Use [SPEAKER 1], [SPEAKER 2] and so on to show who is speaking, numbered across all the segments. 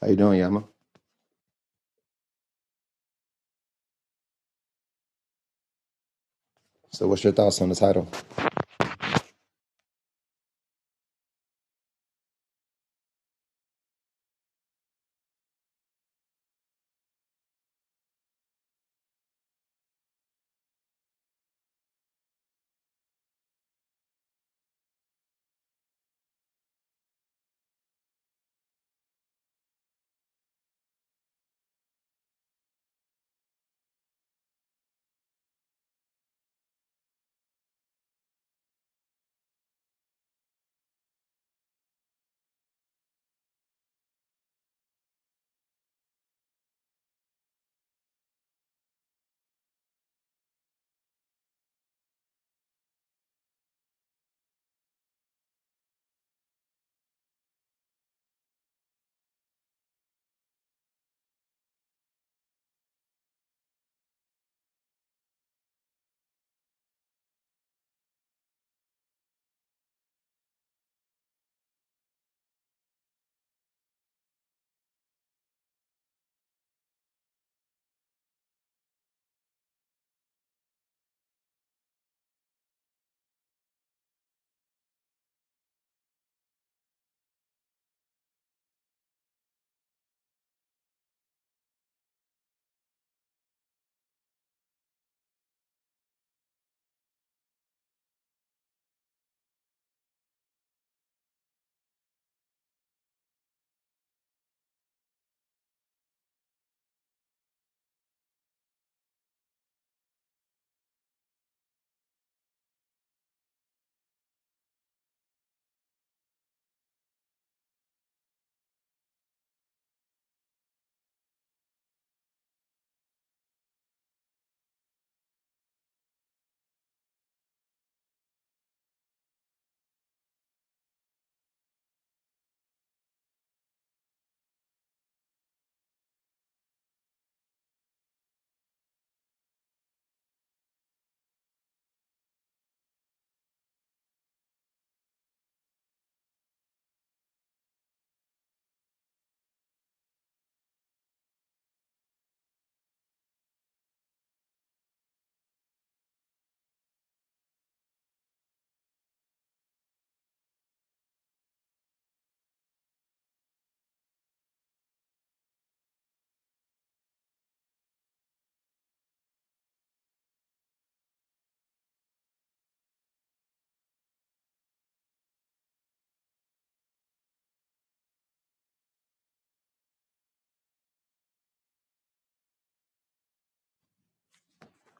[SPEAKER 1] How you doing, Yama? So, what's your thoughts on the title?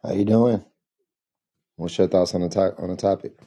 [SPEAKER 1] How you doing? What's your thoughts on the ti- on the topic?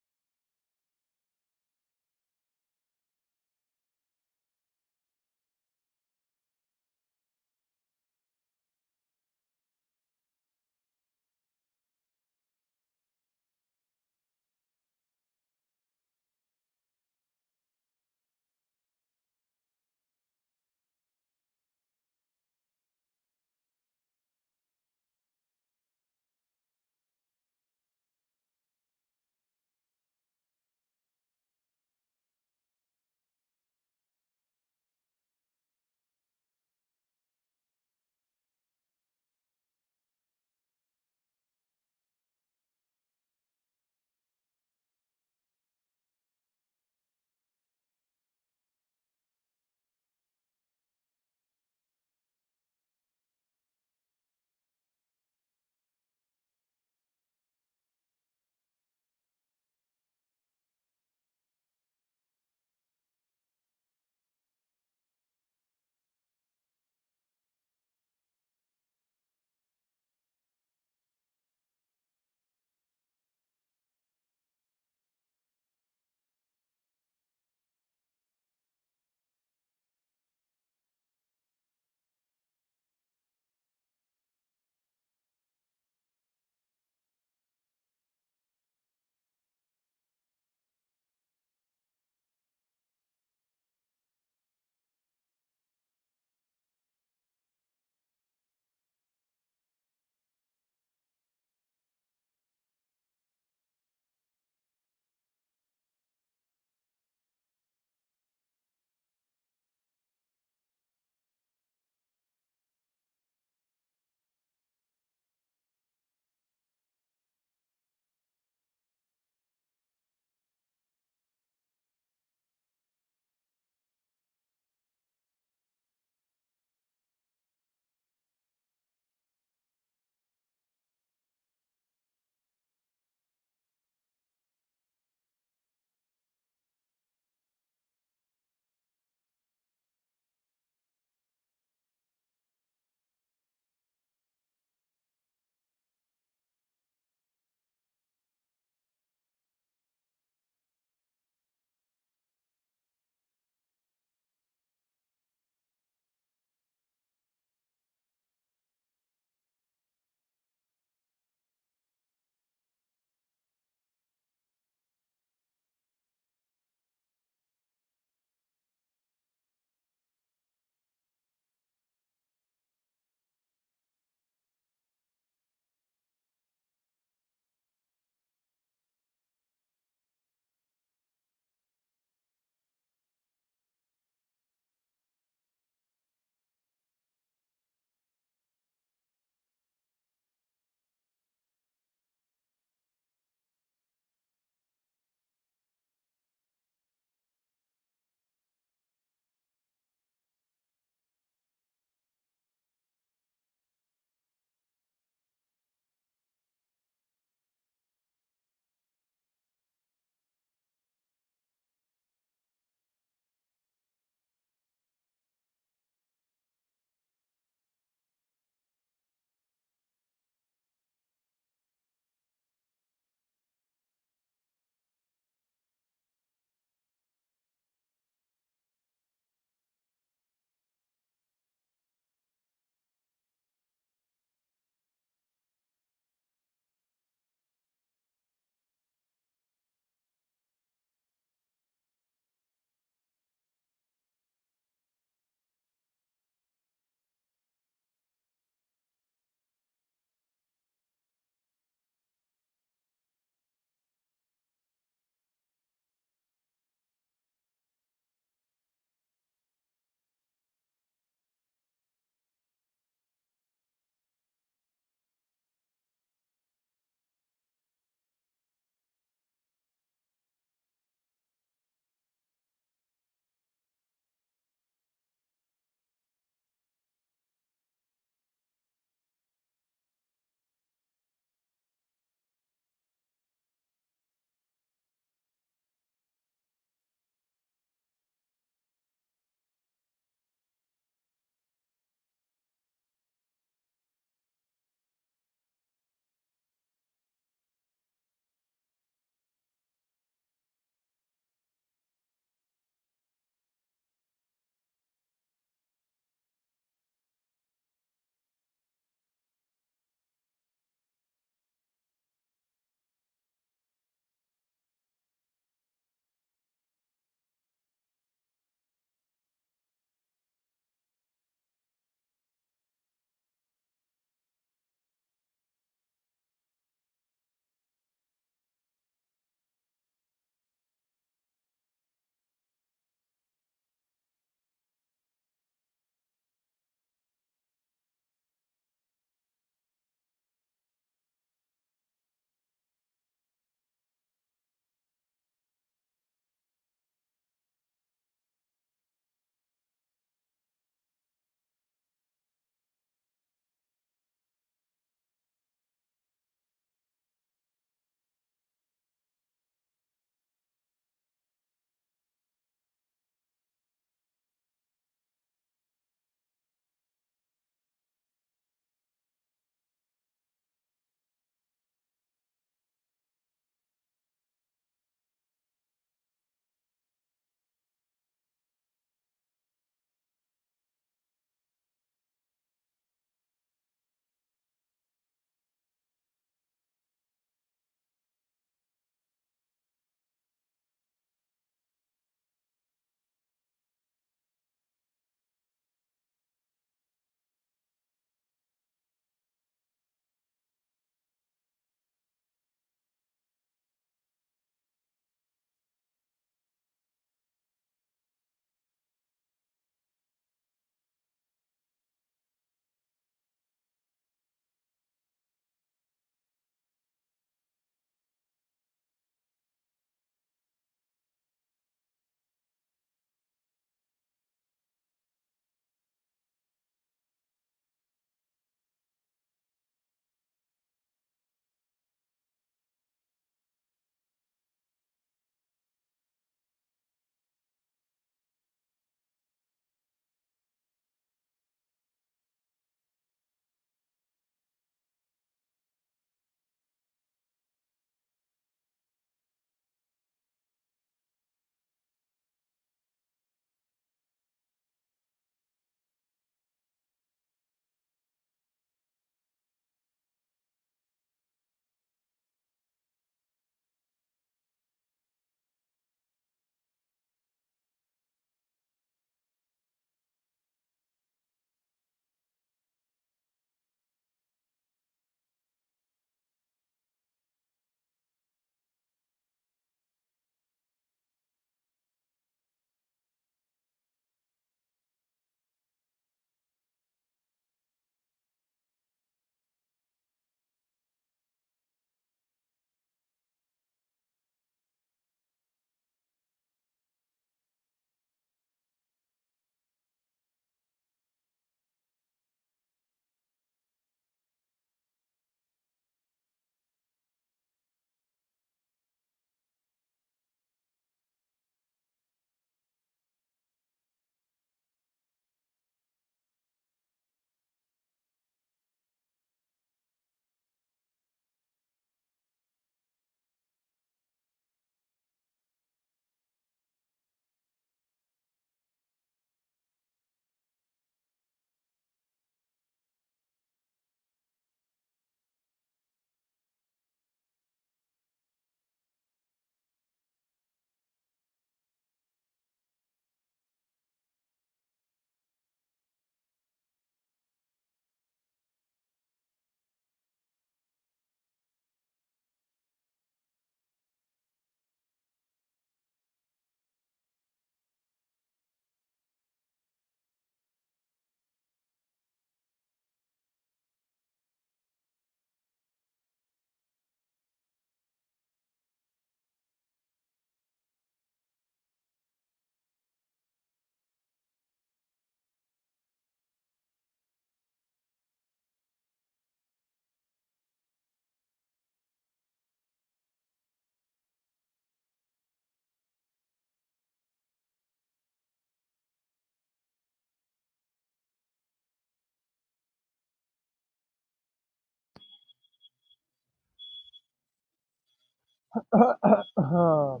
[SPEAKER 2] Hello,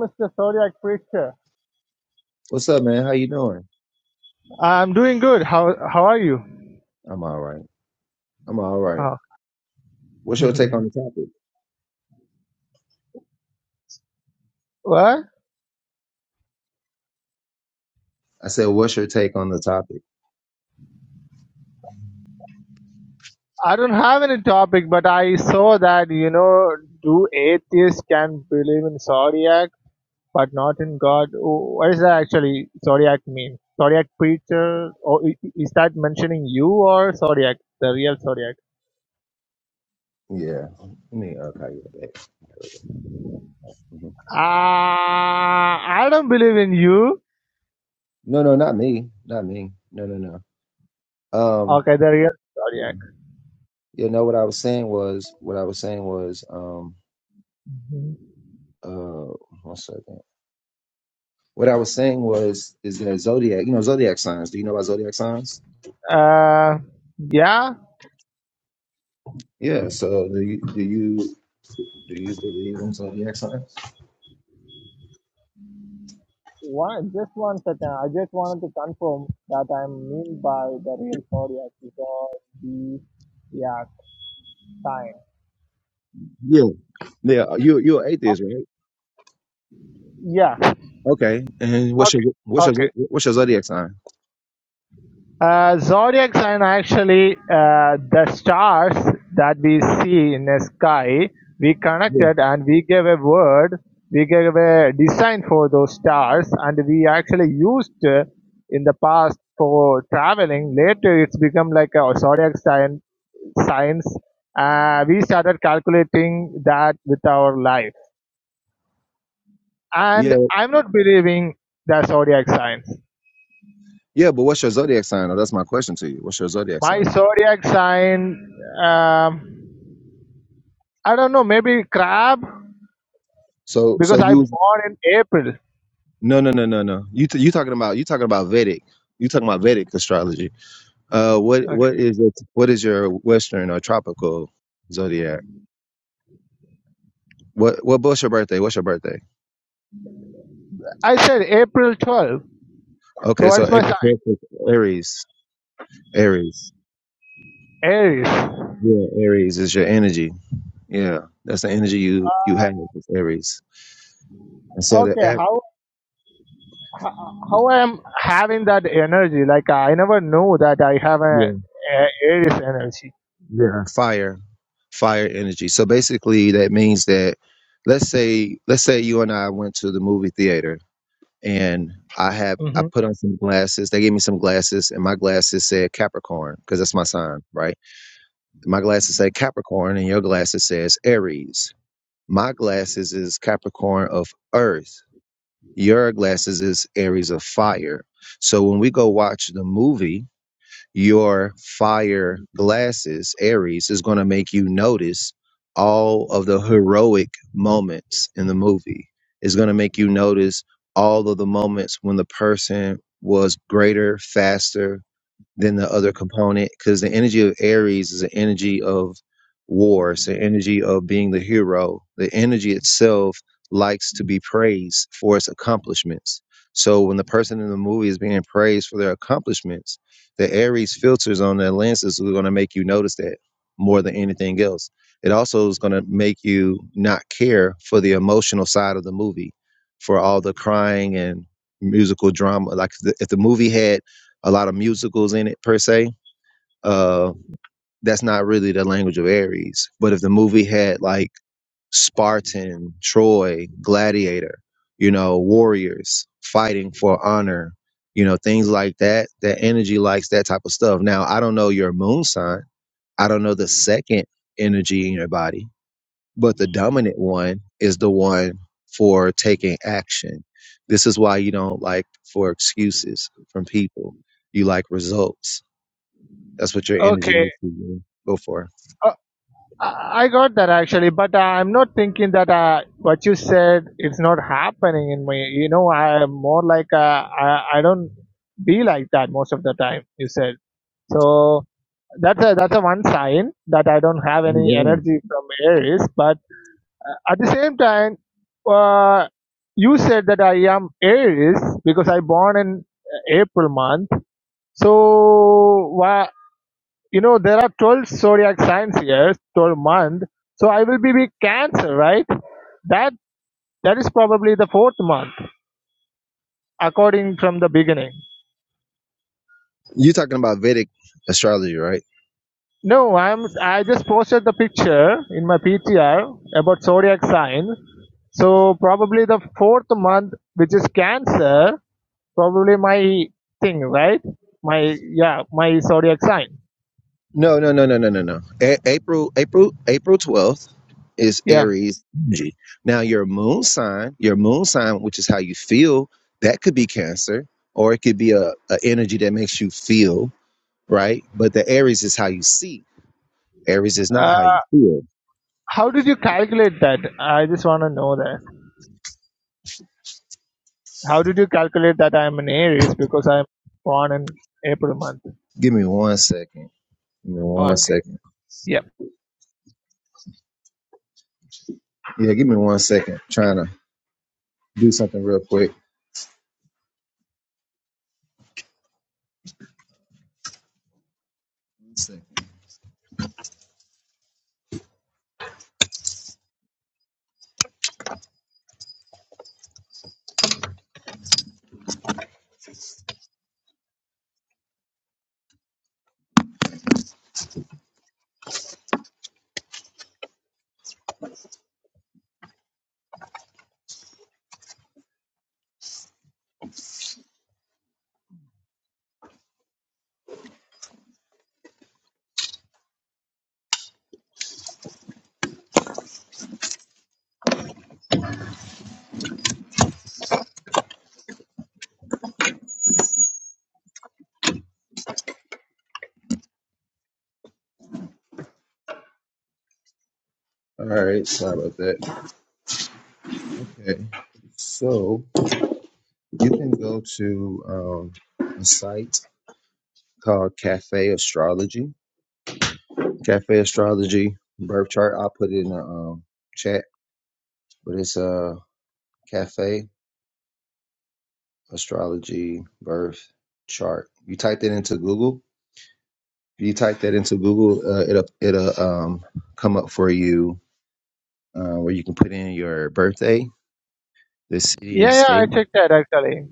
[SPEAKER 2] Mr. Zodiac Preacher.
[SPEAKER 1] What's up, man? How you doing?
[SPEAKER 2] I'm doing good. How how are you?
[SPEAKER 1] I'm all right. I'm all right.
[SPEAKER 2] Oh.
[SPEAKER 1] What's your take on the topic?
[SPEAKER 2] well,
[SPEAKER 1] I said, what's your take on the topic?
[SPEAKER 2] I don't have any topic, but I saw that you know, do atheists can believe in zodiac but not in God? Wh- What is that actually zodiac mean? Zodiac preacher, or i- i- is that mentioning you or zodiac, the real zodiac?
[SPEAKER 1] Yeah. Let me uh, call you back. hmm
[SPEAKER 2] Ah, I don't believe in you.
[SPEAKER 1] No, no, not me. Not me. No, no, no. Um,
[SPEAKER 2] Okay, the real zodiac.
[SPEAKER 1] you know what I was saying was what I was saying was um uh one second. What I was saying was is that zodiac. You know zodiac signs. Do you know about zodiac signs?
[SPEAKER 2] Uh, yeah.
[SPEAKER 1] Yeah. So do you do you Do you believe in zodiac signs?
[SPEAKER 2] One, just one second. I just wanted to confirm that I'm mean by the real Zodiac because the yeah sign.
[SPEAKER 1] Yeah, yeah. You you're an atheist, right?
[SPEAKER 2] Yeah.
[SPEAKER 1] Okay. And what's your
[SPEAKER 2] Okay.
[SPEAKER 1] what's your
[SPEAKER 2] Okay.
[SPEAKER 1] what's your zodiac sign?
[SPEAKER 2] Uh, zodiac sign actually uh, the stars that we see in the sky. We
[SPEAKER 1] Yeah,
[SPEAKER 2] connected and we gave a word. We gave a design for those stars, and we actually used uh, in the past for traveling. Later, it's become like a zodiac sign science. Uh, we started calculating that with our life. And
[SPEAKER 1] yeah,
[SPEAKER 2] I'm not believing the zodiac signs.
[SPEAKER 1] yeah. But what's your zodiac sign? Oh, that's my question to you. What's your zodiac
[SPEAKER 2] My
[SPEAKER 1] sign?
[SPEAKER 2] zodiac sign, um, I don't know, maybe crab
[SPEAKER 1] So so
[SPEAKER 2] because I
[SPEAKER 1] you
[SPEAKER 2] born in April.
[SPEAKER 1] no no no no no. You t- you talking about you talking about Vedic. You talking about Vedic astrology. Uh, what
[SPEAKER 2] Okay.
[SPEAKER 1] what is it? What is your Western or tropical zodiac? What what? What's your birthday? What's your birthday?
[SPEAKER 2] I said April 12. So
[SPEAKER 1] Okay,
[SPEAKER 2] what
[SPEAKER 1] so
[SPEAKER 2] is my
[SPEAKER 1] April
[SPEAKER 2] sign?
[SPEAKER 1] 12th is Aries. Aries.
[SPEAKER 2] Aries. Okay,
[SPEAKER 1] Yeah, Aries is your energy. Yeah, that's the energy you you have with Aries, and so the a-
[SPEAKER 2] how how I am having that energy? Like I never knew that I have a,
[SPEAKER 1] yeah
[SPEAKER 2] a Aries energy.
[SPEAKER 1] yeah fire fire energy. So basically, that means that let's say let's say you and I went to the movie theater, and I have I
[SPEAKER 2] hmm
[SPEAKER 1] put on some glasses. They gave me some glasses, and my glasses said Capricorn because that's my sign, right? My glasses say Capricorn, and your glasses says Aries. My glasses is Capricorn of Earth. Your glasses is Aries of fire. So when we go watch the movie your fire glasses, Aries, is going to make you notice all of the heroic moments in the movie. It's going to make you notice all of the moments when the person was greater, faster, than the other component because the energy of Aries is an energy of war, it's an energy of being the hero. The energy itself likes to be praised for its accomplishments. So when the person in the movie is being praised for their accomplishments, the Aries filters on their lenses are going to make you notice that more than anything else. It also is going to make you not care for the emotional side of the movie, for all the crying and musical drama. Like the, if the movie had a lot of musicals in it per se. Uh, that's not really the language of Aries. But if the movie had like Spartan, Troy, Gladiator, you know, warriors fighting for honor, you know, things like that, that energy likes that type of stuff. Now, I don't know your moon sign. I don't know the second energy in your body, but the dominant one is the one for taking action. This is why you don't like for excuses from people. You like results that's what your energy
[SPEAKER 2] Okay,
[SPEAKER 1] makes you go for.
[SPEAKER 2] I I got that actually, but uh, I'm not thinking that uh, what you said it's not happening in me. You know, I'm more like uh, I I don't be like that most of the time. You said so. That's a that's a one sign that I don't have
[SPEAKER 1] How you
[SPEAKER 2] any
[SPEAKER 1] doing?
[SPEAKER 2] energy from Aries. But at the same time, uh, you said that I am Aries because I born in uh, April month. So why? You know, there are 12 zodiac signs here, 12 month. So I will be, be Cancer, right? That that is probably the fourth month, according from the beginning.
[SPEAKER 1] You talking about Vedic astrology, right?
[SPEAKER 2] No, I'm. I just posted the picture in my PTR about zodiac sign. So probably the fourth month, which is Cancer, probably my thing, right? My yeah, my zodiac sign.
[SPEAKER 1] No, no, no, no, no, no, no. A- April, April, April twelfth is
[SPEAKER 2] Yeah.
[SPEAKER 1] Aries energy. Now your moon sign, your moon sign, which is how you feel, that could be Cancer, or it could be a, a energy that makes you feel right. But the Aries is how you see. Aries is not
[SPEAKER 2] Uh,
[SPEAKER 1] how you feel.
[SPEAKER 2] how did you calculate that? I just want to know that. How did you calculate that I'm an Aries because I'm born in April month?
[SPEAKER 1] Give me one second. Give me one
[SPEAKER 2] Okay.
[SPEAKER 1] second.
[SPEAKER 2] Yeah.
[SPEAKER 1] Yeah, give me one second. trying to do something real quick. One second. All right, sorry about that. Okay, so you can go to um, a site called Cafe Astrology. Cafe Astrology birth chart. I'll put it in the um, chat, but it's a Cafe Astrology birth chart. You type that into Google. If you type that into Google, uh, it'll it'll um, come up for you uh, where you can put in your birthday, the city and
[SPEAKER 2] Yeah, yeah. I
[SPEAKER 1] state.
[SPEAKER 2] checked that actually.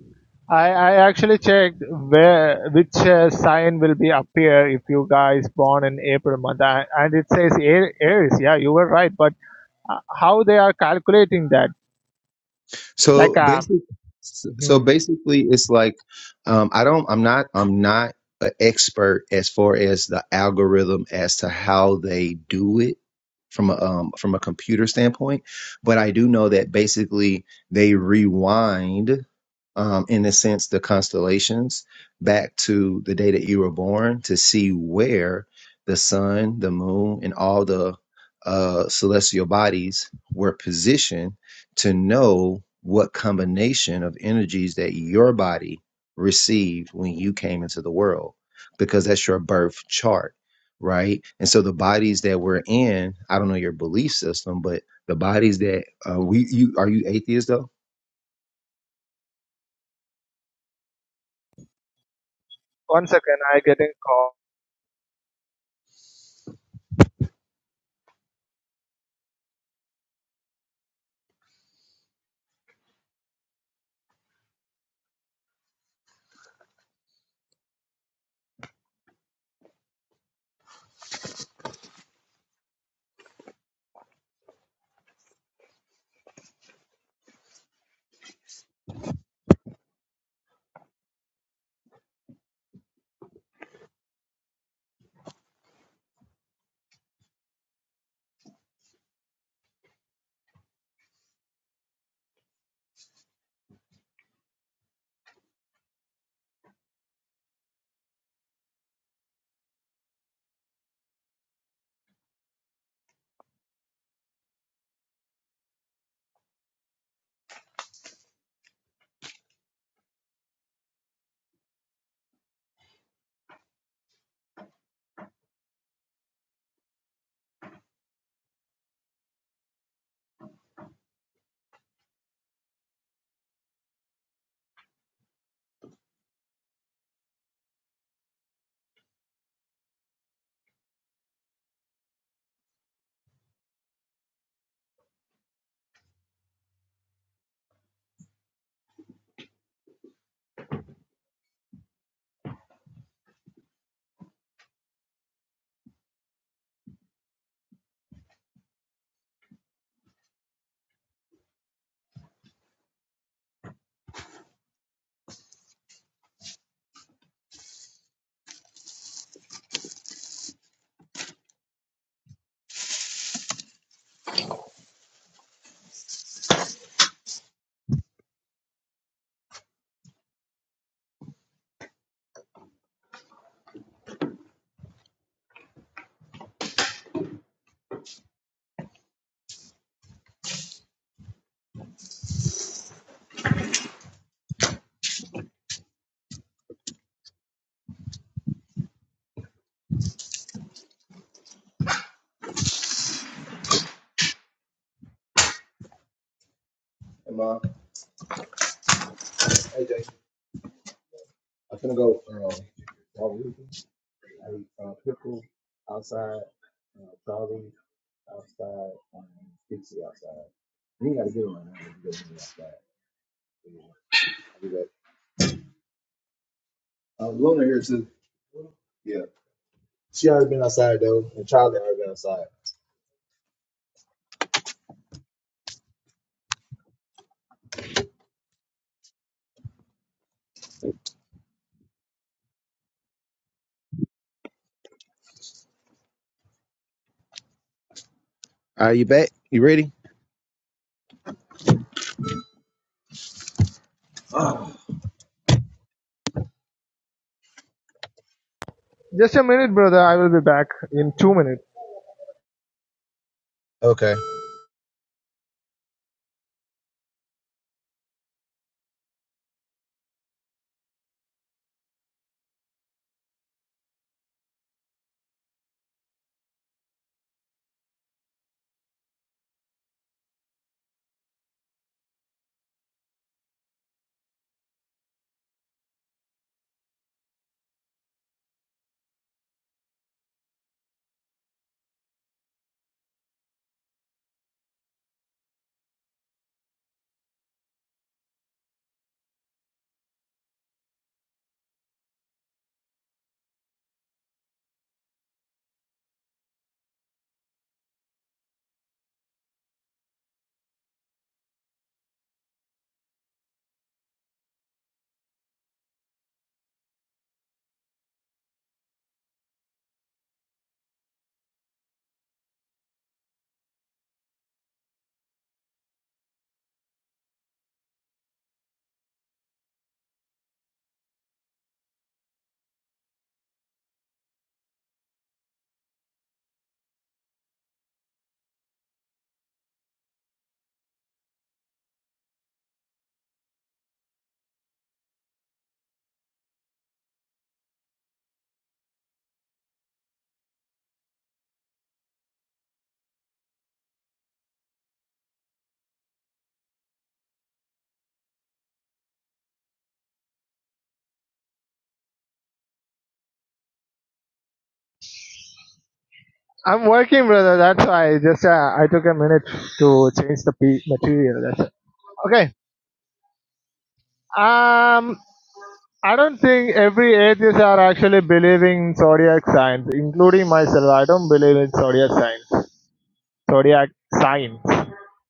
[SPEAKER 2] I, I actually checked where which uh, sign will be appear if you guys born in April month, I, and it says A- Aries. Yeah, you were right. But uh, how they are calculating that? Like,
[SPEAKER 1] So
[SPEAKER 2] uh,
[SPEAKER 1] basically, so
[SPEAKER 2] hmm,
[SPEAKER 1] basically, it's like um, I don't. I'm not. I'm not an expert as far as the algorithm as to how they do it from a um, from a computer standpoint, but I do know that basically they rewind. Um, in a sense, the constellations back to the day that you were born to see where the sun, the moon, and all the uh, celestial bodies were positioned to know what combination of energies that your body received when you came into the world because that's your birth chart right and so the bodies that we're in i don't know your belief system but the bodies that uh, we you are you atheist though
[SPEAKER 2] one second, I getting call.
[SPEAKER 1] am i hey jason i'm gonna go um, walk I, uh, pickle outside uh, Charlie outside um, Dixie outside you ain't gotta get him right now but you got get him outside Uh, Luna here too. Yeah. She already been outside though, and Charlie already been outside. Are you back? You ready? Ah,
[SPEAKER 2] Just a minute, brother. I will be back in two minutes.
[SPEAKER 1] Okay.
[SPEAKER 2] I'm working, brother. That's why I just uh, I took a minute to change the p- material. That's it. Okay. Um, I don't think every atheists are actually believing in zodiac signs, including myself. I don't believe in zodiac signs. Zodiac signs,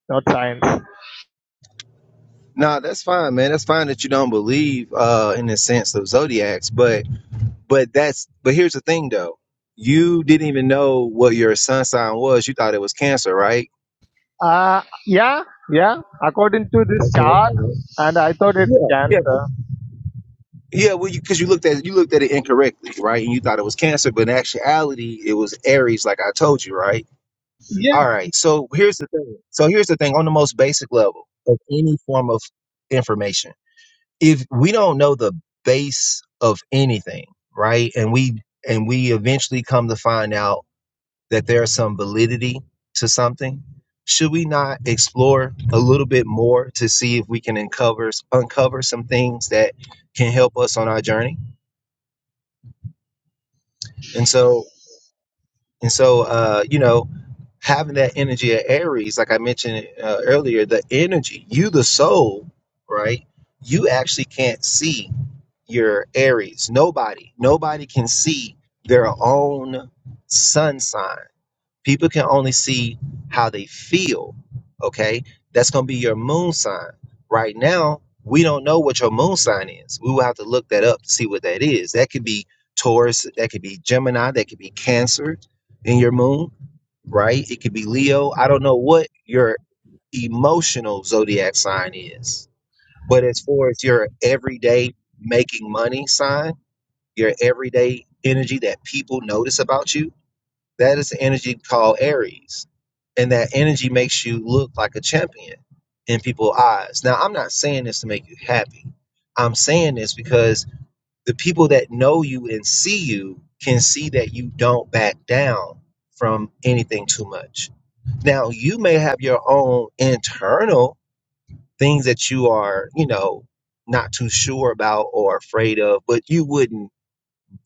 [SPEAKER 2] not science.
[SPEAKER 1] Nah, that's fine, man. That's fine that you don't believe uh in the sense of zodiacs, but but that's but here's the thing though. You didn't even know what your sun sign was. You thought it was Cancer, right?
[SPEAKER 2] Uh, yeah, yeah. According to this
[SPEAKER 1] Okay.
[SPEAKER 2] chart, and I thought it's
[SPEAKER 1] Yeah. Yeah.
[SPEAKER 2] cancer.
[SPEAKER 1] Yeah, well, because you, 'cause you looked at you looked at it incorrectly, right? And you thought it was Cancer, but in actuality, it was Aries, like I told you, right? All
[SPEAKER 2] Yeah.
[SPEAKER 1] right. So here's the thing. So here's the thing on the most basic level of any form of information. If we don't know the base of anything, right? And we and we eventually come to find out that there's some validity to something, should we not explore a little bit more to see if we can uncover uncover some things that can help us on our journey? And so And so, uh, you know, having that energy of Aries, like I mentioned uh, earlier, the energy, you, the soul, right? You actually can't see your Aries. Nobody, nobody can see their own sun sign. People can only see how they feel. Okay. That's going to be your moon sign. Right now, we don't know what your moon sign is. We will have to look that up to see what that is. That could be Taurus, that could be Gemini, that could be Cancer in your moon, right? It could be Leo. I don't know what your emotional zodiac sign is. But as far as your everyday making money sign, your everyday energy that people notice about you, that is the energy called Aries. And that energy makes you look like a champion in people's eyes. Now, I'm not saying this to make you happy. I'm saying this because the people that know you and see you can see that you don't back down from anything too much. Now, you may have your own internal things that you are, you know, not too sure about or afraid of, but you wouldn't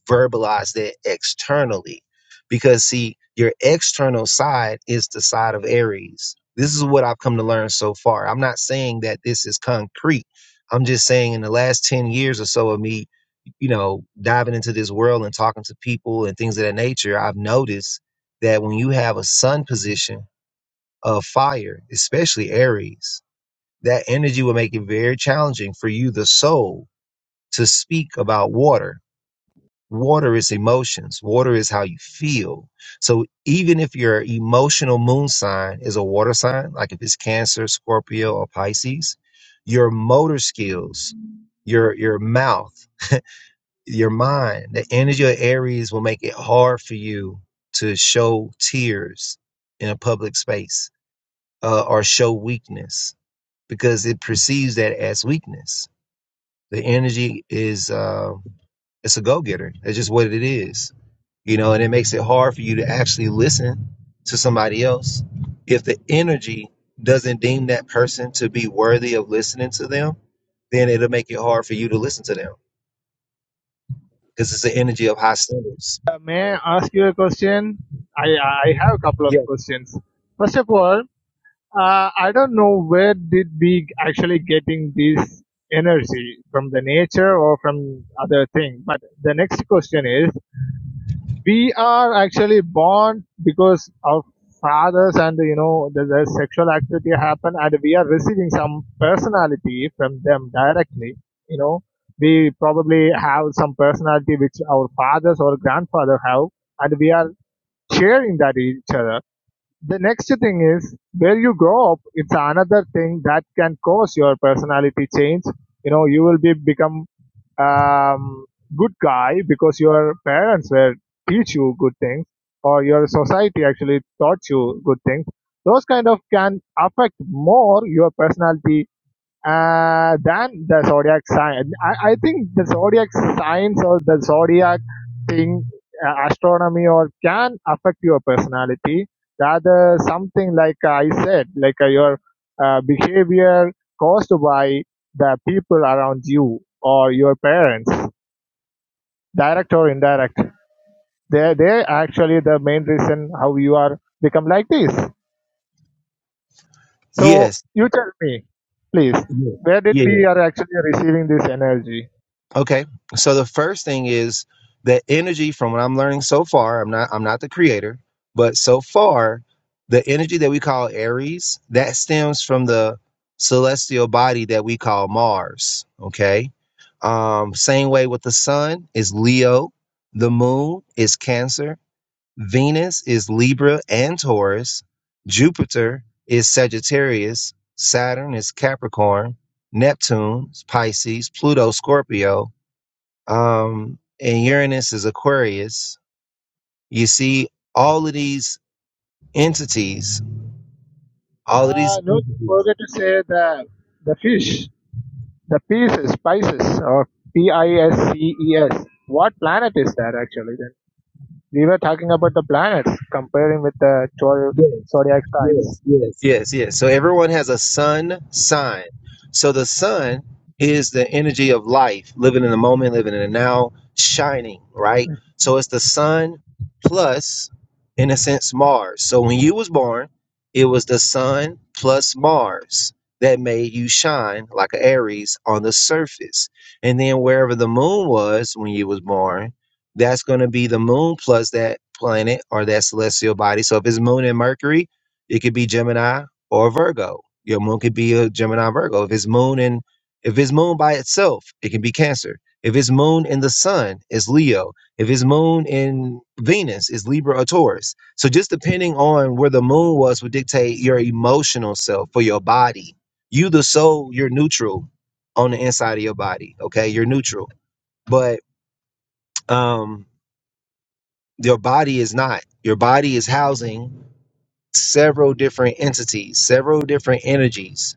[SPEAKER 1] verbalize that externally because see your external side is the side of aries this is what i've come to learn so far i'm not saying that this is concrete i'm just saying in the last 10 years or so of me you know diving into this world and talking to people and things of that nature i've noticed that when you have a sun position of fire especially aries that energy will make it very challenging for you the soul to speak about water Water is emotions. Water is how you feel. So even if your emotional moon sign is a water sign, like if it's Cancer, Scorpio, or Pisces, your motor skills, your your mouth, your mind, the energy of Aries will make it hard for you to show tears in a public space uh, or show weakness because it perceives that as weakness. The energy is uh, it's a go getter. That's just what it is you know, and it makes it hard for you to actually listen to somebody else if the energy doesn't deem that person to be worthy of listening to them then it'll make it hard for you to listen to them because it's the energy of high standards.
[SPEAKER 2] Uh, May I ask you a question? I I have a couple of
[SPEAKER 1] Yeah.
[SPEAKER 2] questions. First of all, Uh, I don't know where did we actually getting this energy from the nature or from other thing. But the next question is, we are actually born because our fathers and you know the, the sexual activity happen, and we are receiving some personality from them directly. You know, we probably have some personality which our fathers or grandfather have, and we are sharing that each other the next thing is where you grow up. It's another thing that can cause your personality change. You know, you will be become um, good guy because your parents were teach you good things, or your society actually taught you good things. Those kind of can affect more your personality uh, than the zodiac sign. I, I think the zodiac signs or the zodiac thing, uh, astronomy or can affect your personality. Rather, something like I said, like uh, your uh, behavior caused by the people around you or your parents, direct or indirect. They they actually the main reason how you are become like this. So
[SPEAKER 1] Yes.
[SPEAKER 2] you tell me, please,
[SPEAKER 1] Yeah.
[SPEAKER 2] where did we are actually receiving this energy?
[SPEAKER 1] Okay. So the first thing is that energy from what I'm learning so far, I'm not I'm not the creator, but so far the energy that we call Aries, that stems from the celestial body that we call Mars, okay? Um same way with the sun is Leo, the moon is Cancer, Venus is Libra and Taurus, Jupiter is Sagittarius, Saturn is Capricorn, Neptune is Pisces, Pluto Scorpio, um, and Uranus is Aquarius. You see all of these entities, all of
[SPEAKER 2] Uh,
[SPEAKER 1] these
[SPEAKER 2] no, you
[SPEAKER 1] entities.
[SPEAKER 2] forget to say the the fish, the pieces, spices, or P I S C E S. What planet is that actually? Then we were talking about the planets, comparing with the twelve
[SPEAKER 1] Yes,
[SPEAKER 2] zodiac signs.
[SPEAKER 1] yes, yes, yes, yes. So everyone has a sun sign. So the sun is the energy of life, living in the moment, living in the now, shining, right? So it's the sun plus, in a sense, Mars. So when you was born, it was the sun plus Mars that made you shine like an Aries on the surface. And then wherever the moon was when you was born, that's going to be the moon plus that planet or that celestial body. So if it's moon and Mercury, it could be Gemini or Virgo. Your moon could be a Gemini Virgo. If it's moon and if it's moon by itself, it can be Cancer. If it's moon in the sun, it's Leo. If it's moon in Venus, it's Libra or Taurus. So just depending on where the moon was would dictate your emotional self for your body. You the soul, you're neutral on the inside of your body. Okay. You're neutral. But um your body is not. Your body is housing several different entities, several different energies,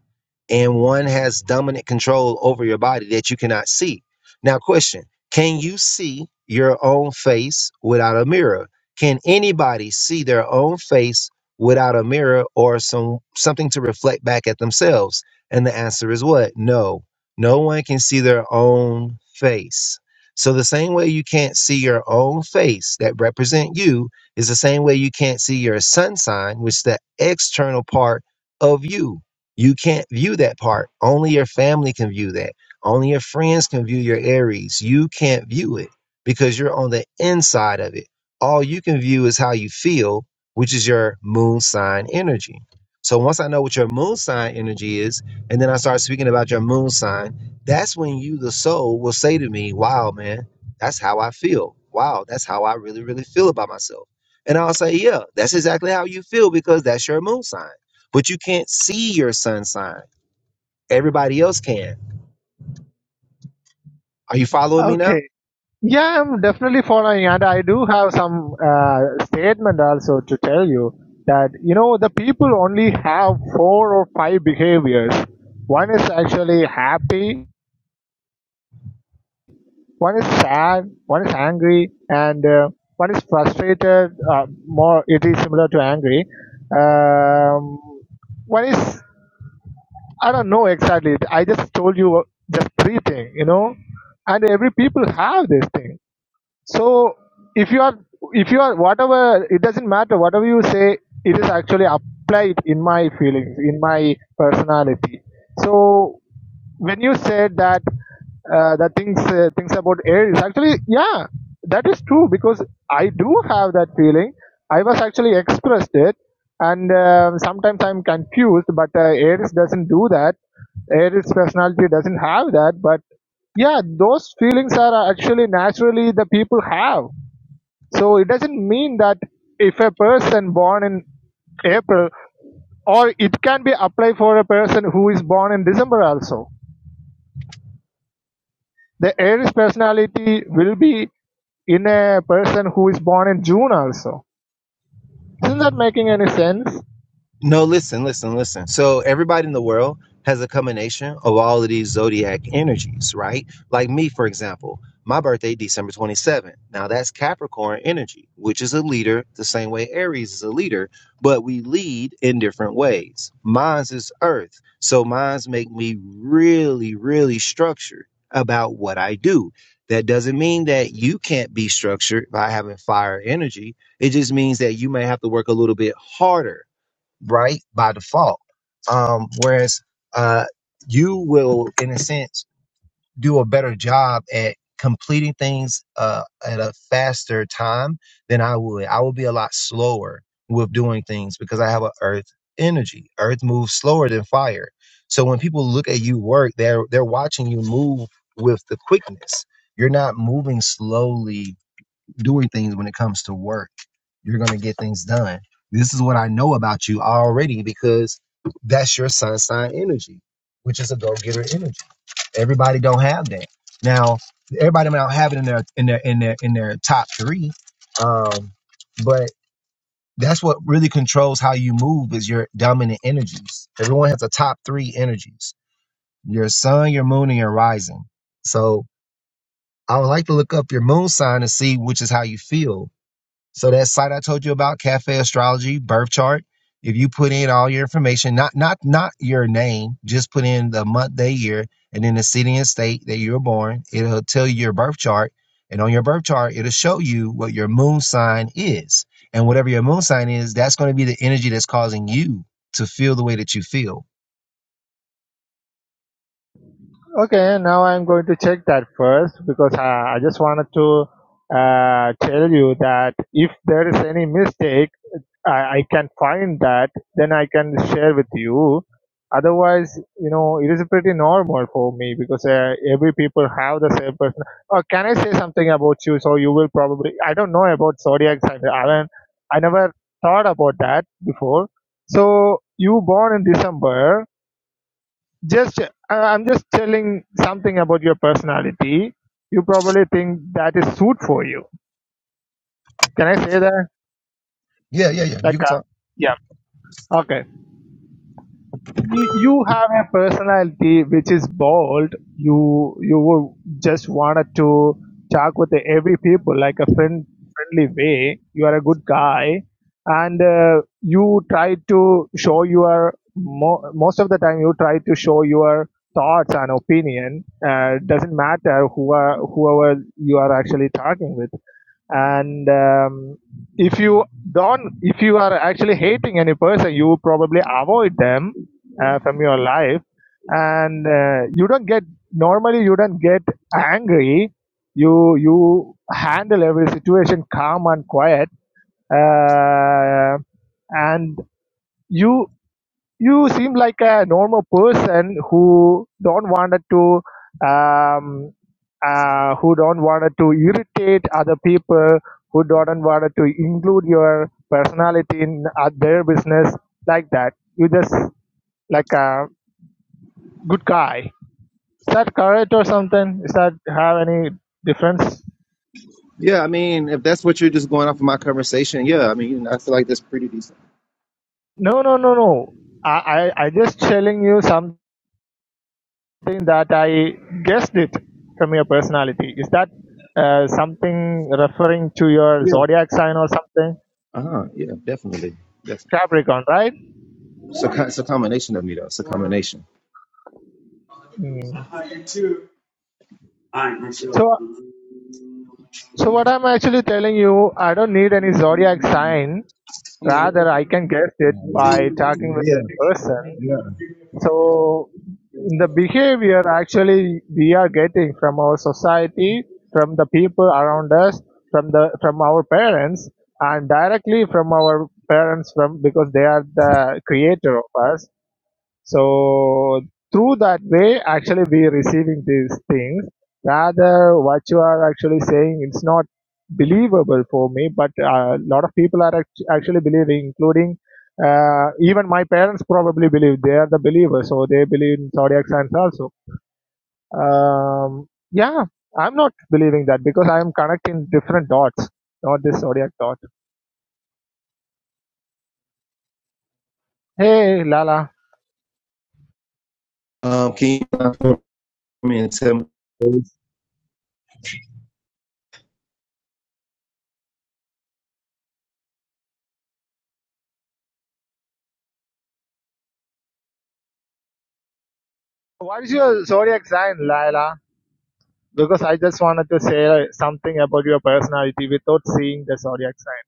[SPEAKER 1] and one has dominant control over your body that you cannot see. Now, question Can you see your own face without a mirror? Can anybody see their own face without a mirror or some something to reflect back at themselves? And the answer is what? No. No one can see their own face. So the same way you can't see your own face that represent you, it's the same way you can't see your sun sign, which is the external part of you. You can't view that part. Only your family can view that. Only your friends can view your Aries. You can't view it because you're on the inside of it. All you can view is how you feel, which is your moon sign energy. So once I know what your moon sign energy is, and then I start speaking about your moon sign, that's when you, the soul, will say to me, Wow, man, that's how I feel. Wow, that's how I really, really feel about myself. And I'll say, yeah, that's exactly how you feel because that's your moon sign. But you can't see your sun sign. Everybody else can. Are you following me now?
[SPEAKER 2] Okay. Yeah, I'm definitely following, and I do have some uh, statement also to tell you that you know the people only have four or five behaviors. One is actually happy, One is sad, one is angry, and uh, one is frustrated. Uh, more, it is similar to angry. Um, one is I don't know exactly. I just told you just three things, you know, and every people have this thing. So if you are, if you are, whatever, it doesn't matter. Whatever you say, it is actually applied in my feelings, in my personality. So when you said that uh, the things uh, things about Aries, actually, yeah, that is true because I do have that feeling. I was actually expressed it, and um sometimes I'm confused. But uh, Aries doesn't do that. Aries personality doesn't have that. But yeah, those feelings are actually naturally the people have. So it doesn't mean that if a person born in April, or it can be applied for a person who is born in December also The Aries personality will be in a person who is born in June also. Isn't that making any sense?
[SPEAKER 1] No, listen, listen, listen. So everybody in the world has a combination of all of these zodiac energies, right? Like me, for example, my birthday, December 27th. Now that's Capricorn energy, which is a leader, the same way Aries is a leader, but we lead in different ways. Mine's is Earth. So mine's make me really, really structured about what I do. That doesn't mean that you can't be structured by having fire energy. It just means that you may have to work a little bit harder right by default um whereas uh you will in a sense do a better job at completing things uh at a faster time than i would i would be a lot slower with doing things because i have an earth energy earth moves slower than fire so when people look at you work they're they're watching you move with the quickness you're not moving slowly doing things when it comes to work. You're going to get things done. This is what I know about you already because that's your sun sign energy, which is a go getter energy. Everybody don't have that. Now, everybody might not have it in their in their in their in their top three, um, but that's what really controls how you move is your dominant energies. Everyone has a top three energies: your sun, your moon, and your rising. So I would like to look up your moon sign and see which is how you feel so that site I told you about, Cafe Astrology Birth Chart. If you put in all your information, not not not your name, just put in the month, day, year, and then the city and state that you were born. It'll tell you your birth chart, and on your birth chart, it'll show you what your moon sign is, and whatever your moon sign is, that's going to be the energy that's causing you to feel the way that you feel.
[SPEAKER 2] Okay, now I'm going to check that first because uh, I just wanted to uh, tell you that if there is any mistake I, I can find that, then I can share with you. Otherwise, you know, it is pretty normal for me because uh, every people have the same person. Oh, can I say something about you? So you will probably, I don't know about zodiac sign. I haven't, I never thought about that before. So you born in December. Just, uh, I'm just telling something about your personality. You probably think that is suit for you. Can I say that?
[SPEAKER 1] Yeah, yeah, yeah. You
[SPEAKER 2] Like,
[SPEAKER 1] can
[SPEAKER 2] uh,
[SPEAKER 1] talk.
[SPEAKER 2] yeah. Okay. you, you have a personality which is bold. You you will just wanted to talk with every people like a friend friendly way. You are a good guy, and uh, you try to show your mo- most of the time you try to show your thoughts and opinion. Uh, doesn't matter who are whoever you are actually talking with and um, if you don't if you are actually hating any person you will probably avoid them uh, from your life and uh, you don't get normally you don't get angry you you handle every situation calm and quiet uh, and you you seem like a normal person who don't wanted to um, uh, who don't wanted to irritate other people who don't wanted to include your personality in uh, their business like that you just like a good guy is that correct or something is that have any difference
[SPEAKER 1] Yeah, I mean, if that's what you're just going off of my conversation, yeah, I mean, I feel like that's pretty decent.
[SPEAKER 2] no no no no i i, I just telling you some. Saying that I guessed it from your personality. Is that uh, something referring to your
[SPEAKER 1] Yeah.
[SPEAKER 2] zodiac sign or something?
[SPEAKER 1] Uh huh. Yeah, definitely.
[SPEAKER 2] Capricorn, right?
[SPEAKER 1] It's a, co- it's a combination of me though. It's a combination.
[SPEAKER 2] Mm. So, so what I'm actually telling you, I don't need any zodiac sign. Rather, I can guess it by talking with
[SPEAKER 1] Yeah,
[SPEAKER 2] that person.
[SPEAKER 1] yeah.
[SPEAKER 2] So the behavior actually we are getting from our society, from the people around us, from the from our parents, and directly from our parents from because they are the creator of us. So through that way, actually we receiving these things. Rather, what you are actually saying, it's not believable for me. But a lot of people are act- actually believing, including uh, even my parents probably believe. They are the believers, so they believe in zodiac signs also. Um, yeah, I'm not believing that because I am connecting different dots, not this zodiac dot. Hey, Lala,
[SPEAKER 1] Um, can you not for me and tell me? All
[SPEAKER 2] what is your zodiac sign, Lala? because I just wanted to say something about your personality without seeing the zodiac sign.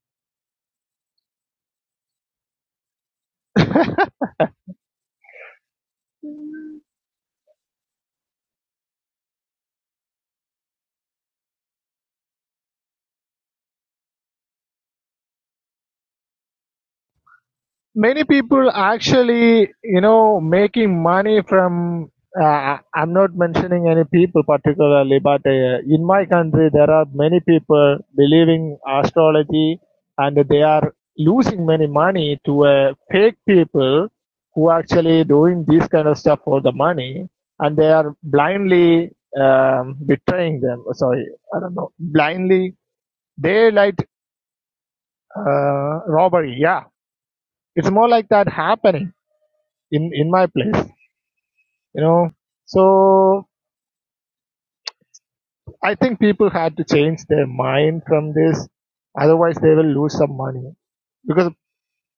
[SPEAKER 2] Many people actually, you know, making money from. Uh, I'm not mentioning any people particularly, but uh, in my country there are many people believing astrology, and they are losing many money to uh, fake people who are actually doing this kind of stuff for the money, and they are blindly um, betraying them. Sorry, I don't know, blindly Daylight uh, robbery. Yeah, it's more like that happening in in my place. You know, so I think people had to change their mind from this, otherwise they will lose some money because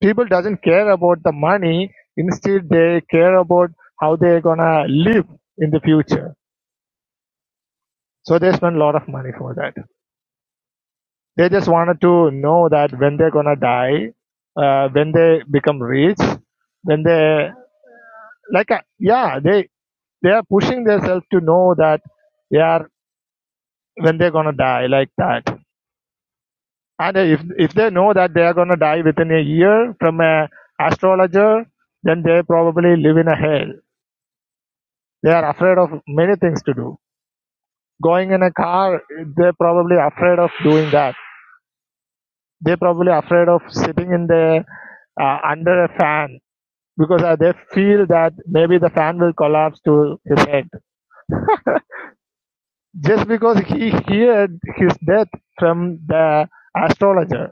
[SPEAKER 2] people doesn't care about the money. Instead, they care about how they're gonna live in the future. So they spend a lot of money for that. They just wanted to know that when they're gonna die, uh, when they become rich, when they like uh, yeah they they are pushing themselves to know that they are when they're gonna die like that. And if if they know that they are gonna die within a year from a astrologer, then they probably live in a hell. They are afraid of many things to do. Going in a car, they're probably afraid of doing that. They're probably afraid of sitting in the uh, under a fan because uh, they feel that maybe the fan will collapse to his head just because he heard his death from the astrologer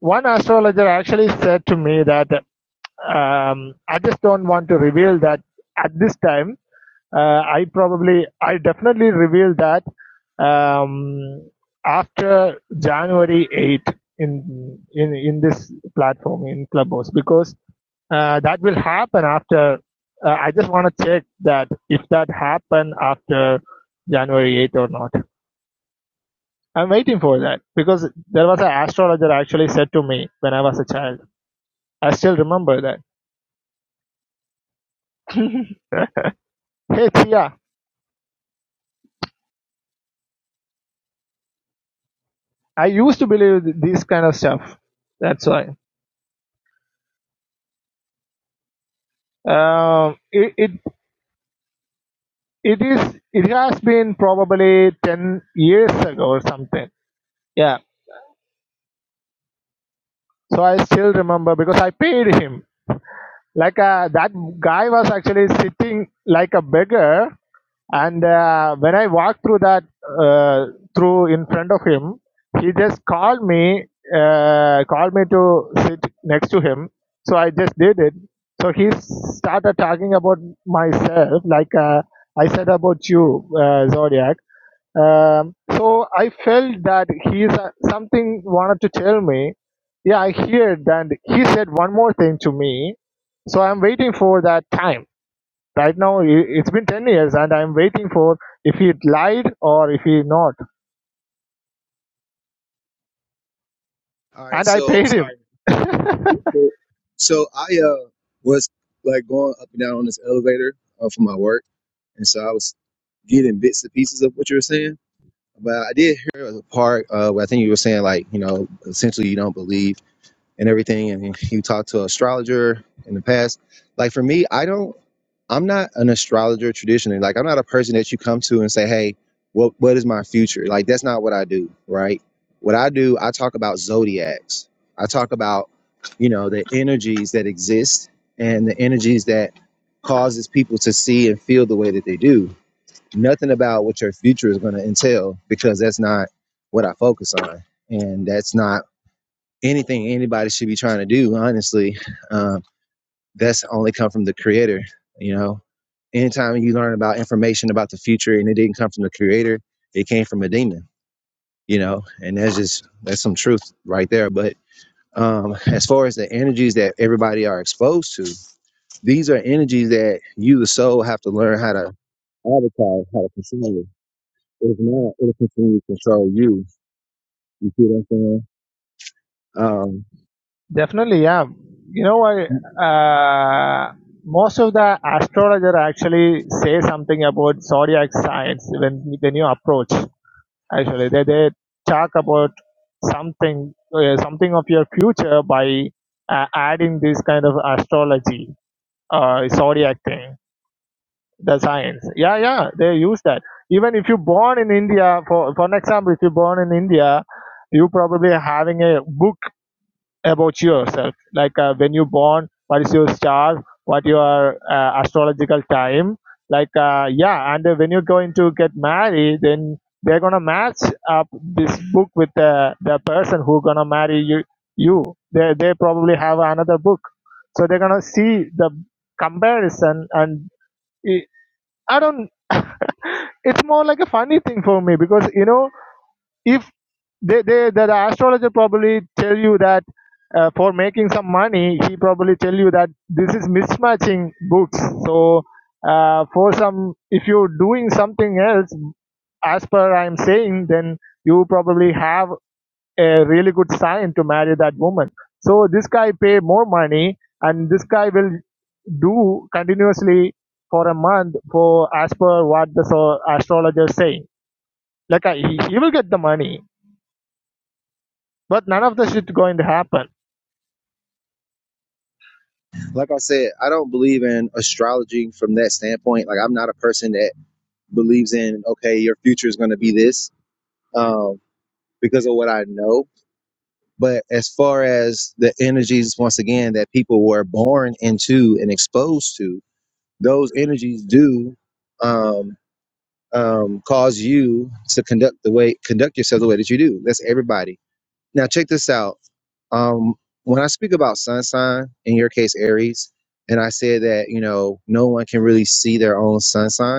[SPEAKER 2] One astrologer actually said to me that um, I just don't want to reveal that at this time. Uh, I probably, I definitely reveal that um, after January 8th in in in this platform in Clubhouse because uh, that will happen after. Uh, I just want to check that if that happened after January 8th or not. I'm waiting for that because there was an astrologer actually said to me when I was a child I still remember that. Hey Thea, I used to believe th- this kind of stuff. That's why. Um, it, it it is it has been probably ten years ago or something. Yeah. So I still remember because I paid him. Like uh, that guy was actually sitting like a beggar and uh, when i walked through that uh, through in front of him he just called me uh, called me to sit next to him so i just did it so he started talking about myself like uh, i said about you uh, zodiac um, so i felt that he's uh, something wanted to tell me yeah i heard and he said one more thing to me so i'm waiting for that time Right now, i- it's been 10 years, and I'm waiting for if he lied or if he not.
[SPEAKER 1] right,
[SPEAKER 2] And I
[SPEAKER 1] so
[SPEAKER 2] paid him.
[SPEAKER 1] sorry. So I uh was like going up and down on this elevator uh, for my work, and so I was getting bits and pieces of what you were saying. But I did hear a part uh, where I think you were saying like you know essentially you don't believe in everything, and you talked to an astrologer in the past. Like for me, I don't. I'm not an astrologer traditionally. Like I'm not a person that you come to and say, "Hey, what what is my future?" Like that's not what I do, right? What I do, I talk about zodiacs. I talk about, you know, the energies that exist and the energies that causes people to see and feel the way that they do. Nothing about what your future is going to entail because that's not what I focus on, and that's not anything anybody should be trying to do, honestly. Um, that's only come from the creator you know anytime you learn about information about the future and it didn't come from the creator it came from a demon you know and that's just that's some truth right there but um as far as the energies that everybody are exposed to these are energies that you the soul have to learn how to advertise how to control it if not it'll continue to control you you see what i'm saying um
[SPEAKER 2] Definitely, yeah. You know, I, uh, most of the astrologer actually say something about zodiac signs when when you approach. Actually, they they talk about something uh, something of your future by uh, adding this kind of astrology uh, zodiac thing. the science. Yeah, yeah, they use that. Even if you born in India, for for an example, if you born in India, you probably having a book about yourself, like uh, when you born, what is your star, what your uh, astrological time, like uh, yeah, and uh, when you're going to get married, then they're gonna match up this book with the the person who gonna marry you. You, they they probably have another book, so they're gonna see the comparison and. I don't. it's more like a funny thing for me because you know if they, they the the astrologer probably tell you that uh, for making some money he probably tell you that this is mismatching books. So uh, for some if you're doing something else as per I'm saying then you probably have a really good sign to marry that woman. So this guy pay more money, and this guy will do continuously for a month for as per what the so astrologer is saying. Like I, he he will get the money, but none of the shit going to happen.
[SPEAKER 1] like i said i don't believe in astrology from that standpoint like i'm not a person that believes in okay your future is going to be this um, because of what i know but as far as the energies once again that people were born into and exposed to those energies do um, um, cause you to conduct the way conduct yourself the way that you do that's everybody now check this out um, when i speak about sun sign in your case aries and i said that you know no one can really see their own sun sign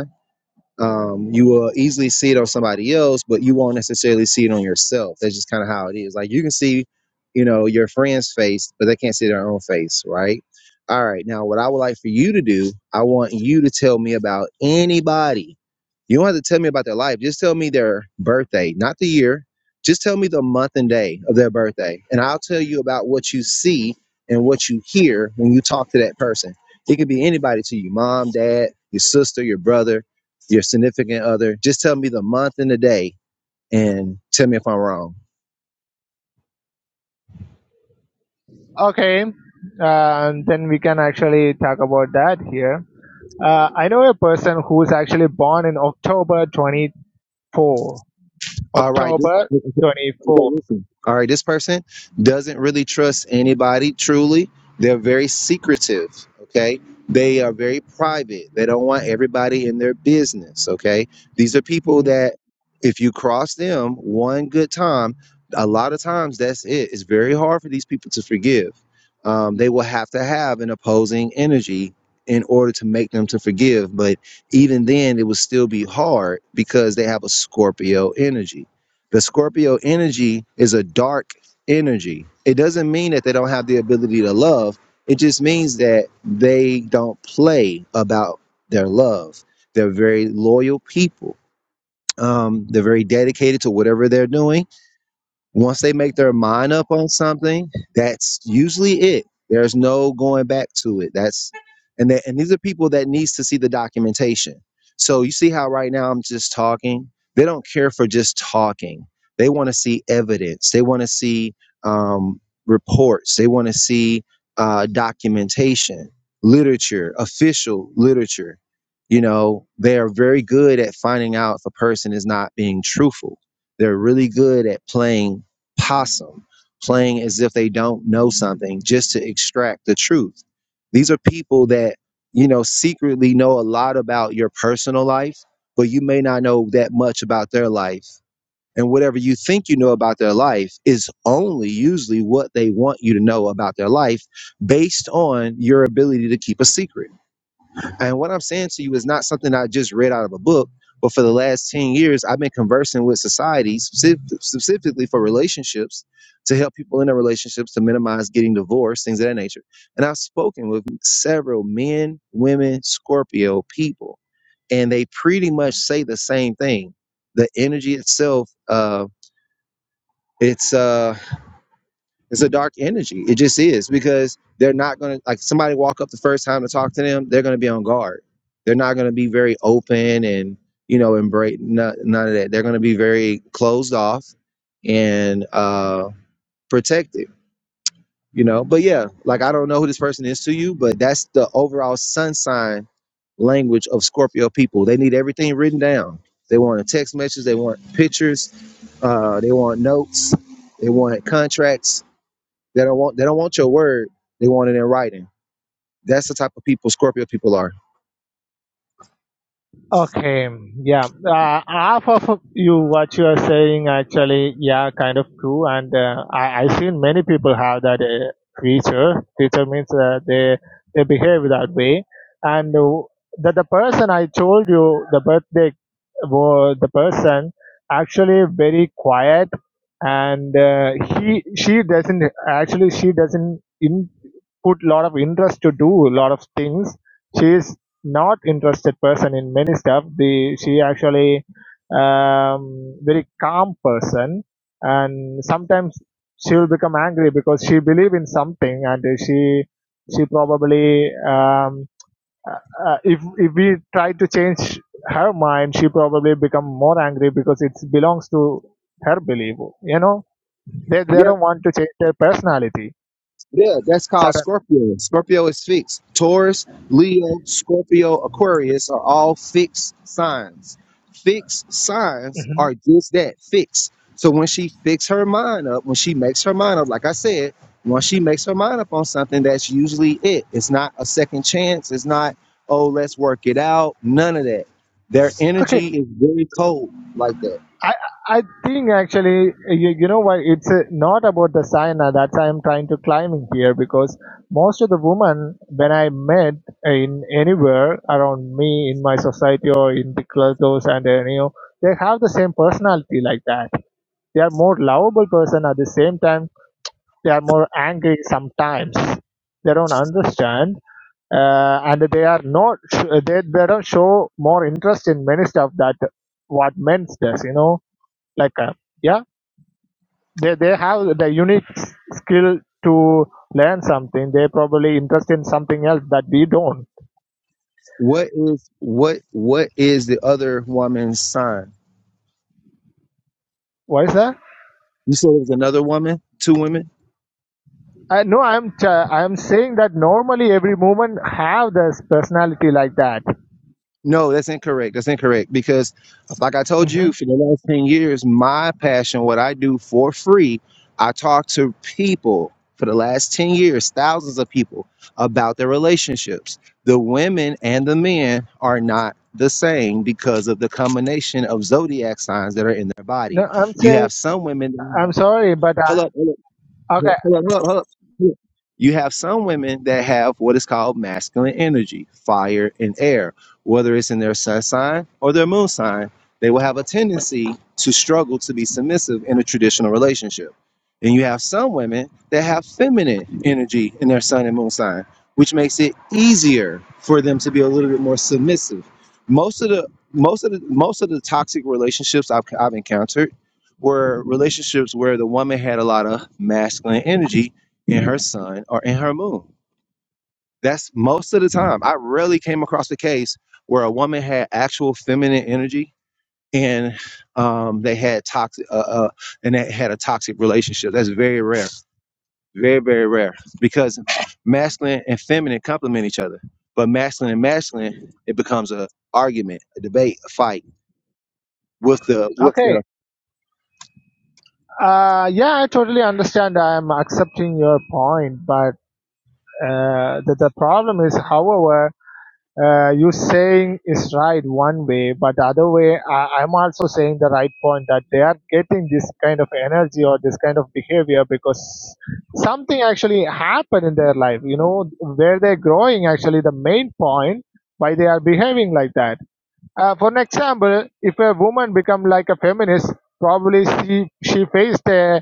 [SPEAKER 1] um, you will easily see it on somebody else, but you won't necessarily see it on yourself. That's just kind of how it is. Like you can see, you know, your friend's face, but they can't see their own face, right? All right. Now, what I would like for you to do, I want you to tell me about anybody. You don't have to tell me about their life. Just tell me their birthday, not the year. Just tell me the month and day of their birthday, and I'll tell you about what you see and what you hear when you talk to that person. It could be anybody to you, mom, dad, your sister, your brother your significant other. Just tell me the month and the day and tell me if I'm wrong.
[SPEAKER 2] Okay, and then we can actually talk about that here. Uh, I know a person who is actually born in October 24.
[SPEAKER 1] All right, this
[SPEAKER 2] October
[SPEAKER 1] okay,
[SPEAKER 2] 24.
[SPEAKER 1] listen. All right, this person doesn't really trust anybody truly. They're very secretive, okay? They are very private. They don't want everybody in their business, okay? These are people
[SPEAKER 2] Mm-hmm.
[SPEAKER 1] that if you cross them one good time, a lot of times that's it. It's very hard for these people to forgive. Um, they will have to have an opposing energy in order to make them to forgive, but even then it will still be hard because they have a Scorpio energy. The Scorpio energy is a dark energy. It doesn't mean that they don't have the ability to love. It just means that they don't play about their love. They're very loyal people. Um, they're very dedicated to whatever they're doing once they make their mind up on something, that's usually it. There's no going back to it. That's and that and these are people that needs to see the documentation. So you see how right now I'm just talking. They don't care for just talking. They want to see evidence. They want to see um, reports. They want to see uh, documentation, literature, official literature you know, they are very good at finding out if a person is not being truthful. They're really good at playing possum playing as if they don't know something just to extract the truth. These are people that, you know, secretly know a lot about your personal life, but you may not know that much about their life. And whatever you think you know about their life is only usually what they want you to know about their life based on your ability to keep a secret. And what I'm saying to you is not something I just read out of a book, but for the last 10 years, I've been conversing with society specif- specifically for relationships to help people in their relationships to minimize getting divorced, things of that nature. And I've spoken with several men, women, Scorpio people, and they pretty much say the same thing. The energy itself, uh, it's. uh, it's a dark energy. It just is because they're not going to like somebody walk up the first time to talk to them. They're going to be on guard. They're not going to be very open and you know embrace no- none of that. They're going to be very closed off and uh, protective. You know, but yeah, like I don't know who this person is to you, but that's the overall sun sign language of Scorpio people. They need everything written down. They want a text message. They want pictures. Uh, they want notes. They want contracts they don't want they don't want your word. They want it in writing. That's the type of people Scorpio people are.
[SPEAKER 2] Okay, yeah. Uh, half of you what you are saying actually, yeah, kind of true. And uh, I I seen many people have that uh, feature. Feature means uh, they they behave that way. And uh, that the person I told you the birthday, was the person actually very quiet, and uh, he she doesn't actually she doesn't put a lot of interest to do a lot of things. She is not interested person in many stuff. The she actually um, very calm person, and sometimes she will become angry because she believe in something, and she she probably um, uh, uh, if if we try to change her mind, she probably become more angry because it belongs to her belief. You know, they they
[SPEAKER 1] Yeah,
[SPEAKER 2] don't want to change their personality.
[SPEAKER 1] yeah, that's called
[SPEAKER 2] Sudden.
[SPEAKER 1] Scorpio. Scorpio is fixed. Taurus, Leo, Scorpio, Aquarius are all fixed signs. Fixed signs
[SPEAKER 2] Mhm.
[SPEAKER 1] are just that, fixed. So when she fixes her mind up, when she makes her mind up, like I said, once she makes her mind up on something, that's usually it. It's not a second chance. It's not, oh, let's work it out. None of that. Their energy is very cold like that.
[SPEAKER 2] I I think actually you, you know why it's uh, not about the sauna that's why I'm trying to climbing here because most of the women when I met in anywhere around me in my society or in the clubs and uh, you know they have the same personality like that they are more lovable person at the same time they are more angry sometimes they don't understand uh, and they are not sh- they, they don't show more interest in many stuff that what men does you know like uh, yeah they they have the unique s- skill to learn something they probably interested in something else that we don't
[SPEAKER 1] What is what what is the other woman's sign?
[SPEAKER 2] why is that
[SPEAKER 1] You said it was another woman, two women?
[SPEAKER 2] i no i'm t- i'm saying that normally every woman have this personality like that
[SPEAKER 1] No, that's incorrect. That's incorrect because like I told
[SPEAKER 2] hmm
[SPEAKER 1] you, for the last 10 years, my passion, what I do for free, I talk to people for the last 10 years, thousands of people about their relationships. The women and the men are not the same because of the combination of zodiac signs that are in their
[SPEAKER 2] no
[SPEAKER 1] body.
[SPEAKER 2] i'm
[SPEAKER 1] You
[SPEAKER 2] saying
[SPEAKER 1] have some women that
[SPEAKER 2] i'm
[SPEAKER 1] have,
[SPEAKER 2] sorry but I,
[SPEAKER 1] hold up, hold up. Hold up,
[SPEAKER 2] okay
[SPEAKER 1] hold up, hold up. Hold up. You have some women that have what is called masculine energy, fire and air, whether it's in their sun sign or their moon sign, they will have a tendency to struggle to be submissive in a traditional relationship. And you have some women that have feminine energy in their sun and moon sign, which makes it easier for them to be a little bit more submissive. Most of the most of the most of the toxic relationships I've, I've encountered were relationships where the woman had a lot of masculine energy in her sun or in her moon. That's most of the time. I rarely came across a case where a woman had actual feminine energy and um, they had toxic uh, uh, and they had a toxic relationship. That's very rare, very very rare because masculine and feminine complement each other. But masculine and masculine, it becomes a argument, a debate, a fight with the with
[SPEAKER 2] okay
[SPEAKER 1] the
[SPEAKER 2] uh yeah i totally understand i'm accepting your point but uh the, the problem is however uh, you saying is right one way, but the other way, I, I'm also saying the right point that they are getting this kind of energy or this kind of behavior because something actually happened in their life, you know, where they're growing, actually, the main point why they are behaving like that. Uh, for an example, if a woman become like a feminist, probably she, she faced a,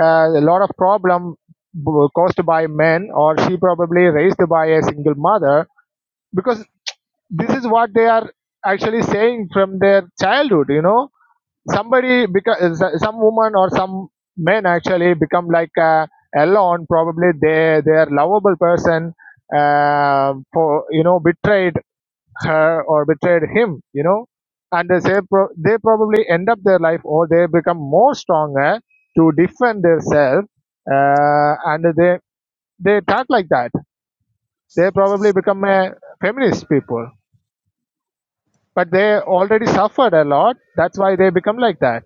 [SPEAKER 2] uh, a lot of problem b- caused by men or she probably raised by a single mother because this is what they are actually saying from their childhood you know somebody because some woman or some men actually become like uh, alone probably they their lovable person uh, for you know betrayed her or betrayed him you know and they say pro- they probably end up their life or they become more stronger to defend themselves uh, and they they talk like that they probably become a feminist people but they already suffered a lot. That's why they become like that.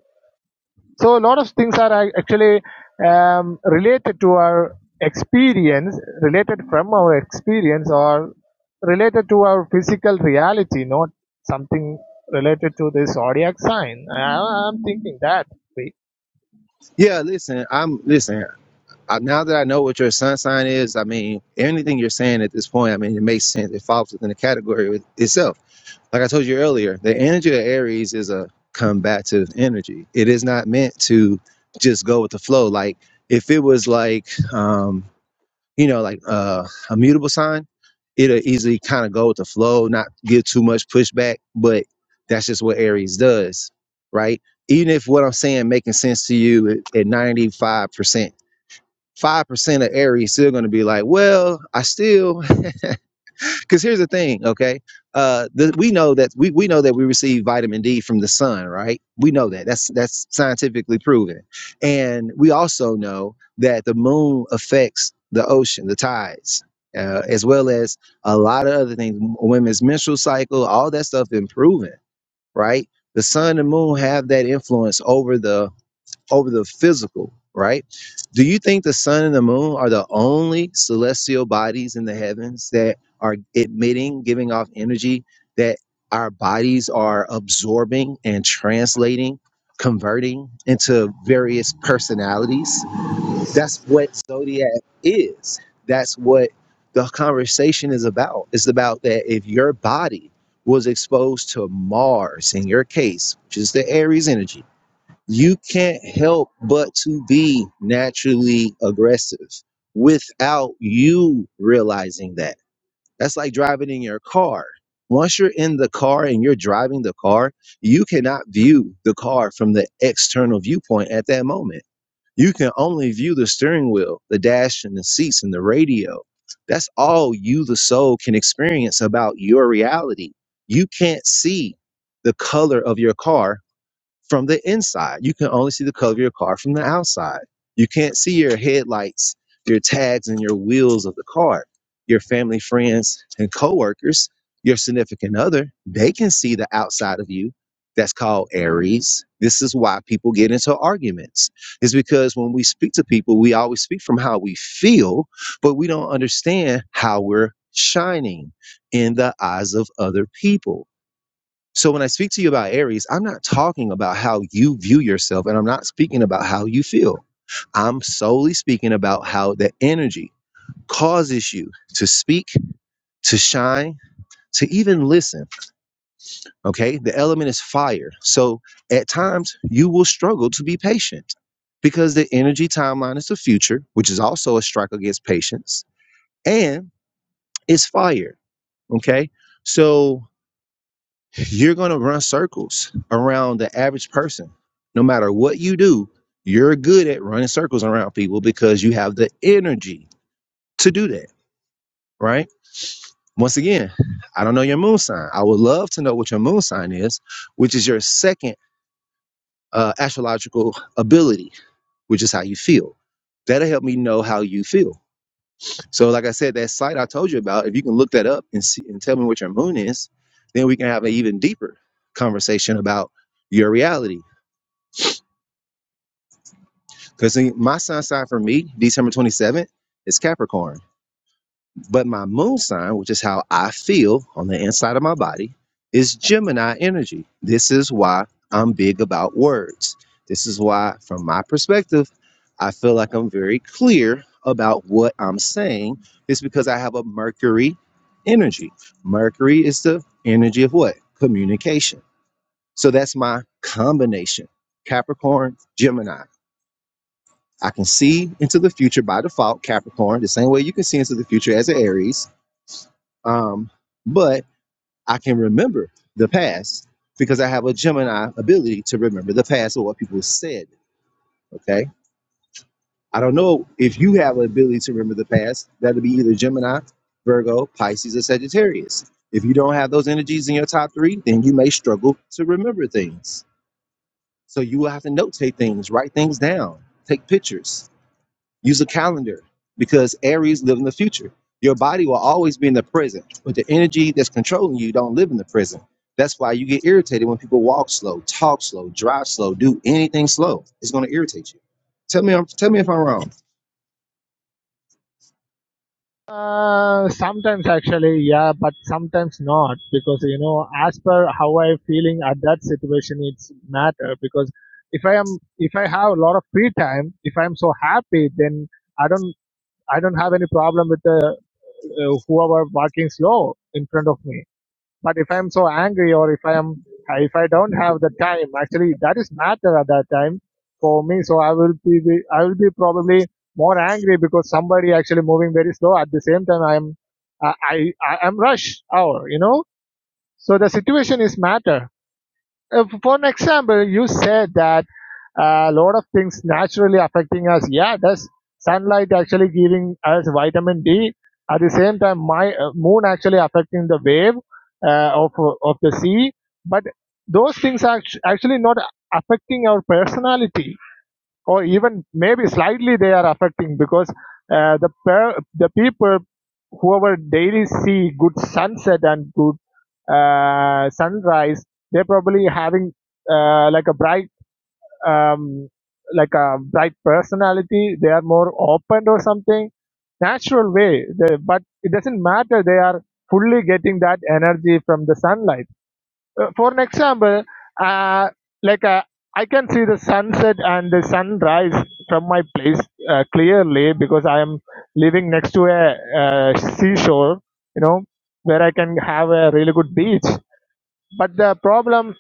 [SPEAKER 2] So a lot of things are actually um, related to our experience, related from our experience, or related to our physical reality, not something related to the zodiac sign. I, I'm thinking that way.
[SPEAKER 1] yeah. Listen, I'm listen. I, now that I know what your sun sign is, I mean, anything you're saying at this point, I mean, it makes sense. It falls within the category with itself. Like I told you earlier, the energy of Aries is a combative energy. It is not meant to just go with the flow. Like if it was like, um, you know, like uh, a mutable sign, it'll easily kind of go with the flow, not give too much pushback. But that's just what Aries does, right? Even if what I'm saying making sense to you at 95% five percent of Aries still going to be like, well, I still, because here's the thing, okay? Uh, the, we know that we we know that we receive vitamin D from the sun, right? We know that that's that's scientifically proven, and we also know that the moon affects the ocean, the tides. Uh, as well as a lot of other things, m- women's menstrual cycle, all that stuff improving, right? The sun and moon have that influence over the over the physical, right? Do you think the sun and the moon are the only celestial bodies in the heavens that are emitting, giving off energy that our bodies are absorbing and translating, converting into various personalities? That's what zodiac is. That's what the conversation is about. It's about that if your body was exposed to Mars, in your case, which is the Aries energy, you can't help but to be naturally aggressive without you realizing that. That's like driving in your car. Once you're in the car and you're driving the car, you cannot view the car from the external viewpoint at that moment. You can only view the steering wheel, the dash, and the seats and the radio. That's all you, the soul, can experience about your reality. You can't see the color of your car from the inside. You can only see the color of your car from the outside. You can't see your headlights, your tags, and your wheels of the car. Your family, friends, and coworkers, your significant other, they can see the outside of you. That's called Aries. This is why people get into arguments. It's because when we speak to people, we always speak from how we feel, but we don't understand how we're shining in the eyes of other people so when I speak to you about Aries, I'm not talking about how you view yourself and I'm not speaking about how you feel. I'm solely speaking about how the energy causes you to speak, to shine, to even listen. Okay. The element is fire. So at times you will struggle to be patient because the energy timeline is the future, which is also a strike against patience and it's fire. Okay. So you're going to run circles around the average person. No matter what you do, you're good at running circles around people because you have the energy to do that, right? Once again, I don't know your moon sign. I would love to know what your moon sign is, which is your second uh, astrological ability, which is how you feel. That'll help me know how you feel. So, like I said, that site I told you about, if you can look that up and see and tell me what your moon is, then we can have an even deeper conversation about your reality Because my sun sign for me, December 27th, is Capricorn. But my moon sign, which is how I feel on the inside of my body, is Gemini energy. This is why I'm big about words. This is why, from my perspective, I feel like I'm very clear about what I'm saying. It's because I have a Mercury energy. Mercury is the energy of what? Communication. So that's my combination Capricorn, Gemini. I can see into the future by default, Capricorn, the same way you can see into the future as an Aries. Um, but I can remember the past because I have a Gemini ability to remember the past or what people said. Okay. I don't know if you have an ability to remember the past. That'll be either Gemini, Virgo, Pisces, or Sagittarius. If you don't have those energies in your top three, then you may struggle to remember things. So you will have to notate things, write things down, take pictures Use a calendar because Aries live in the future. Your body will always be in the present, but the energy that's controlling you don't live in the present. That's why you get irritated when people walk slow, talk slow, drive slow, do anything slow. It's going to irritate you. Tell me, I'm, tell me if I'm wrong.
[SPEAKER 2] Uh, sometimes actually, yeah, but sometimes not because you know, as per how I'm feeling at that situation, it's matter because if I am if I have a lot of free time, if I'm so happy, then I don't I don't have any problem with the uh, whoever walking slow in front of me. But if I'm so angry or if I am, if I don't have the time, actually that is matter at that time for me. So I will be, I will be probably more angry because somebody actually moving very slow. At the same time, I am, I, I, I am rush hour, you know. So the situation is matter uh, for an example, you said that a lot of things naturally affecting us. Yeah, does sunlight actually giving us vitamin D? At the same time, my uh, moon actually affecting the wave uh, of of the sea. But those things are act- actually not affecting our personality or even maybe slightly they are affecting because uh, the per- the people whoever daily see good sunset and good uh, sunrise they're probably having uh, like a bright um, like a bright personality they are more open or something natural way they, but it doesn't matter they are fully getting that energy from the sunlight uh, for an example, uh, like uh, I can see the sunset and the sunrise from my place uh, clearly because I am living next to a, uh seashore, you know, where I can have a really good beach. But the problem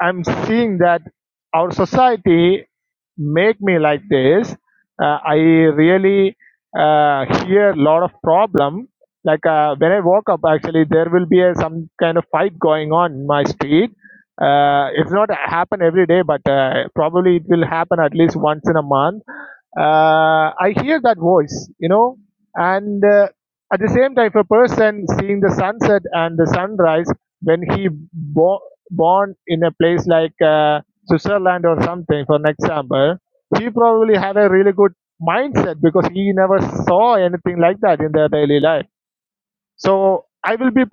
[SPEAKER 2] I'm seeing that our society make me like this. Uh, I really uh, hear a lot of problem. Like uh, when I walk up, actually there will be a, some kind of fight going on in my street. Uh, it's not happen every day, but uh, probably it will happen at least once in a month. Uh, I hear that voice, you know, and uh, at the same time, if a person seeing the sunset and the sunrise when he bo- born in a place like uh, Switzerland or something, for an example, he probably had a really good mindset because he never saw anything like that in their daily life so i will be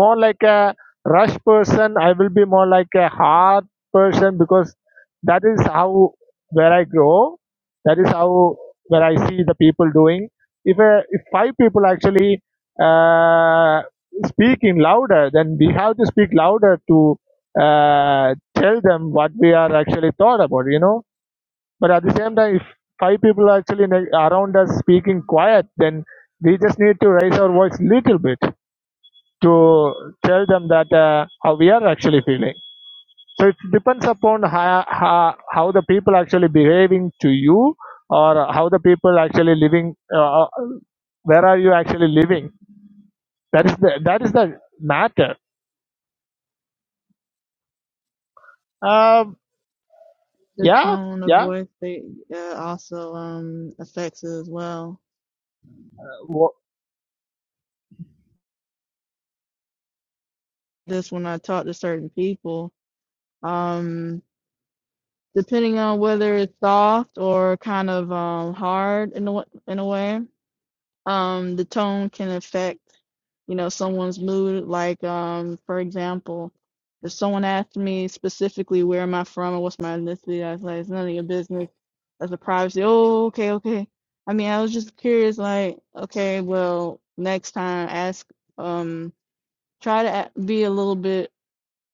[SPEAKER 2] more like a rush person i will be more like a hard person because that is how where i grow that is how where i see the people doing if uh, if five people actually uh, speak in louder then we have to speak louder to uh, tell them what we are actually thought about you know but at the same time if five people are actually ne- around us speaking quiet then we just need to raise our voice little bit to tell them that uh, how we are actually feeling. So it depends upon how, how, how the people actually behaving to you or how the people actually living, uh, where are you actually living? That is the, that is the matter. Um,
[SPEAKER 3] the
[SPEAKER 2] yeah,
[SPEAKER 3] tone of
[SPEAKER 2] yeah.
[SPEAKER 3] voice they uh, also um affects it as well just when i talk to certain people um depending on whether it's soft or kind of um hard in a, in a way um the tone can affect you know, someone's mood. Like, um, for example, if someone asked me specifically where am I from or what's my ethnicity, I was like, it's none of your business. That's a privacy. Oh, okay, okay. I mean, I was just curious, like, okay, well, next time ask, um, try to a- be a little bit,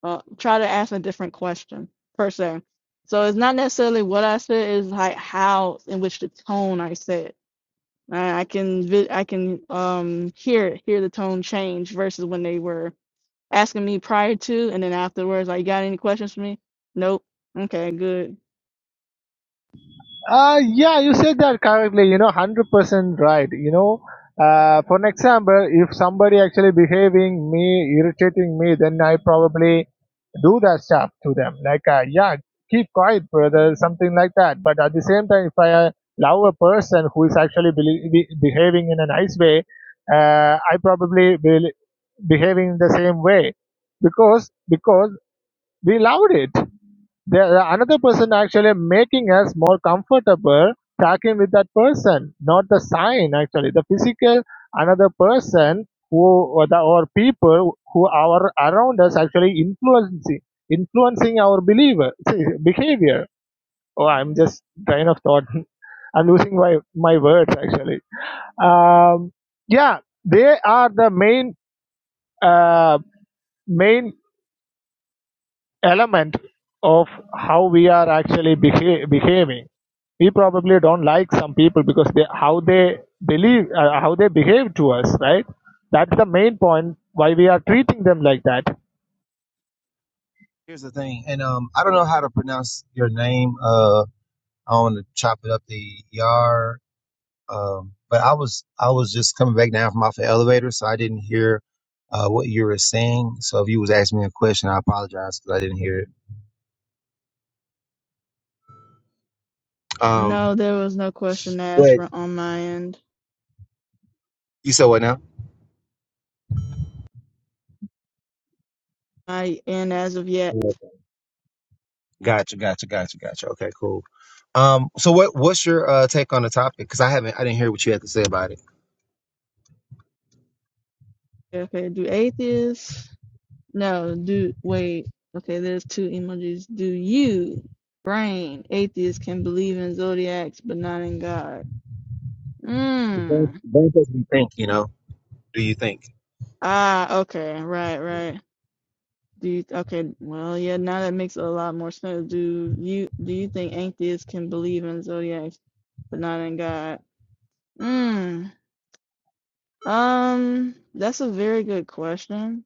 [SPEAKER 3] uh, try to ask a different question per se. So it's not necessarily what I said, it's like how in which the tone I said. I, I can vi- I can um hear hear the tone change versus when they were asking me prior to and then afterwards like you got any questions for me? Nope. Okay, good.
[SPEAKER 2] Uh, yeah, you said that correctly. You know, hundred percent right. You know, uh, for an example, if somebody actually behaving me, irritating me, then I probably do that stuff to them. Like, uh, yeah, keep quiet, brother, something like that. But at the same time, if I uh, love a person who is actually be- be- behaving in a nice way, uh, I probably will behaving the same way because because we loved it. There, another person actually making us more comfortable talking with that person, not the sign actually. The physical, another person who or, the, or people who are around us actually influencing influencing our believer see, behavior. Oh, I'm just train of thought. I'm losing my my words actually. Um, yeah, they are the main uh, main element of how we are actually beha- behaving. We probably don't like some people because they how they believe uh, how they behave to us, right? That's the main point why we are treating them like that.
[SPEAKER 1] Here's the thing, and um, I don't know how to pronounce your name. Uh, I don't want to chop it up the yar. Um, but I was I was just coming back down from off the elevator, so I didn't hear uh, what you were saying. So if you was asking me a question, I apologize because I didn't hear it. Um,
[SPEAKER 3] No, there was no question asked
[SPEAKER 1] but
[SPEAKER 3] for on my end.
[SPEAKER 1] you said what now?
[SPEAKER 3] My end as of yet.
[SPEAKER 1] Yeah. Gotcha, gotcha, gotcha, gotcha. Okay, cool. Um, so what what's your uh, take on the topic? Because I haven't, I didn't hear what you had to say about it.
[SPEAKER 3] Okay, do atheists? No, do wait. Okay, there's two emojis. Do you, brain, atheists can believe in zodiacs but not in God?
[SPEAKER 1] Brain
[SPEAKER 3] Mm.
[SPEAKER 1] brain test, we think, you know. Do you think?
[SPEAKER 3] Ah, okay, right, right. Do you, okay, well, yeah, now that makes a lot more sense. Do you do you think atheists can believe in zodiacs but not in God? Mm. Um, that's a very good question.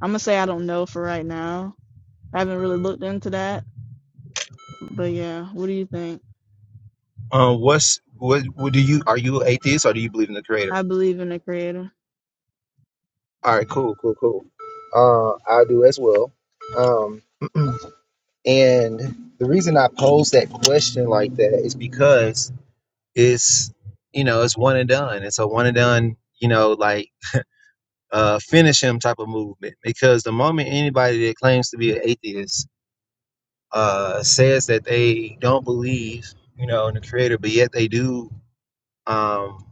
[SPEAKER 3] I'm gonna say I don't know for right now. I haven't really looked into that, but yeah, what do you think?
[SPEAKER 1] Um, what's what? What do you? Are you atheist or do you believe in the creator?
[SPEAKER 3] I believe in the creator.
[SPEAKER 1] All right, cool, cool, cool. Uh, I do as well. Um, and the reason I pose that question like that is because it's you know it's one and done. It's a one and done. You know, like uh, finish him type of movement. Because the moment anybody that claims to be an atheist uh, says that they don't believe, you know, in the creator, but yet they do. Um,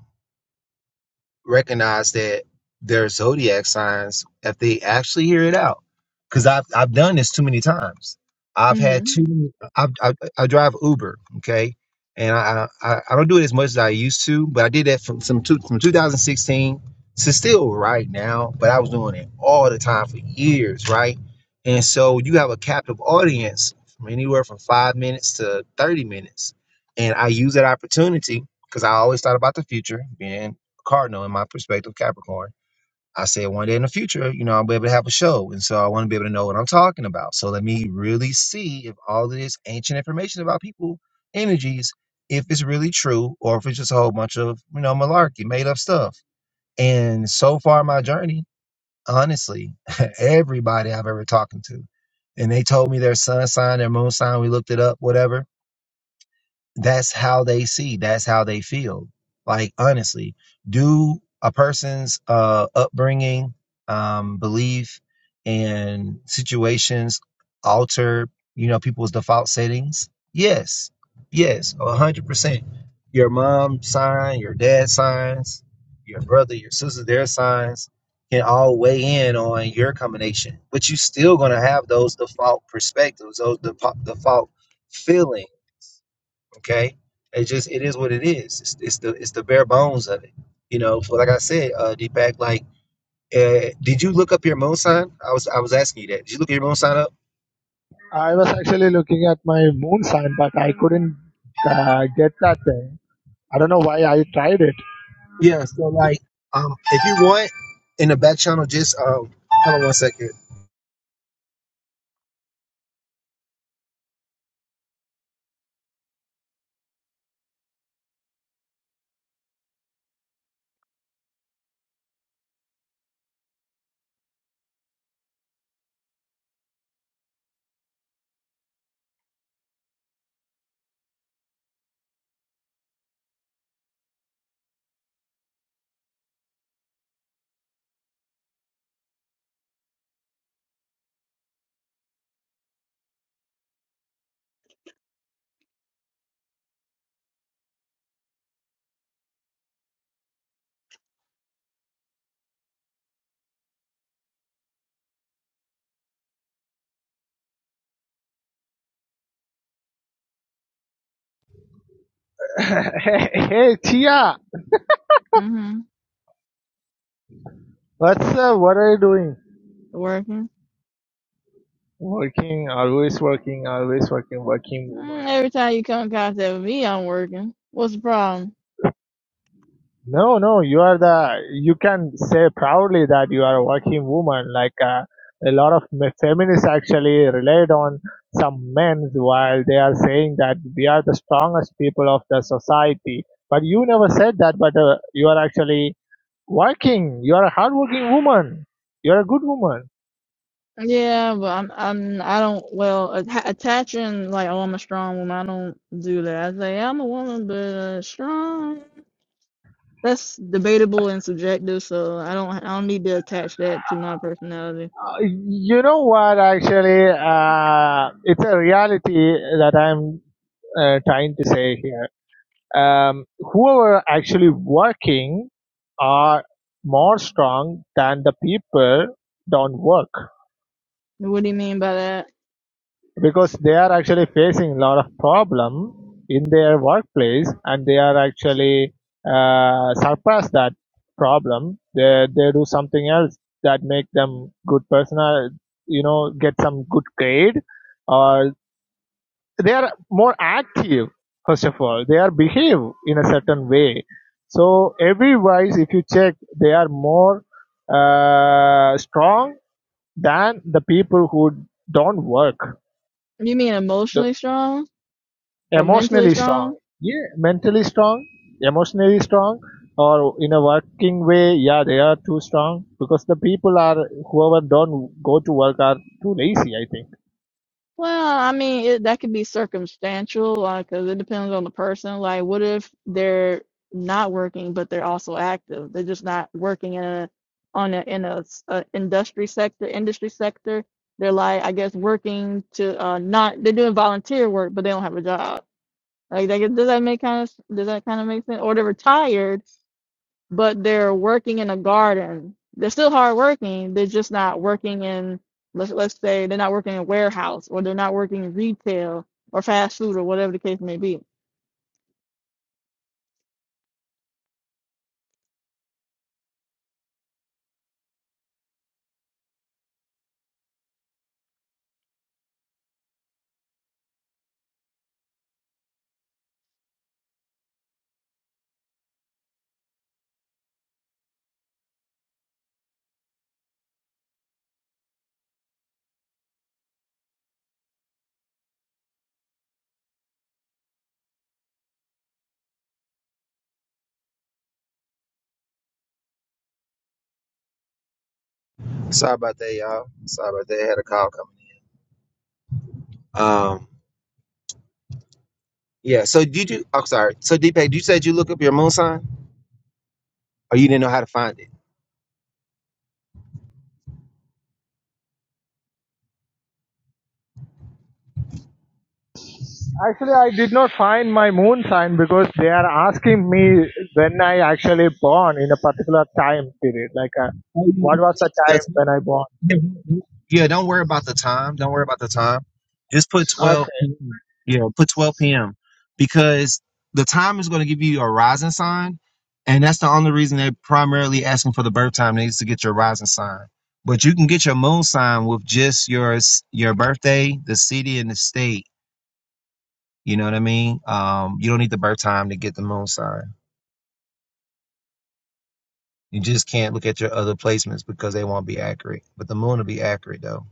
[SPEAKER 1] recognize that their zodiac signs if they actually hear it out. Because I've I've done this too many times. I've had
[SPEAKER 3] hmm
[SPEAKER 1] too many. I've, I I drive Uber, okay, and I, I I don't do it as much as I used to, but I did that from some two, from 2016 to still right now. But I was doing it all the time for years, right? And so you have a captive audience from anywhere from five minutes to 30 minutes, and I use that opportunity because I always thought about the future, being. Cardinal in my perspective, Capricorn. I said one day in the future, you know, I'll be able to have a show. And so I want to be able to know what I'm talking about. So let me really see if all of this ancient information about people, energies, if it's really true or if it's just a whole bunch of, you know, malarkey, made up stuff. And so far, my journey, honestly, everybody I've ever talked to, and they told me their sun sign, their moon sign, we looked it up, whatever that's how they see that's how they feel like honestly do a person's uh upbringing um belief and situations alter you know people's default settings yes yes a 100% your mom sign your dad signs your brother your sister their signs can all weigh in on your combination but you are still going to have those default perspectives those default default feelings Okay, it just it is what it is. It's, it's the it's the bare bones of it. You know, so like I said, uh, Deepak, like, uh, did you look up your moon sign? I was I was asking you that. Did you look at your moon sign up?
[SPEAKER 2] I was actually looking at my moon sign, but I couldn't uh, get that thing. I don't know why I tried it.
[SPEAKER 1] Yeah. So like, um, if you want in the back channel, just um, hold on one second.
[SPEAKER 2] hey, hey, Tia,
[SPEAKER 3] hmm
[SPEAKER 2] what's up? What are you doing?
[SPEAKER 3] Working.
[SPEAKER 2] Working, always working, always working, working woman.
[SPEAKER 3] Mm, every time you come in contact with me, I'm working. What's the problem?
[SPEAKER 2] No, no, you are the, you can say proudly that you are a working woman. Like uh, a lot of me- feminists actually relied on some men while they are saying that we are the strongest people of the society. But you never said that, but uh, you are actually working. You are a hardworking woman. You're a good woman.
[SPEAKER 3] Yeah, but I'm, I'm, I don't, well, atta- attaching like, oh, I'm a strong woman. I don't do that. I say I'm a woman, but uh, strong. That's debatable and subjective, so I don't, I don't need to attach that to my personality.
[SPEAKER 2] Uh, you know what, actually, uh, it's a reality that I'm uh, trying to say here um, whoever actually working are more strong than the people don't work
[SPEAKER 3] What do you mean by that?
[SPEAKER 2] because they are actually facing a lot of problem in their workplace and they are actually uh, surpass that problem they, they do something else that make them good personal you know get some good grade or they are more active first of all they are behave in a certain way so every wise if you check they are more uh, strong than the people who don't work
[SPEAKER 3] You mean
[SPEAKER 2] the
[SPEAKER 3] emotionally strong or mentally
[SPEAKER 2] emotionally
[SPEAKER 3] strong?
[SPEAKER 2] strong yeah mentally strong emotionally strong or in a working way yeah they are too strong because the people are whoever don't go to work are too lazy i think
[SPEAKER 3] Well, I mean, it, that could be circumstantial, like, 'cause it depends on the person. Like, what if they're not working, but they're also active? They're just not working in a on a in a, s- a industry sector. Industry sector, they're like, I guess, working to uh not they're doing volunteer work, but they don't have a job. Like, that, does that make kind of does that kind of make sense? Or they're retired, but they're working in a garden. They're still hardworking. They're just not working in let's let's say they're not working in a warehouse or they're not working in retail or fast food or whatever the case may be.
[SPEAKER 1] Sorry about that, y'all. Sorry about that. I had a call coming. Um, yeah. So did you? I'm sorry. So Deepak, you said you look up your moon sign, or you didn't know how to find it?
[SPEAKER 2] Actually, I did not find my moon sign because they are asking me when I actually born in a particular time period. Like, uh,
[SPEAKER 1] Oh, yeah,
[SPEAKER 2] what
[SPEAKER 1] yeah,
[SPEAKER 2] was
[SPEAKER 1] yeah,
[SPEAKER 2] the time
[SPEAKER 1] that's
[SPEAKER 2] when I born?
[SPEAKER 1] Yeah, don't worry about the time. Don't worry about the time. Just put 12
[SPEAKER 2] Okay.
[SPEAKER 1] p.m. Yeah, put 12 p.m. because the time is going to give you a rising sign. And that's the only reason they're primarily asking for the birth time They is to get your rising sign. But you can get your moon sign with just your s- your birthday, the city, and the state. You know what I mean? Um, you don't need the birth time to get the moon sign. You just can't look at your other placements because they won't be accurate. But the moon will be accurate though.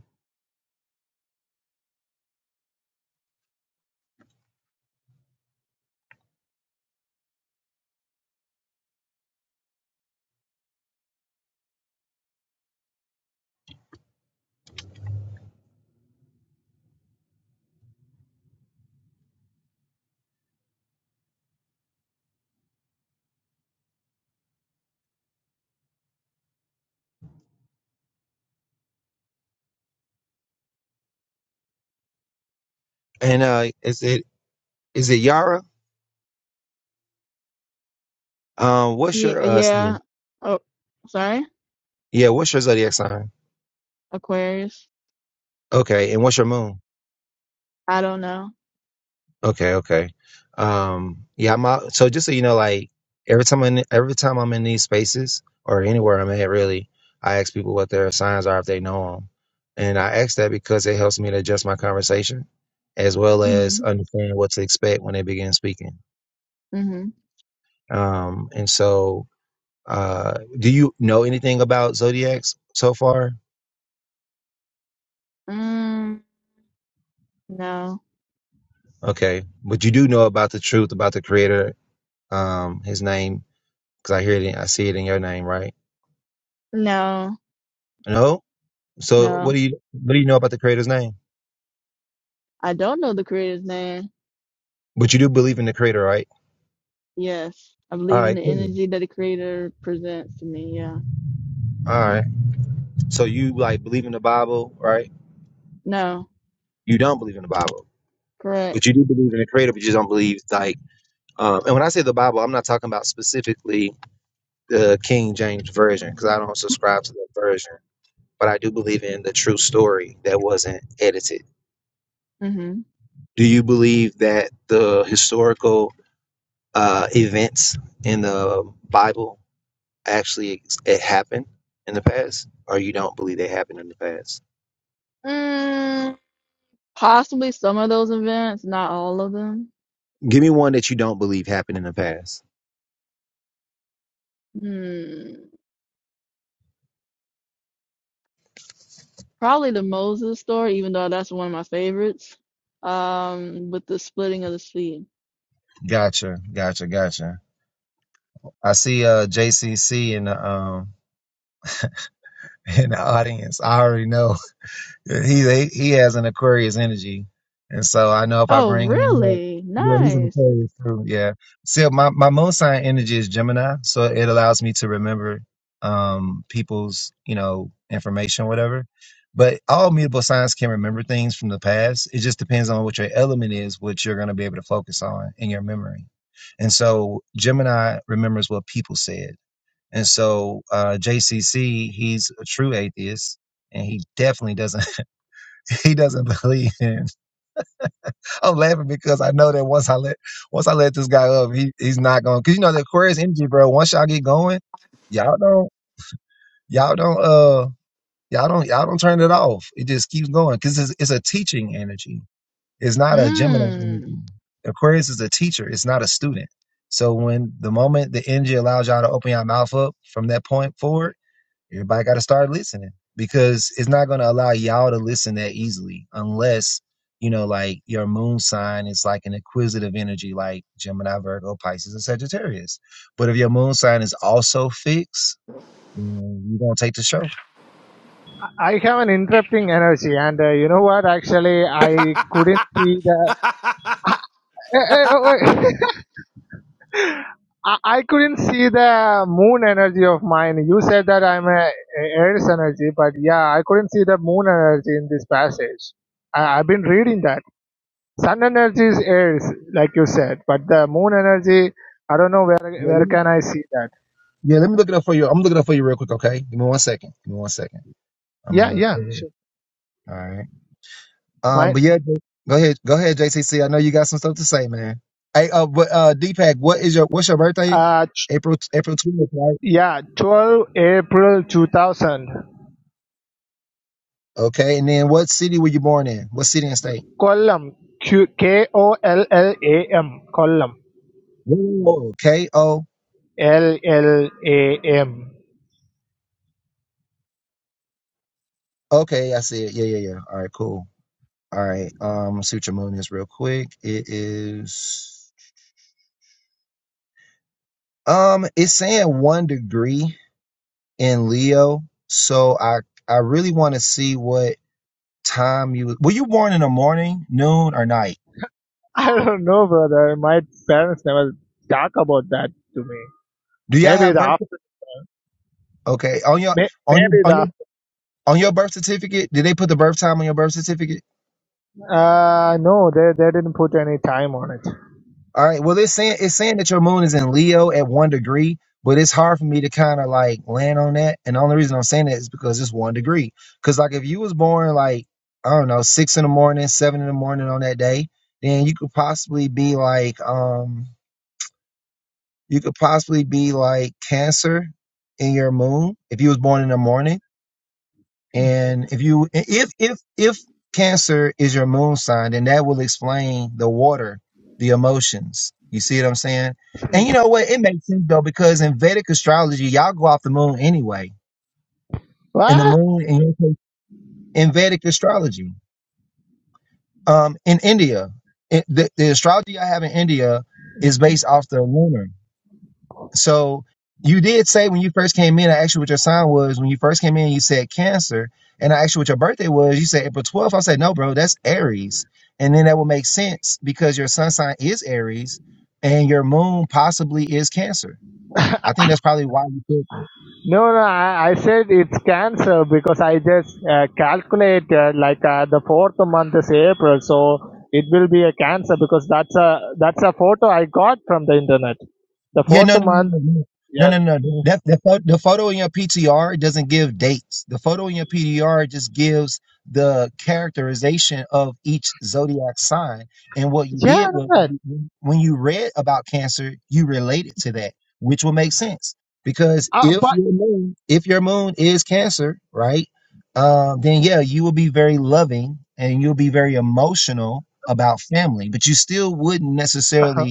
[SPEAKER 1] And uh, is it is it Yara? Um, what's
[SPEAKER 3] Yeah,
[SPEAKER 1] your uh
[SPEAKER 3] yeah.
[SPEAKER 1] sign?
[SPEAKER 3] Oh, sorry,
[SPEAKER 1] yeah, what's your zodiac sign?
[SPEAKER 3] Aquarius.
[SPEAKER 1] Okay, and what's your moon?
[SPEAKER 3] I don't know.
[SPEAKER 1] Okay, okay. Um, yeah, I'm out, so just so you know, like every time I'm in, every time I'm in these spaces or anywhere I'm at, really, I ask people what their signs are if they know them, and I ask that because it helps me to adjust my conversation as well as
[SPEAKER 3] Mhm.
[SPEAKER 1] understand what to expect when they begin speaking.
[SPEAKER 3] Mhm.
[SPEAKER 1] Um, and so, uh, do you know anything about zodiacs so far?
[SPEAKER 3] Mm, no.
[SPEAKER 1] Okay, but you do know about the truth about the creator um his name because I hear it, in, I see it in your name, right?
[SPEAKER 3] No.
[SPEAKER 1] No. So what
[SPEAKER 3] No.
[SPEAKER 1] do you what do you know about the creator's name?
[SPEAKER 3] I don't know the creator's name.
[SPEAKER 1] But you do believe in the creator, right?
[SPEAKER 3] Yes, I
[SPEAKER 1] All
[SPEAKER 3] believe in
[SPEAKER 1] right,
[SPEAKER 3] the
[SPEAKER 1] cool.
[SPEAKER 3] energy that the creator presents to me. Yeah.
[SPEAKER 1] All right. So you like believe in the Bible, right?
[SPEAKER 3] No.
[SPEAKER 1] You don't believe in the Bible,
[SPEAKER 3] Correct.
[SPEAKER 1] but you do believe in the creator, but you just don't believe like. Um, and when I say the Bible, I'm not talking about specifically the King James version because I don't subscribe to that version. But I do believe in the true story that wasn't edited.
[SPEAKER 3] Mhm.
[SPEAKER 1] Do you believe that the historical uh, events in the Bible actually it happened in the past, or you don't believe they happened in the past?
[SPEAKER 3] Mm. Possibly some of those events, not all of them.
[SPEAKER 1] Give me one that you don't believe happened in the past.
[SPEAKER 3] Hmm. Probably the Moses story, even though that's one of my favorites. Um, with the splitting of the sea.
[SPEAKER 1] Gotcha, gotcha, gotcha. I see uh JCC in the um in the audience. I already know. He he has an Aquarius energy, and so I know if I
[SPEAKER 3] Oh,
[SPEAKER 1] bring him up,
[SPEAKER 3] really?
[SPEAKER 1] yeah, he's an
[SPEAKER 3] Nice.
[SPEAKER 1] Aquarius too. Yeah. See, my my moon sign energy is Gemini, so it allows me to remember um people's you know information, whatever. But all mutable signs can remember things from the past. It just depends on what your element is, what you're going to be able to focus on in your memory. And so Gemini remembers what people said. And so uh, JCC, he's a true atheist, and he definitely doesn't he doesn't believe in. I'm laughing because I know that once I let once I let this guy up, he he's not going. Cause you know the Aquarius energy, bro. Once y'all get going, y'all don't y'all don't uh y'all don't y'all don't turn it off. It just keeps going because it's it's a teaching energy. It's not a Gemini energy.
[SPEAKER 3] Mm.
[SPEAKER 1] Aquarius is a teacher. It's not a student. So when the moment the energy allows y'all to open your mouth up from that point forward Everybody got to start listening because it's not going to allow y'all to listen that easily unless, you know, like your moon sign is like an acquisitive energy like Gemini, Virgo, Pisces, and Sagittarius. But if your moon sign is also fixed, then you're going to take the show.
[SPEAKER 2] I have an interrupting energy, and uh, you know what? Actually, I couldn't see the. Eh, eh, oh, wait. I I couldn't see the moon energy of mine. You said that I'm a a Aries energy, but yeah, I couldn't see the moon energy in this passage. I, I've been reading that. Sun energy is airs, like you said, but the moon energy, I don't know where
[SPEAKER 1] Yeah
[SPEAKER 2] where
[SPEAKER 1] let, me,
[SPEAKER 2] can I see that.
[SPEAKER 1] yeah, let me look it up for you. I'm looking up for you real quick, okay? Give me one second. Give me one second. I'm
[SPEAKER 2] Yeah,
[SPEAKER 1] going to
[SPEAKER 2] yeah,
[SPEAKER 1] pull it
[SPEAKER 2] sure.
[SPEAKER 1] up. All right. Um,
[SPEAKER 2] My,
[SPEAKER 1] but yeah, go ahead. Go ahead, JCC. I know you got some stuff to say, man. Hey, uh, but, uh, Deepak, what is your, what's your birthday?
[SPEAKER 2] uh, ch-
[SPEAKER 1] April, April 20th, right?
[SPEAKER 2] yeah, 12 April 2000,
[SPEAKER 1] Okay.
[SPEAKER 2] Kollam, Q K O L L A M, Kollam,
[SPEAKER 1] Whoa, Kel.
[SPEAKER 2] L L A M.
[SPEAKER 1] Okay. cool. All right. Um, sutra. Um, it's saying one degree in Leo, so I I really want to see what time you were you born in the morning, noon, or night?
[SPEAKER 2] I don't know, brother. My parents never talk about that to me.
[SPEAKER 1] Do y'all
[SPEAKER 2] Maybe
[SPEAKER 1] have
[SPEAKER 2] the
[SPEAKER 1] birth?
[SPEAKER 2] after,
[SPEAKER 1] Okay. On your
[SPEAKER 2] may,
[SPEAKER 1] on your
[SPEAKER 2] maybe the
[SPEAKER 1] on your
[SPEAKER 2] after.
[SPEAKER 1] on your birth certificate, did they put the birth time on your birth certificate?
[SPEAKER 2] Uh, no, they they didn't put any time on it.
[SPEAKER 1] All right. Well, it's saying it's saying that your moon is in Leo at one degree, but it's hard for me to kind of like land on that. And the only reason I'm saying that is because it's one degree. Because like if you was born like I don't know six in the morning, seven in the morning on that day, then you could possibly be like um you could possibly be like Cancer in your moon if you was born in the morning and if you, if, if, if cancer is your moon sign, then that will explain the water, the emotions. You see what I'm saying? And you know what? It makes sense though, because in Vedic astrology, y'all go off the moon anyway. And the
[SPEAKER 2] What?
[SPEAKER 1] moon in, your case, in Vedic astrology, um, in India, it, the, the astrology I have in India is based off the lunar. So you did say when you first came in, I asked you what your sign was. When you first came in, you said Cancer, and I asked you what your birthday was. You said April 12th. I said, no, bro, that's Aries. And then that will make sense because your sun sign is Aries and your moon possibly is Cancer. I think that's probably why you said that.
[SPEAKER 2] No, no, I, I said it's cancer because I just uh, calculated like uh, the fourth month is April, so it will be a cancer because that's a that's a photo I got from the internet. The
[SPEAKER 1] Yeah,
[SPEAKER 2] fourth
[SPEAKER 1] no, no,
[SPEAKER 2] month,
[SPEAKER 1] no, no, no,
[SPEAKER 2] yeah,
[SPEAKER 1] no, no. no. That the photo, the photo in your PTR doesn't give dates. The photo in your PTR just gives the characterization of each zodiac sign. And what you
[SPEAKER 2] yeah, I
[SPEAKER 1] did
[SPEAKER 2] know
[SPEAKER 1] was,
[SPEAKER 2] that.
[SPEAKER 1] you- when you read about Cancer, you related to that, which will make sense because
[SPEAKER 2] Uh,
[SPEAKER 1] if
[SPEAKER 2] but
[SPEAKER 1] your moon, if your moon is Cancer, right, um, then yeah, you will be very loving and you'll be very emotional about family, but you still wouldn't necessarily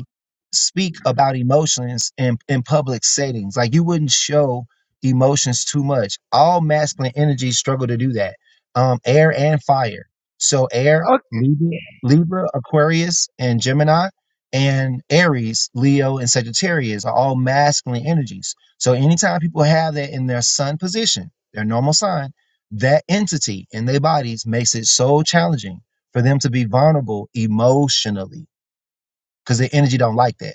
[SPEAKER 1] speak about emotions in, in public settings. Like you wouldn't show emotions too much. All masculine energies struggle to do that. Um, air and fire. So air,
[SPEAKER 2] okay.
[SPEAKER 1] Libra, Libra, Aquarius, and Gemini, and Aries, Leo, and Sagittarius are all masculine energies. So anytime people have that in their sun position, their normal sign, that entity in their bodies makes it so challenging for them to be vulnerable emotionally because their energy don't like that.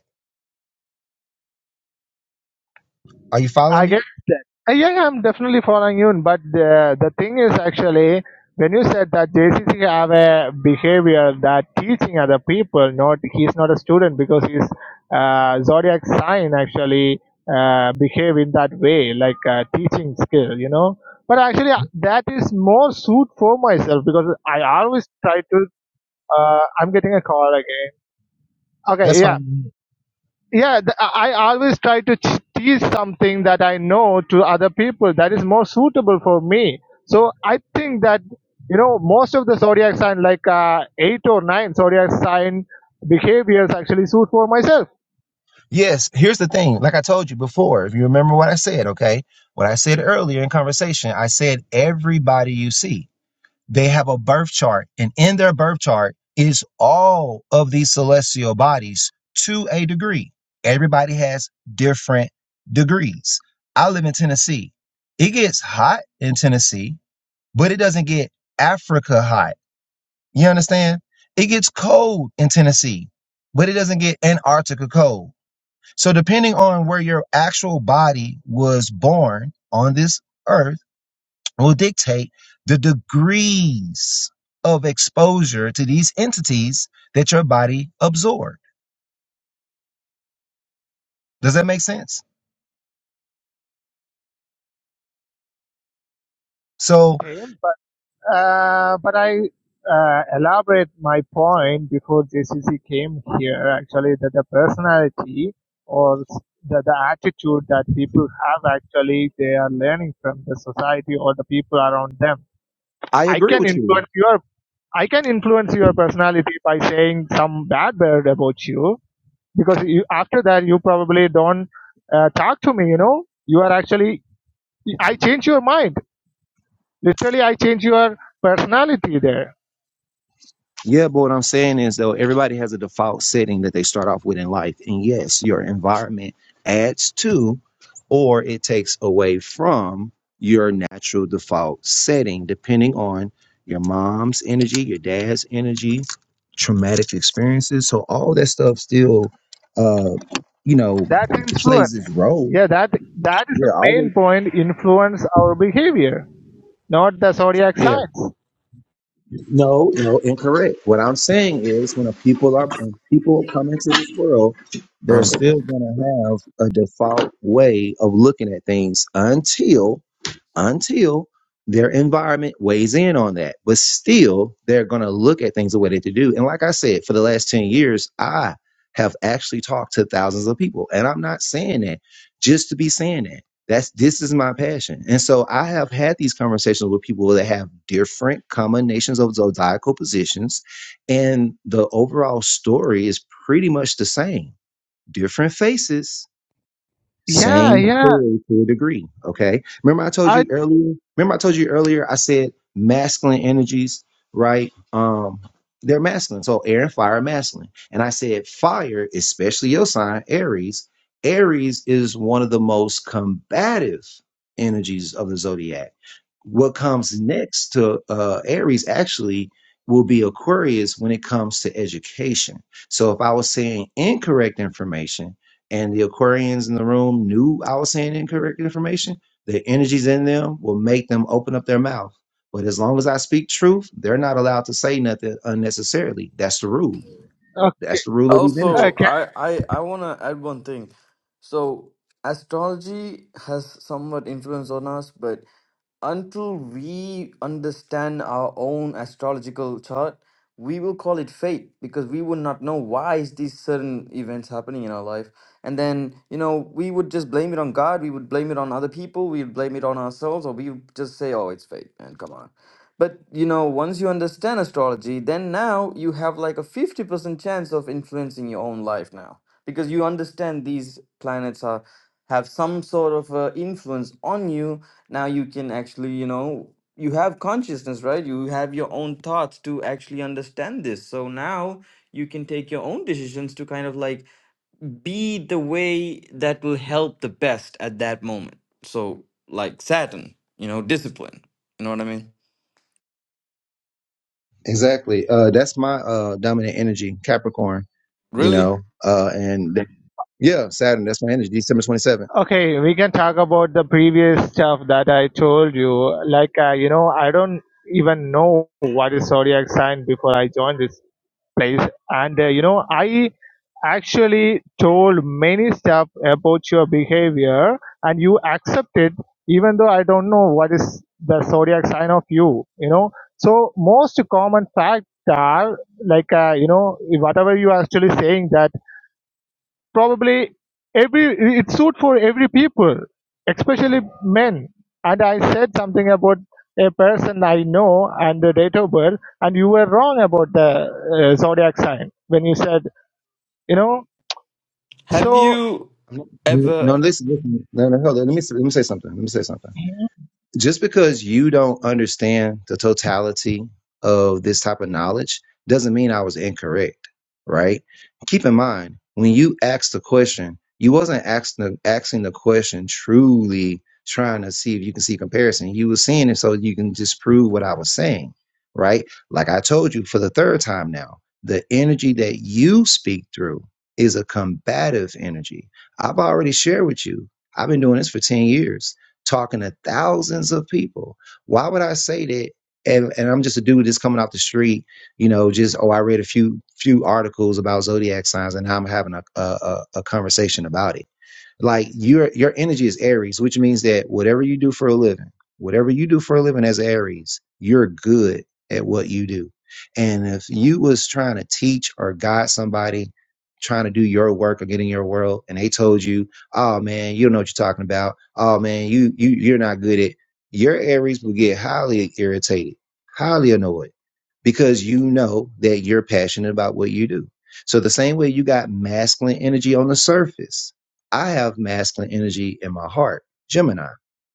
[SPEAKER 1] Are you following
[SPEAKER 2] I
[SPEAKER 1] me?
[SPEAKER 2] get that. Uh, Yeah, yeah, I'm definitely following you, but the the thing is actually when you said that JCC have a behavior that teaching other people, not he's not a student because his uh, zodiac sign actually uh, behave in that way, like uh, teaching skill, you know. But actually, uh, that is more suit for myself because I always try to. Uh, I'm getting a call again.
[SPEAKER 1] That's
[SPEAKER 2] Okay, yeah
[SPEAKER 1] fine.
[SPEAKER 2] yeah th- i always try to ch- teach something that i know to other people that is more suitable for me so i think that you know most of the zodiac sign like uh, eight or nine zodiac sign behaviors actually suit for myself
[SPEAKER 1] Yes, here's the thing. Like I told you before, if you remember what I said, okay, what I said earlier in conversation, I said everybody you see, they have a birth chart, and in their birth chart is all of these celestial bodies to a degree. Everybody has different degrees. I live in Tennessee. It gets hot in Tennessee, but it doesn't get Africa hot. You understand? It gets cold in Tennessee, but it doesn't get Antarctica cold. So depending on where your actual body was born on this earth will dictate the degrees of exposure to these entities that your body absorbed. Does that make sense? So
[SPEAKER 2] Okay, but uh, but i uh, elaborate my point before jcc came here actually that the personality or s- the, the attitude that people have actually they are learning from the society or the people around them
[SPEAKER 1] I
[SPEAKER 2] I
[SPEAKER 1] agree
[SPEAKER 2] can
[SPEAKER 1] with you.
[SPEAKER 2] influence your I can influence your personality by saying some bad word about you because you, after that you probably don't uh, talk to me. You know, you are actually I change your mind. Literally, I change your personality there.
[SPEAKER 1] Yeah, but what I'm saying is though everybody has a default setting that they start off with in life. And yes, your environment adds to or it takes away from your natural default setting depending on your mom's energy, your dad's energy, traumatic experiences. So all that stuff still uh you know
[SPEAKER 2] That's influence.
[SPEAKER 1] plays its role.
[SPEAKER 2] Yeah, that that is the
[SPEAKER 1] Yeah, all
[SPEAKER 2] main
[SPEAKER 1] always.
[SPEAKER 2] point. Influence our behavior, not the zodiac signs.
[SPEAKER 1] No, no, incorrect. What I'm saying is, when a people are when people come into this world, they're
[SPEAKER 4] Um,
[SPEAKER 1] still going to have a default way of looking at things until until their environment weighs in on that. But still, they're going to look at things the way that they do. And like I said, for the last 10 years, I have actually talked to thousands of people. And I'm not saying that just to be saying that. That's this is my passion. And so I have had these conversations with people that have different combinations of zodiacal positions. And the overall story is pretty much the same. Different faces,
[SPEAKER 2] Yeah,
[SPEAKER 1] same
[SPEAKER 2] yeah.
[SPEAKER 1] story to a degree. Okay. Remember I told
[SPEAKER 2] I
[SPEAKER 1] you earlier. Remember I told you earlier. I said masculine energies, right? Um, they're masculine. So air and fire are masculine. And I said fire, especially your sign, Aries. Aries is one of the most combative energies of the zodiac what comes next to uh, Aries actually will be Aquarius when it comes to education. So if I was saying incorrect information and the Aquarians in the room knew I was saying incorrect information, the energies in them will make them open up their mouth. But as long as I speak truth, they're not allowed to say nothing unnecessarily. That's the rule. That's the rule of these energies.
[SPEAKER 2] okay,
[SPEAKER 4] also, I I I wanna add one thing. So astrology has somewhat influence on us, but until we understand our own astrological chart, we will call it fate because we would not know why is these certain events happening in our life. And then, you know, we would just blame it on God, we would blame it on other people, we would blame it on ourselves, or we would just say, oh, it's fate, man, come on. But, you know, once you understand astrology, then now you have like a 50% chance of influencing your own life now because you understand these planets are have some sort of uh, influence on you now you can actually you know you have consciousness right you have your own thoughts to actually understand this so now you can take your own decisions to kind of like be the way that will help the best at that moment so like saturn you know discipline you know what i mean
[SPEAKER 1] Exactly. Uh, that's my uh, dominant energy, Capricorn. You
[SPEAKER 4] really
[SPEAKER 1] know, uh, and yeah, Saturn. That's my energy. December twenty seventh.
[SPEAKER 2] Okay, we can talk about the previous stuff that I told you. Like, uh, you know, I don't even know what is zodiac sign before I joined this place. And, uh, you know, I actually told many stuff about your behavior and you accepted, even though I don't know what is the zodiac sign of you, you know. So most common fact are like, uh, you know, whatever you are actually saying that probably every it suit for every people especially men and i said something about a person i know and the date of birth and you were wrong about the uh, zodiac sign when you said you know
[SPEAKER 4] have
[SPEAKER 2] so
[SPEAKER 4] you
[SPEAKER 1] No, no,
[SPEAKER 4] ever
[SPEAKER 1] no, no, listen, listen. No, no, hold on. Let me, let me say something. Let me say something just because you don't understand the totality of this type of knowledge doesn't mean I was incorrect, right? Keep in mind when you asked the question, you wasn't asking the, asking the question truly trying to see if you can see comparison. You were seeing it so you can disprove what I was saying, right? Like I told you for the third time now, the energy that you speak through is a combative energy. I've already shared with you. I've been doing this for 10 years talking to thousands of people. Why would I say that? And, and I'm just a dude that's coming out the street, you know, just oh, I read a few few articles about zodiac signs, and now I'm having a a, a a conversation about it like your your energy is Aries, which means that whatever you do for a living, whatever you do for a living as Aries, you're good at what you do. And if you was trying to teach or guide somebody trying to do your work or get in your world and they told you, "Oh man, you don't know what you're talking about. Oh man, you you you're not good at." Your Aries will get highly irritated, highly annoyed because you know that you're passionate about what you do. So the same way you got masculine energy on the surface, I have masculine energy in my heart, Gemini.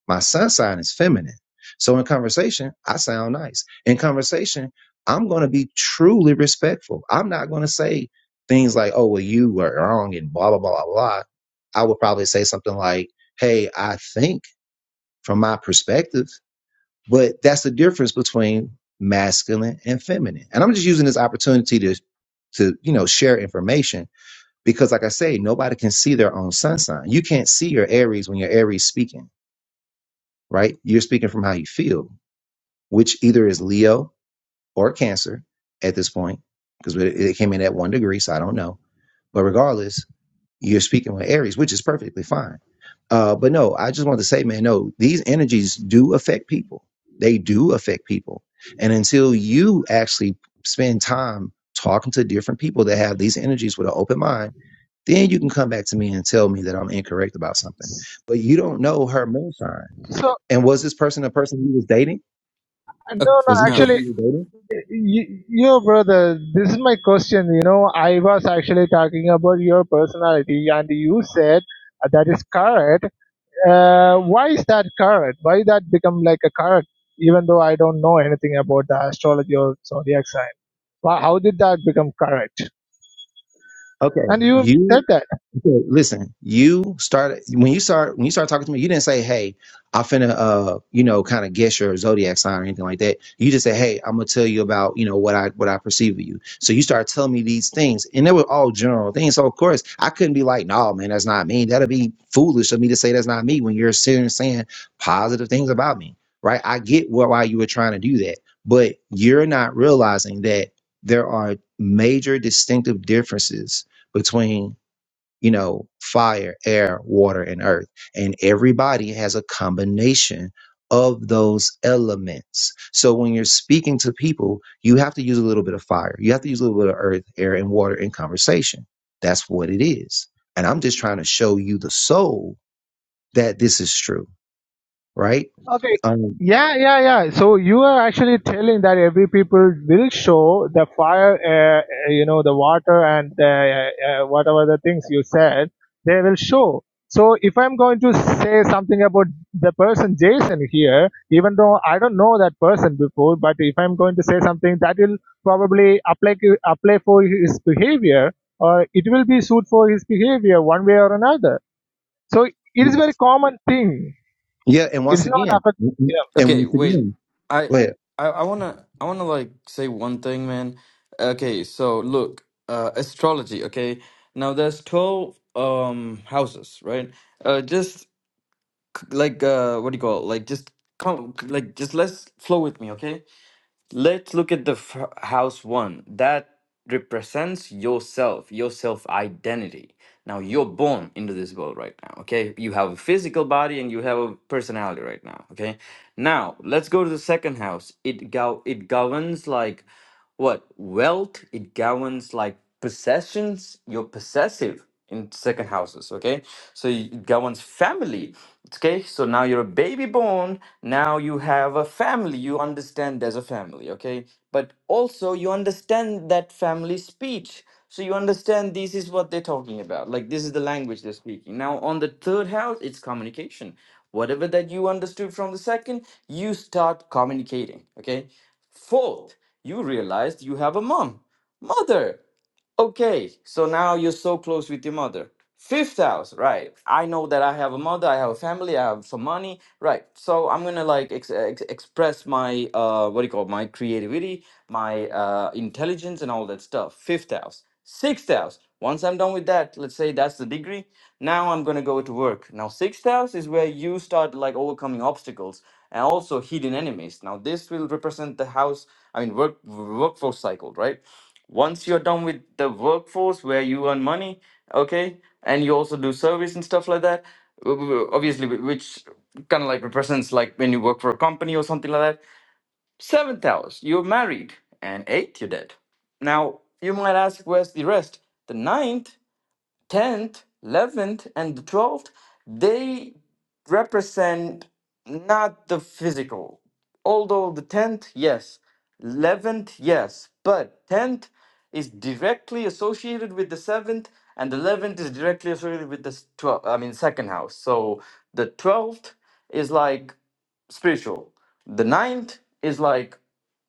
[SPEAKER 1] My sun sign is feminine. So in conversation, I sound nice. In conversation, I'm going to be truly respectful. I'm not going to say things like, oh, well, you were wrong and blah, blah, blah, blah, blah. I would probably say something like, hey, I think from my perspective, but that's the difference between masculine and feminine. And I'm just using this opportunity to, to, you know, share information because like i say nobody can see their own sun sign you can't see your aries when your aries speaking right you're speaking from how you feel which either is leo or cancer at this point because it it came in at one degree so i don't know but regardless you're speaking with aries which is perfectly fine uh, but no i just want to say man no these energies do affect people they do affect people and until you actually spend time talking to different people that have these energies with an open mind then you can come back to me and tell me that I'm incorrect about something. But you don't know her moon sign.
[SPEAKER 2] so
[SPEAKER 1] And was this person a person you was dating?
[SPEAKER 4] ac-
[SPEAKER 2] no no
[SPEAKER 1] Was this the
[SPEAKER 4] um
[SPEAKER 1] person
[SPEAKER 2] actually
[SPEAKER 1] you were dating?
[SPEAKER 2] you, your brother this is my question you know i was actually talking about your personality and you said uh, that is correct uh, why is that correct? Why that become like a correct? Even though I don't know anything about the astrology or zodiac sign, Why how did that become correct?
[SPEAKER 1] Okay.
[SPEAKER 2] And you
[SPEAKER 1] you.
[SPEAKER 2] said that.
[SPEAKER 1] Okay, listen, you started when you start when you start talking to me, you didn't say, Hey, I finna uh, you know, kind of guess your zodiac sign or anything like that. You just said, Hey, I'm gonna tell you about, you know, what I what I perceive of you. So you started telling me these things, and they were all general things. So of course I couldn't be like, No, man, that's not me. That'd be foolish of me to say that's not me when you're sitting and saying positive things about me. Right. I get wh- why you were trying to do that, but you're not realizing that there are major distinctive differences between you know, fire, air, water, and earth. And everybody has a combination of those elements. So when you're speaking to people, you have to use a little bit of fire. You have to use a little bit of earth, air, and water in conversation. That's what it is. And I'm just trying to show you the soul that this is true, right?
[SPEAKER 2] Okay.
[SPEAKER 1] Um,
[SPEAKER 2] Yeah, yeah, yeah. So you are actually telling that every people will show the fire, uh, uh, you know, the water and the, uh, uh, whatever the things you said, they will show. So if I'm going to say something about the person Jason here, even though I don't know that person before, but if I'm going to say something that will probably apply, to- apply for his behavior or it will be suit for his behavior one way or another. So it is very common thing.
[SPEAKER 1] yeah, and once
[SPEAKER 2] It's not
[SPEAKER 1] again,
[SPEAKER 2] affect. yeah.
[SPEAKER 1] and
[SPEAKER 4] Okay,
[SPEAKER 1] once
[SPEAKER 4] wait.
[SPEAKER 1] again,
[SPEAKER 4] I
[SPEAKER 1] go ahead.
[SPEAKER 4] I, I wanna I wanna like say one thing, man. Okay, so look, uh astrology, okay? Now there's 12 um houses, right? Uh just c- like uh what do you call it? Like just come like just let's flow with me, okay? Let's look at the f- house one. That represents yourself, your self identity. Now, you're born into this world right now, okay? You have a physical body and you have a personality right now, okay? Now, let's go to the second house. It go it governs like what wealth it governs like possessions you're possessive in second houses okay so it governs family okay so now you're a baby born now you have a family you understand there's a family okay but also you understand that family speech so you understand this is what they're talking about like this is the language they're speaking now on the third house it's communication whatever that you understood from the second you start communicating okay Fourth, you realized you have a mom. Mother. Okay, so now you're so close with your mother. Fifth house, right? I know that I have a mother, I have a family, I have some money, right? So I'm gonna like ex- ex- express my uh, what do you call it? my creativity, my uh, intelligence, and all that stuff. Fifth house, sixth house. Once I'm done with that, let's say that's the degree. Now I'm gonna go to work. Now sixth house is where you start like overcoming obstacles and also hidden enemies. Now, this will represent the house, I mean, work workforce cycle, right? Once you're done with the workforce where you earn money, okay, and you also do service and stuff like that, w- w- obviously, wh- which kind of like represents like when you work for a company or something like that. Seventh house, you're married, and eighth, you're dead. Now, you might ask, where's the rest? The ninth 10th, 11th, and the 12th, they represent not the physical. Although the 10th, yes. 11th, yes. But 10th is directly associated with the 7th, and 11th is directly associated with the 12th, I mean, second house. So the 12th is like spiritual. The ninth is like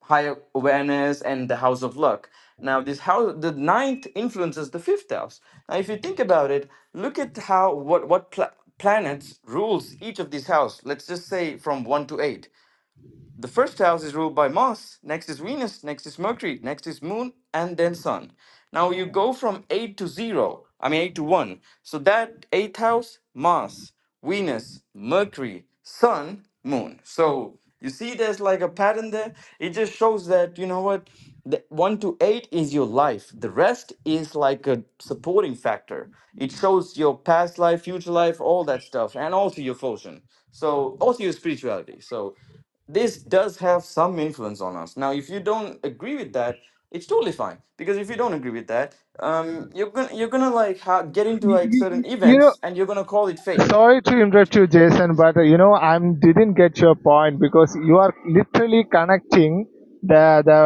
[SPEAKER 4] higher awareness and the house of luck. Now, this how the ninth influences the fifth house. Now, if you think about it, look at how what what pla- planets rules each of these house. Let's just say from one to eight. The first house is ruled by Mars, next is Venus, next is Mercury, next is Moon, and then Sun. Now you go from 8 to 0, I mean 8 to 1. So that eighth house, Mars, Venus, Mercury, Sun, Moon. So you see there's like a pattern there. It just shows that, you know what, the 1 to 8 is your life, the rest is like a supporting factor. It shows your past life, future life, all that stuff, and also your fortune. So also your spirituality. So this does have some influence on us. Now, if you don't agree with that, it's totally fine because if you don't agree with that, um, you're gonna you're gonna like ha- get into
[SPEAKER 2] Y-
[SPEAKER 4] like certain
[SPEAKER 2] y- you know
[SPEAKER 4] events and you're gonna call it fate,
[SPEAKER 2] sorry to interrupt you jason but uh, you know i didn't get your point because you are literally connecting the the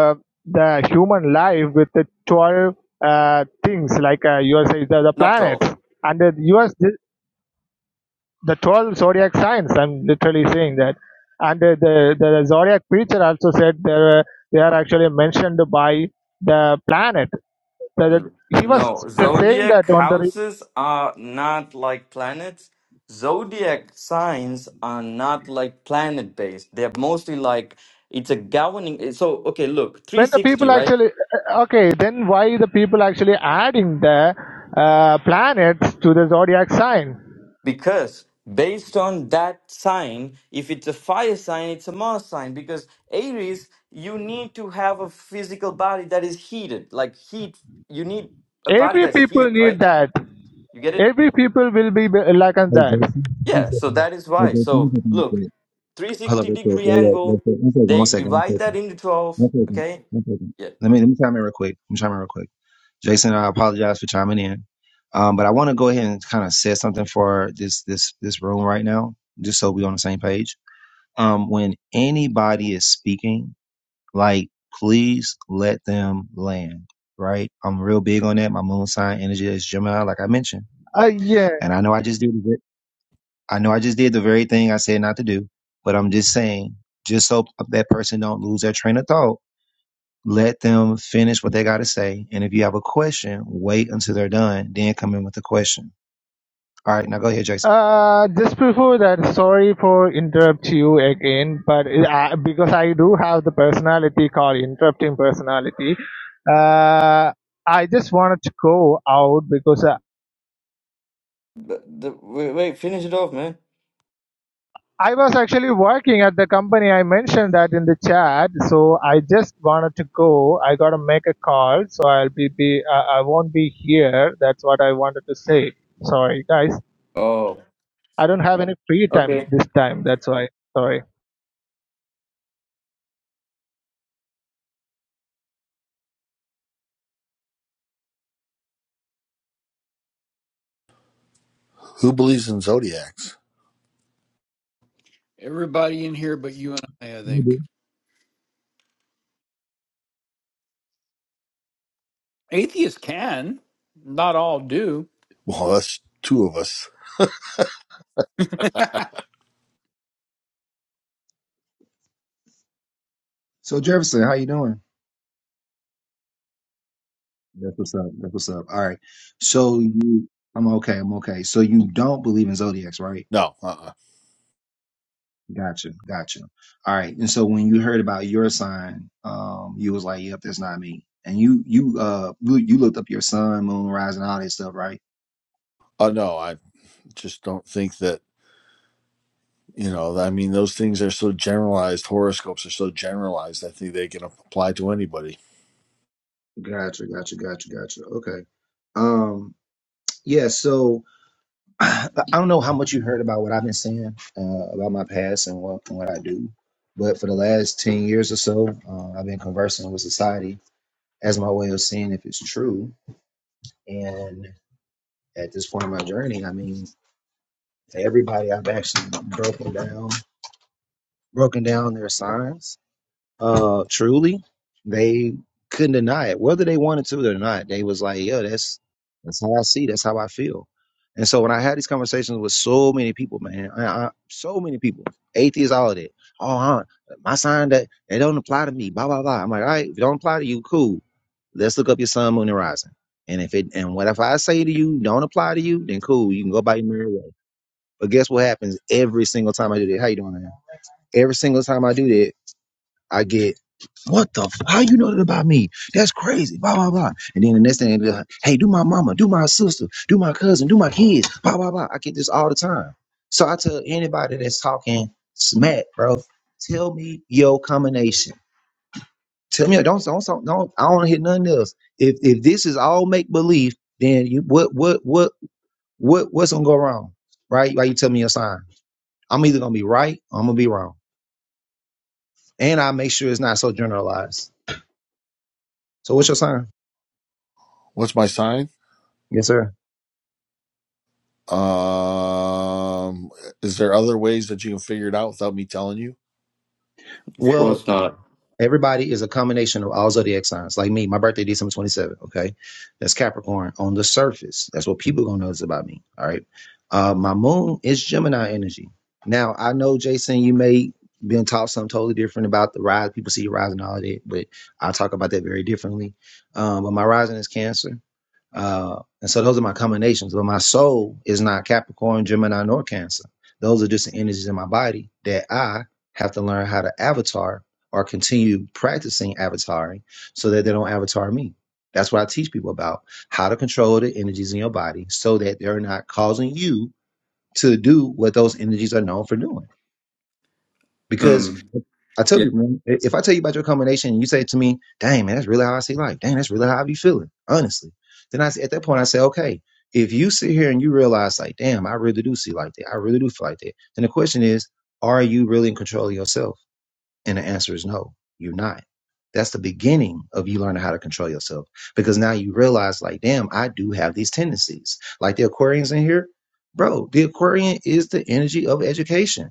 [SPEAKER 2] the human life with the 12 uh, things like uh, you are saying the, the
[SPEAKER 4] not twelve.
[SPEAKER 2] planets and uh, you are the, the 12 zodiac signs i'm literally saying that and uh, the the zodiac preacher also said they were- they are actually mentioned by the planet that that-
[SPEAKER 4] Mm.
[SPEAKER 2] he was
[SPEAKER 4] No,
[SPEAKER 2] saying that
[SPEAKER 4] zodiac
[SPEAKER 2] on the
[SPEAKER 4] houses are not like planets. Zodiac signs are not like planet based. They're mostly like it's a governing. So okay, look, three
[SPEAKER 2] when the people
[SPEAKER 4] sixty, right?
[SPEAKER 2] actually uh, okay then why the people actually adding the uh, planets to the zodiac sign
[SPEAKER 4] Because based on that sign, if it's a fire sign, it's a Mars sign. Because Aries, you need to have a physical body that is heated, like heat. You need a body
[SPEAKER 2] every
[SPEAKER 4] that's
[SPEAKER 2] people
[SPEAKER 4] heat,
[SPEAKER 2] need
[SPEAKER 4] right?
[SPEAKER 2] that
[SPEAKER 4] You get it?
[SPEAKER 2] every people will be be- like on
[SPEAKER 1] Hey,
[SPEAKER 2] that
[SPEAKER 1] Jason. Hey,
[SPEAKER 4] Yeah, so
[SPEAKER 1] Jason.
[SPEAKER 4] that is
[SPEAKER 1] Hey,
[SPEAKER 4] why.
[SPEAKER 1] Jason,
[SPEAKER 4] So
[SPEAKER 1] one second real
[SPEAKER 4] look,
[SPEAKER 1] quick. Hold up
[SPEAKER 4] 360
[SPEAKER 1] real quick. Wait,
[SPEAKER 4] degree
[SPEAKER 1] wait, real
[SPEAKER 4] angle,
[SPEAKER 1] quick. One second, one
[SPEAKER 4] they
[SPEAKER 1] second,
[SPEAKER 4] divide
[SPEAKER 1] one second.
[SPEAKER 4] that into 12,
[SPEAKER 1] One second.
[SPEAKER 4] okay?
[SPEAKER 1] One second.
[SPEAKER 4] Yeah.
[SPEAKER 1] Let me let me chime in real quick. Let me chime in real quick. Jason, I apologize for chiming in. Um, but I want to go ahead and kind of say something for this this this room right now, just so we're on the same page. Um, when anybody is speaking, like please let them land. Right? I'm real big on that. My moon sign energy is Gemini, like I mentioned.
[SPEAKER 2] uh, yeah
[SPEAKER 1] And I know I just did it. I know I just did the very thing I said not to do, but I'm just saying, just so that person don't lose their train of thought let them finish what they got to say. And if you have a question, wait until they're done, then come in with a question. All right, now go ahead, Jason.
[SPEAKER 2] uh, just before that sorry for interrupt you again but uh, because i do have the personality called interrupting personality uh, i just wanted to go out because uh,
[SPEAKER 4] But the, wait, wait, finish it off, man.
[SPEAKER 2] I was actually working at the company. I mentioned that in the chat. So I just wanted to go. I gotta make a call, so I'll be be. I I won't be here. That's what I wanted to say. Sorry, guys.
[SPEAKER 4] Oh,
[SPEAKER 2] I don't have any free time
[SPEAKER 4] okay.
[SPEAKER 2] this time. That's why. Sorry.
[SPEAKER 5] Who believes in zodiacs?
[SPEAKER 6] Everybody in here but you and I, I
[SPEAKER 1] You
[SPEAKER 6] think.
[SPEAKER 1] do.
[SPEAKER 6] Atheists can, not all do.
[SPEAKER 5] Well, that's two of us.
[SPEAKER 1] So Jefferson, how you doing? That's what's up. That's what's up. All right. So you, I'm okay. I'm okay. So you don't believe in zodiacs, right?
[SPEAKER 5] No, uh-uh.
[SPEAKER 1] Gotcha. Gotcha. All right. And so when you heard about your sign, um, you was like, "Yep, that's not me." And you, you, uh, you you looked up your sun, moon, rising, all that stuff, right?
[SPEAKER 5] uh, no, I just don't think that you know. I mean, those things are so generalized. Horoscopes are so generalized. I think they can apply to anybody.
[SPEAKER 1] Gotcha. Gotcha. Gotcha. Gotcha. Okay. Um, yeah. So I don't know how much you heard about what I've been saying uh, about my past and what and what I do, but for the last ten years or so, uh, I've been conversing with society as my way of seeing if it's true. And at this point in my journey, I mean, to everybody, I've actually broken down broken down their signs uh truly they couldn't deny it whether they wanted to or not they was like yo that's that's how i see that's how i feel and so when i had these conversations with so many people man I, I, so many people atheists all of that oh huh, my sign that it don't apply to me blah blah blah i'm like all right if it don't apply to you cool let's look up your sun moon and rising and if it and what if i say to you don't apply to you then cool you can go by your merry way but guess what happens every single time i do that how you doing now every single time i do that I get, what the, f- how you know that about me? That's crazy, blah, blah, blah. And then the next thing, they're like, hey, do my mama, do my sister, do my cousin, do my kids, blah, blah, blah. I get this all the time. So I tell anybody that's talking smack, bro, tell me your combination. Tell me, don't, don't, don't, don't I don't want to hear nothing else. If, if this is all make believe, then you, what, what, what, what, what's gonna go wrong? Right? Why you tell me your sign? I'm either gonna be right or I'm gonna be wrong. And I make sure it's not so generalized. So what's your sign?
[SPEAKER 5] What's my sign?
[SPEAKER 1] Yes, sir.
[SPEAKER 5] Um, is there other ways that you can figure it out without me telling you?
[SPEAKER 4] Of
[SPEAKER 1] Well,
[SPEAKER 4] course not.
[SPEAKER 1] everybody is a combination of all zodiac signs. Like me, my birthday December 27th, okay? That's Capricorn on the surface. That's what people gonna notice about me. All right. Uh, my moon is Gemini energy. Now I know Jason, you may been taught something totally different about the rise. People see your rise and all of that, but I'll talk about that very differently. Um, but my rising is cancer. Uh, and so those are my combinations. But my soul is not Capricorn, Gemini, nor Cancer. Those are just the energies in my body that I have to learn how to avatar or continue practicing avataring so that they don't avatar me. That's what I teach people about how to control the energies in your body so that they're not causing you to do what those energies are known for doing. Because
[SPEAKER 4] Um,
[SPEAKER 1] I tell
[SPEAKER 4] yeah,
[SPEAKER 1] you, man, i- if I tell you about your combination and you say to me, dang, man, that's really how I see life. Dang, that's really how I be feeling, honestly. Then I, s- at that point, I say, okay, if you sit here and you realize, like, damn, I really do see like that. I really do feel like that. Then the question is, are you really in control of yourself? And the answer is no, you're not. That's the beginning of you learning how to control yourself because now you realize, like, damn, I do have these tendencies. Like the Aquarians in here, bro, the Aquarian is the energy of education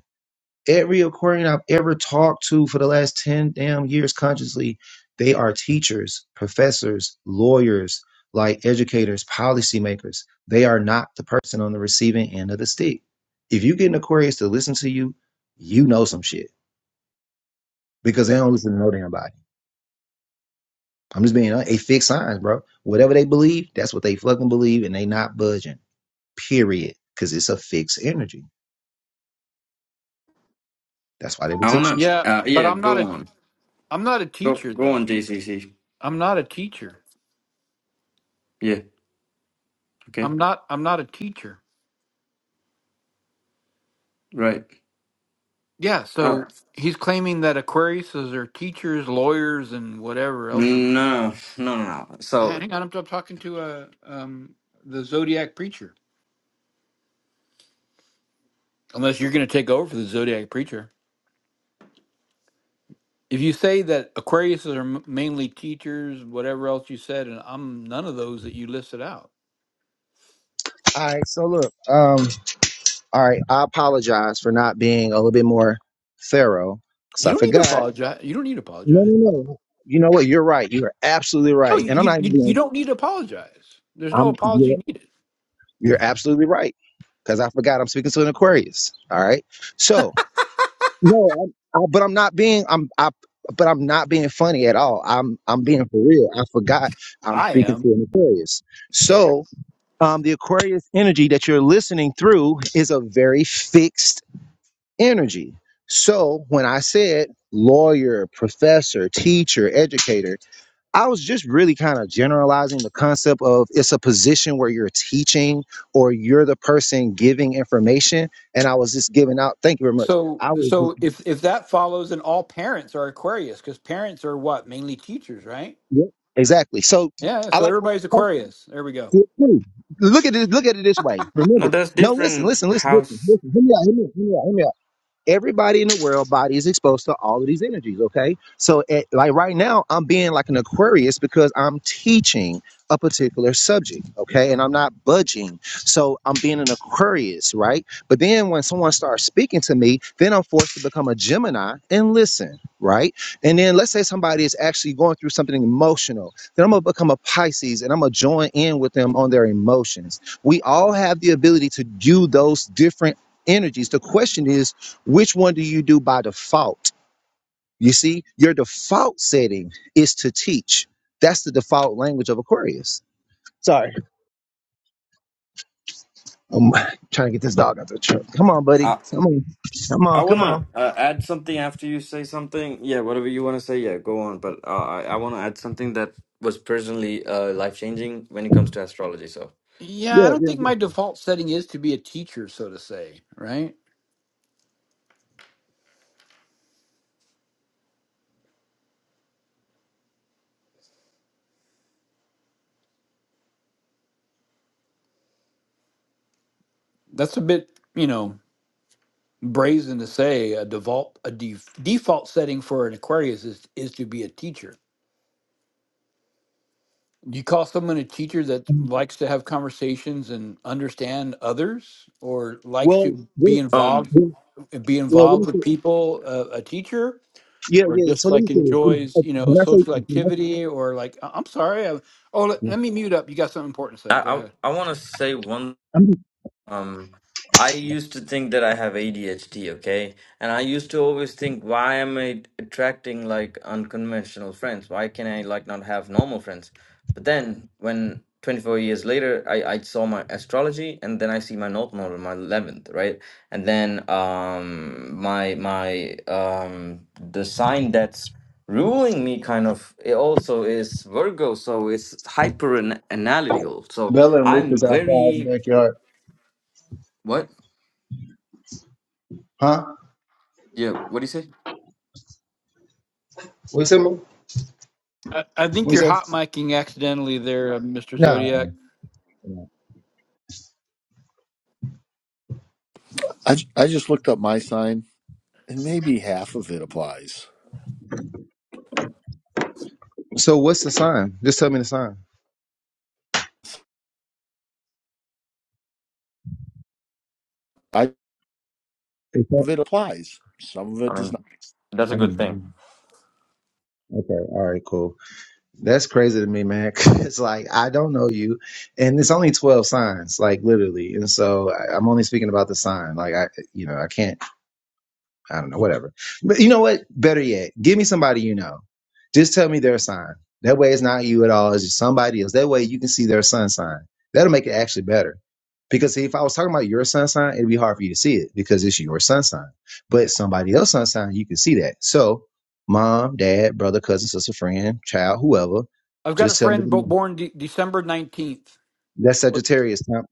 [SPEAKER 1] every Aquarian I've ever talked to for the last 10 damn years consciously, they are teachers, professors, lawyers, like educators, policymakers. They are not the person on the receiving end of the stick. If you get an Aquarius to listen to you, you know some shit because they don't listen to no damn body. I'm just being uh, a fixed signs, bro. Whatever they believe, that's what they fucking believe, and they not budging. Period. Because it's a fixed energy. That's why they were
[SPEAKER 4] I wanna,
[SPEAKER 1] teachers.
[SPEAKER 6] Yeah,
[SPEAKER 4] uh,
[SPEAKER 6] but
[SPEAKER 4] yeah,
[SPEAKER 6] I'm not
[SPEAKER 4] go
[SPEAKER 6] a
[SPEAKER 4] on.
[SPEAKER 6] I'm not a
[SPEAKER 4] Go
[SPEAKER 6] teacher
[SPEAKER 4] go
[SPEAKER 6] though.
[SPEAKER 4] on JCC.
[SPEAKER 6] I'm not a teacher.
[SPEAKER 4] Yeah. Okay.
[SPEAKER 6] I'm not I'm not a teacher.
[SPEAKER 4] Right.
[SPEAKER 6] Yeah,
[SPEAKER 4] Oh
[SPEAKER 6] so he's claiming that Aquariuses are teachers, lawyers, and whatever else.
[SPEAKER 4] no no no no. So
[SPEAKER 6] Hang on, I'm, I'm talking to a um the Zodiac preacher. Unless you're going to take over for the Zodiac preacher. If you say that Aquariuses are m- mainly teachers, whatever else you said, and I'm none of those that you listed out,
[SPEAKER 1] All right, so look, um, All right, I apologize for not being a little bit more thorough because
[SPEAKER 6] you
[SPEAKER 1] I
[SPEAKER 6] don't need to
[SPEAKER 1] forgot.
[SPEAKER 6] apologize. You don't need to
[SPEAKER 1] No,
[SPEAKER 6] apologize.
[SPEAKER 1] no, no. You know what? You're right. You are absolutely
[SPEAKER 6] No,
[SPEAKER 1] right.
[SPEAKER 6] you,
[SPEAKER 1] And I'm
[SPEAKER 6] you,
[SPEAKER 1] not even.
[SPEAKER 6] you you
[SPEAKER 1] Being,
[SPEAKER 6] don't need to apologize. There's no
[SPEAKER 1] I'm. You're,
[SPEAKER 6] apology needed.
[SPEAKER 1] you're absolutely right because I forgot I'm speaking to an Aquarius. All right. So no, I, I, but I'm not being. I'm. I. But I'm not being funny at all. I'm. I'm being for real. I forgot I'm
[SPEAKER 6] I
[SPEAKER 1] speaking
[SPEAKER 6] am.
[SPEAKER 1] to an Aquarius.
[SPEAKER 6] Yeah.
[SPEAKER 1] So um, the Aquarius energy that you're listening through is a very fixed energy. So when I said lawyer, professor, teacher, educator, I was just really kind of generalizing the concept of it's a position where you're teaching or you're the person giving information. And I was just giving out, thank you very much.
[SPEAKER 6] So
[SPEAKER 1] I was just,
[SPEAKER 6] so if if that follows, then all parents are Aquarius because parents are what mainly teachers, right?
[SPEAKER 1] yep, exactly. So
[SPEAKER 6] Yeah.
[SPEAKER 1] I
[SPEAKER 6] So
[SPEAKER 1] like
[SPEAKER 6] everybody's Aquarius. There we go.
[SPEAKER 1] look at it, look at it this way. Remember,
[SPEAKER 4] no, that's
[SPEAKER 1] no, listen,
[SPEAKER 4] different.
[SPEAKER 1] listen, listen, listen,
[SPEAKER 4] House.
[SPEAKER 1] listen. Hear me out, hear me out, hear me out, hear me out. everybody in the world body is exposed to all of these energies okay so at, like right now i'm being like an aquarius because i'm teaching a particular subject okay and i'm not budging so i'm being an aquarius right but then when someone starts speaking to me then i'm forced to become a gemini and listen right and then let's say somebody is actually going through something emotional then i'm gonna become a pisces and i'm gonna join in with them on their emotions we all have the ability to do those different energies the question is which one do you do by default? You see, your default setting is to teach. That's the default language of Aquarius. Sorry, I'm trying to get this dog out the truck. Come on, buddy.
[SPEAKER 4] I
[SPEAKER 1] Come on, come
[SPEAKER 4] I
[SPEAKER 1] on, come
[SPEAKER 4] wanna
[SPEAKER 1] on.
[SPEAKER 4] uh, add something after you say something. Yeah, whatever you wanna say. Yeah, go on. But uh, I I wanna add something that was personally uh life changing when it comes to astrology. So
[SPEAKER 6] Yeah,
[SPEAKER 1] Yeah,
[SPEAKER 6] I don't
[SPEAKER 1] yeah.
[SPEAKER 6] think
[SPEAKER 1] yeah.
[SPEAKER 6] my default setting is to be a teacher, so to say. Right. That's a bit. You know. brazen to say a default a def, default setting for an Aquarius is is to be a teacher. Do you call someone a teacher that
[SPEAKER 1] Um,
[SPEAKER 6] likes to have conversations and understand others, or likes
[SPEAKER 1] Well,
[SPEAKER 6] to
[SPEAKER 1] well,
[SPEAKER 6] be involved
[SPEAKER 4] um
[SPEAKER 1] well,
[SPEAKER 6] be
[SPEAKER 1] well, let
[SPEAKER 6] involved
[SPEAKER 1] me say,
[SPEAKER 6] with people? Uh, a teacher,
[SPEAKER 1] yeah,
[SPEAKER 6] or
[SPEAKER 1] yeah.
[SPEAKER 6] just
[SPEAKER 1] So let me
[SPEAKER 6] like
[SPEAKER 1] say this. When
[SPEAKER 6] enjoys you know
[SPEAKER 1] when I say,
[SPEAKER 6] social
[SPEAKER 1] when I
[SPEAKER 6] activity, or like "I- I'm sorry, I, oh let,
[SPEAKER 1] say
[SPEAKER 6] let me mute up. You got something important to say? Go
[SPEAKER 4] I
[SPEAKER 6] ahead.
[SPEAKER 4] I, I wanna say one. Um, I used to think that I have ADHD, okay? And I used to always think, why am I attracting like unconventional friends? Why can I like not have normal friends? But then when 24 years later, I, I saw my astrology and then I see my north node on my 11th, right? And then um my my um the sign that's ruling me kind of it also is Virgo, so it's hyper an- analytical. So
[SPEAKER 1] Bella and
[SPEAKER 4] I'm
[SPEAKER 1] Rufus outside in the
[SPEAKER 4] very
[SPEAKER 1] backyard,
[SPEAKER 4] what?
[SPEAKER 1] huh?
[SPEAKER 4] Yeah, what do you say?
[SPEAKER 1] What's that? Mo?
[SPEAKER 6] I, I
[SPEAKER 1] What
[SPEAKER 6] think
[SPEAKER 1] you
[SPEAKER 6] you're
[SPEAKER 1] say?
[SPEAKER 6] hot micing accidentally there, uh, Mr.
[SPEAKER 1] Nah.
[SPEAKER 6] Zodiac.
[SPEAKER 5] I j- I just looked up my sign, and maybe half of it applies.
[SPEAKER 1] So what's the sign? Just tell me the sign.
[SPEAKER 5] I Some
[SPEAKER 1] They can't-
[SPEAKER 5] of it applies. Some of it
[SPEAKER 4] I
[SPEAKER 5] does not.
[SPEAKER 4] mean, that's a
[SPEAKER 1] oh, my
[SPEAKER 4] good thing.
[SPEAKER 1] God. Okay. All right. Cool. That's crazy to me, man. 'Cause It's like I don't know you, and it's only twelve signs, like literally. And so I, I'm only speaking about the sign. Like I, you know, I can't. I don't know, whatever. But you know what? Better yet, give me somebody you know. Just tell me their sign. That way it's not you at all, it's just somebody else. That way you can see their sun sign. That'll make it actually better. Because if I was talking about your sun sign, it'd be hard for you to see it because it's your sun sign. But somebody else's sun sign, you can see that. So mom, dad, brother, cousin, sister, friend, child, whoever,
[SPEAKER 6] I've got a
[SPEAKER 1] just tell me
[SPEAKER 6] friend
[SPEAKER 1] the
[SPEAKER 6] bo-
[SPEAKER 1] number.
[SPEAKER 6] born de- December nineteenth.
[SPEAKER 1] That's Sagittarius time.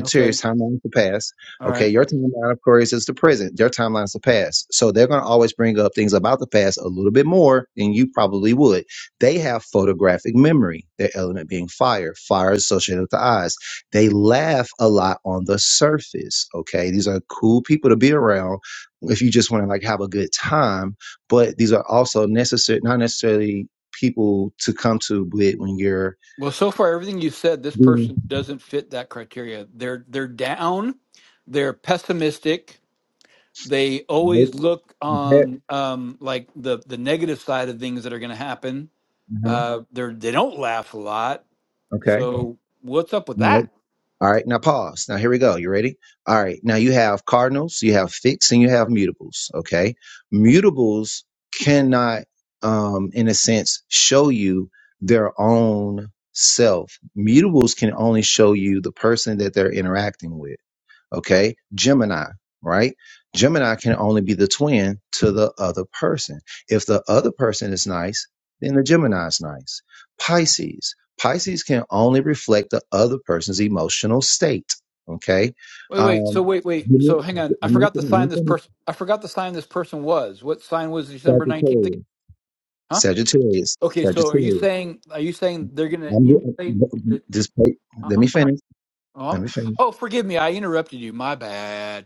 [SPEAKER 6] Okay.
[SPEAKER 1] timeline to pass.
[SPEAKER 6] All
[SPEAKER 1] Okay,
[SPEAKER 6] right.
[SPEAKER 1] your timeline of course is the present. Their timelines to pass. So they're going to always bring up things about the past a little bit more than you probably would. They have photographic memory. Their element being fire. Fire is associated with the eyes. They laugh a lot on the surface. Okay, these are cool people to be around if you just want to like have a good time. But these are also necessary, not necessarily people to come to with when you're
[SPEAKER 6] Well, so far everything you said, this
[SPEAKER 1] doing
[SPEAKER 6] person doesn't fit that criteria. They're they're down, they're pessimistic. They always look on um, like the the negative side of things that are going to happen. Uh, they're they don't laugh a lot.
[SPEAKER 1] Okay.
[SPEAKER 6] So what's up with
[SPEAKER 1] All right.
[SPEAKER 6] that?
[SPEAKER 1] All right. Now pause. Now here we go. You ready? All right. Now you have cardinals, you have fixed, and you have mutables. Okay. Mutables cannot, um, in a sense, show you their own self. Mutables can only show you the person that they're interacting with okay gemini right gemini can only be the twin to the other person if the other person is nice then the gemini is nice pisces pisces can only reflect the other person's emotional state okay
[SPEAKER 6] Wait, wait. So
[SPEAKER 1] um
[SPEAKER 6] wait, wait.
[SPEAKER 1] Gemini-
[SPEAKER 6] So hang on. I
[SPEAKER 1] Gemini-
[SPEAKER 6] forgot the sign this
[SPEAKER 1] Gemini-
[SPEAKER 6] person. I forgot the sign this person was. What sign was December nineteenth again?
[SPEAKER 1] sagittarius
[SPEAKER 6] Huh?
[SPEAKER 1] sagittarius
[SPEAKER 6] Okay. So are you
[SPEAKER 1] sagittarius
[SPEAKER 6] saying are you saying they're going to
[SPEAKER 1] i'm
[SPEAKER 6] emulate? The,
[SPEAKER 1] just
[SPEAKER 6] I-
[SPEAKER 1] let me
[SPEAKER 6] I'm sorry.
[SPEAKER 1] finish
[SPEAKER 6] Oh,
[SPEAKER 1] let
[SPEAKER 6] I'm,
[SPEAKER 1] me finish
[SPEAKER 6] oh, forgive me. I interrupted you. My bad.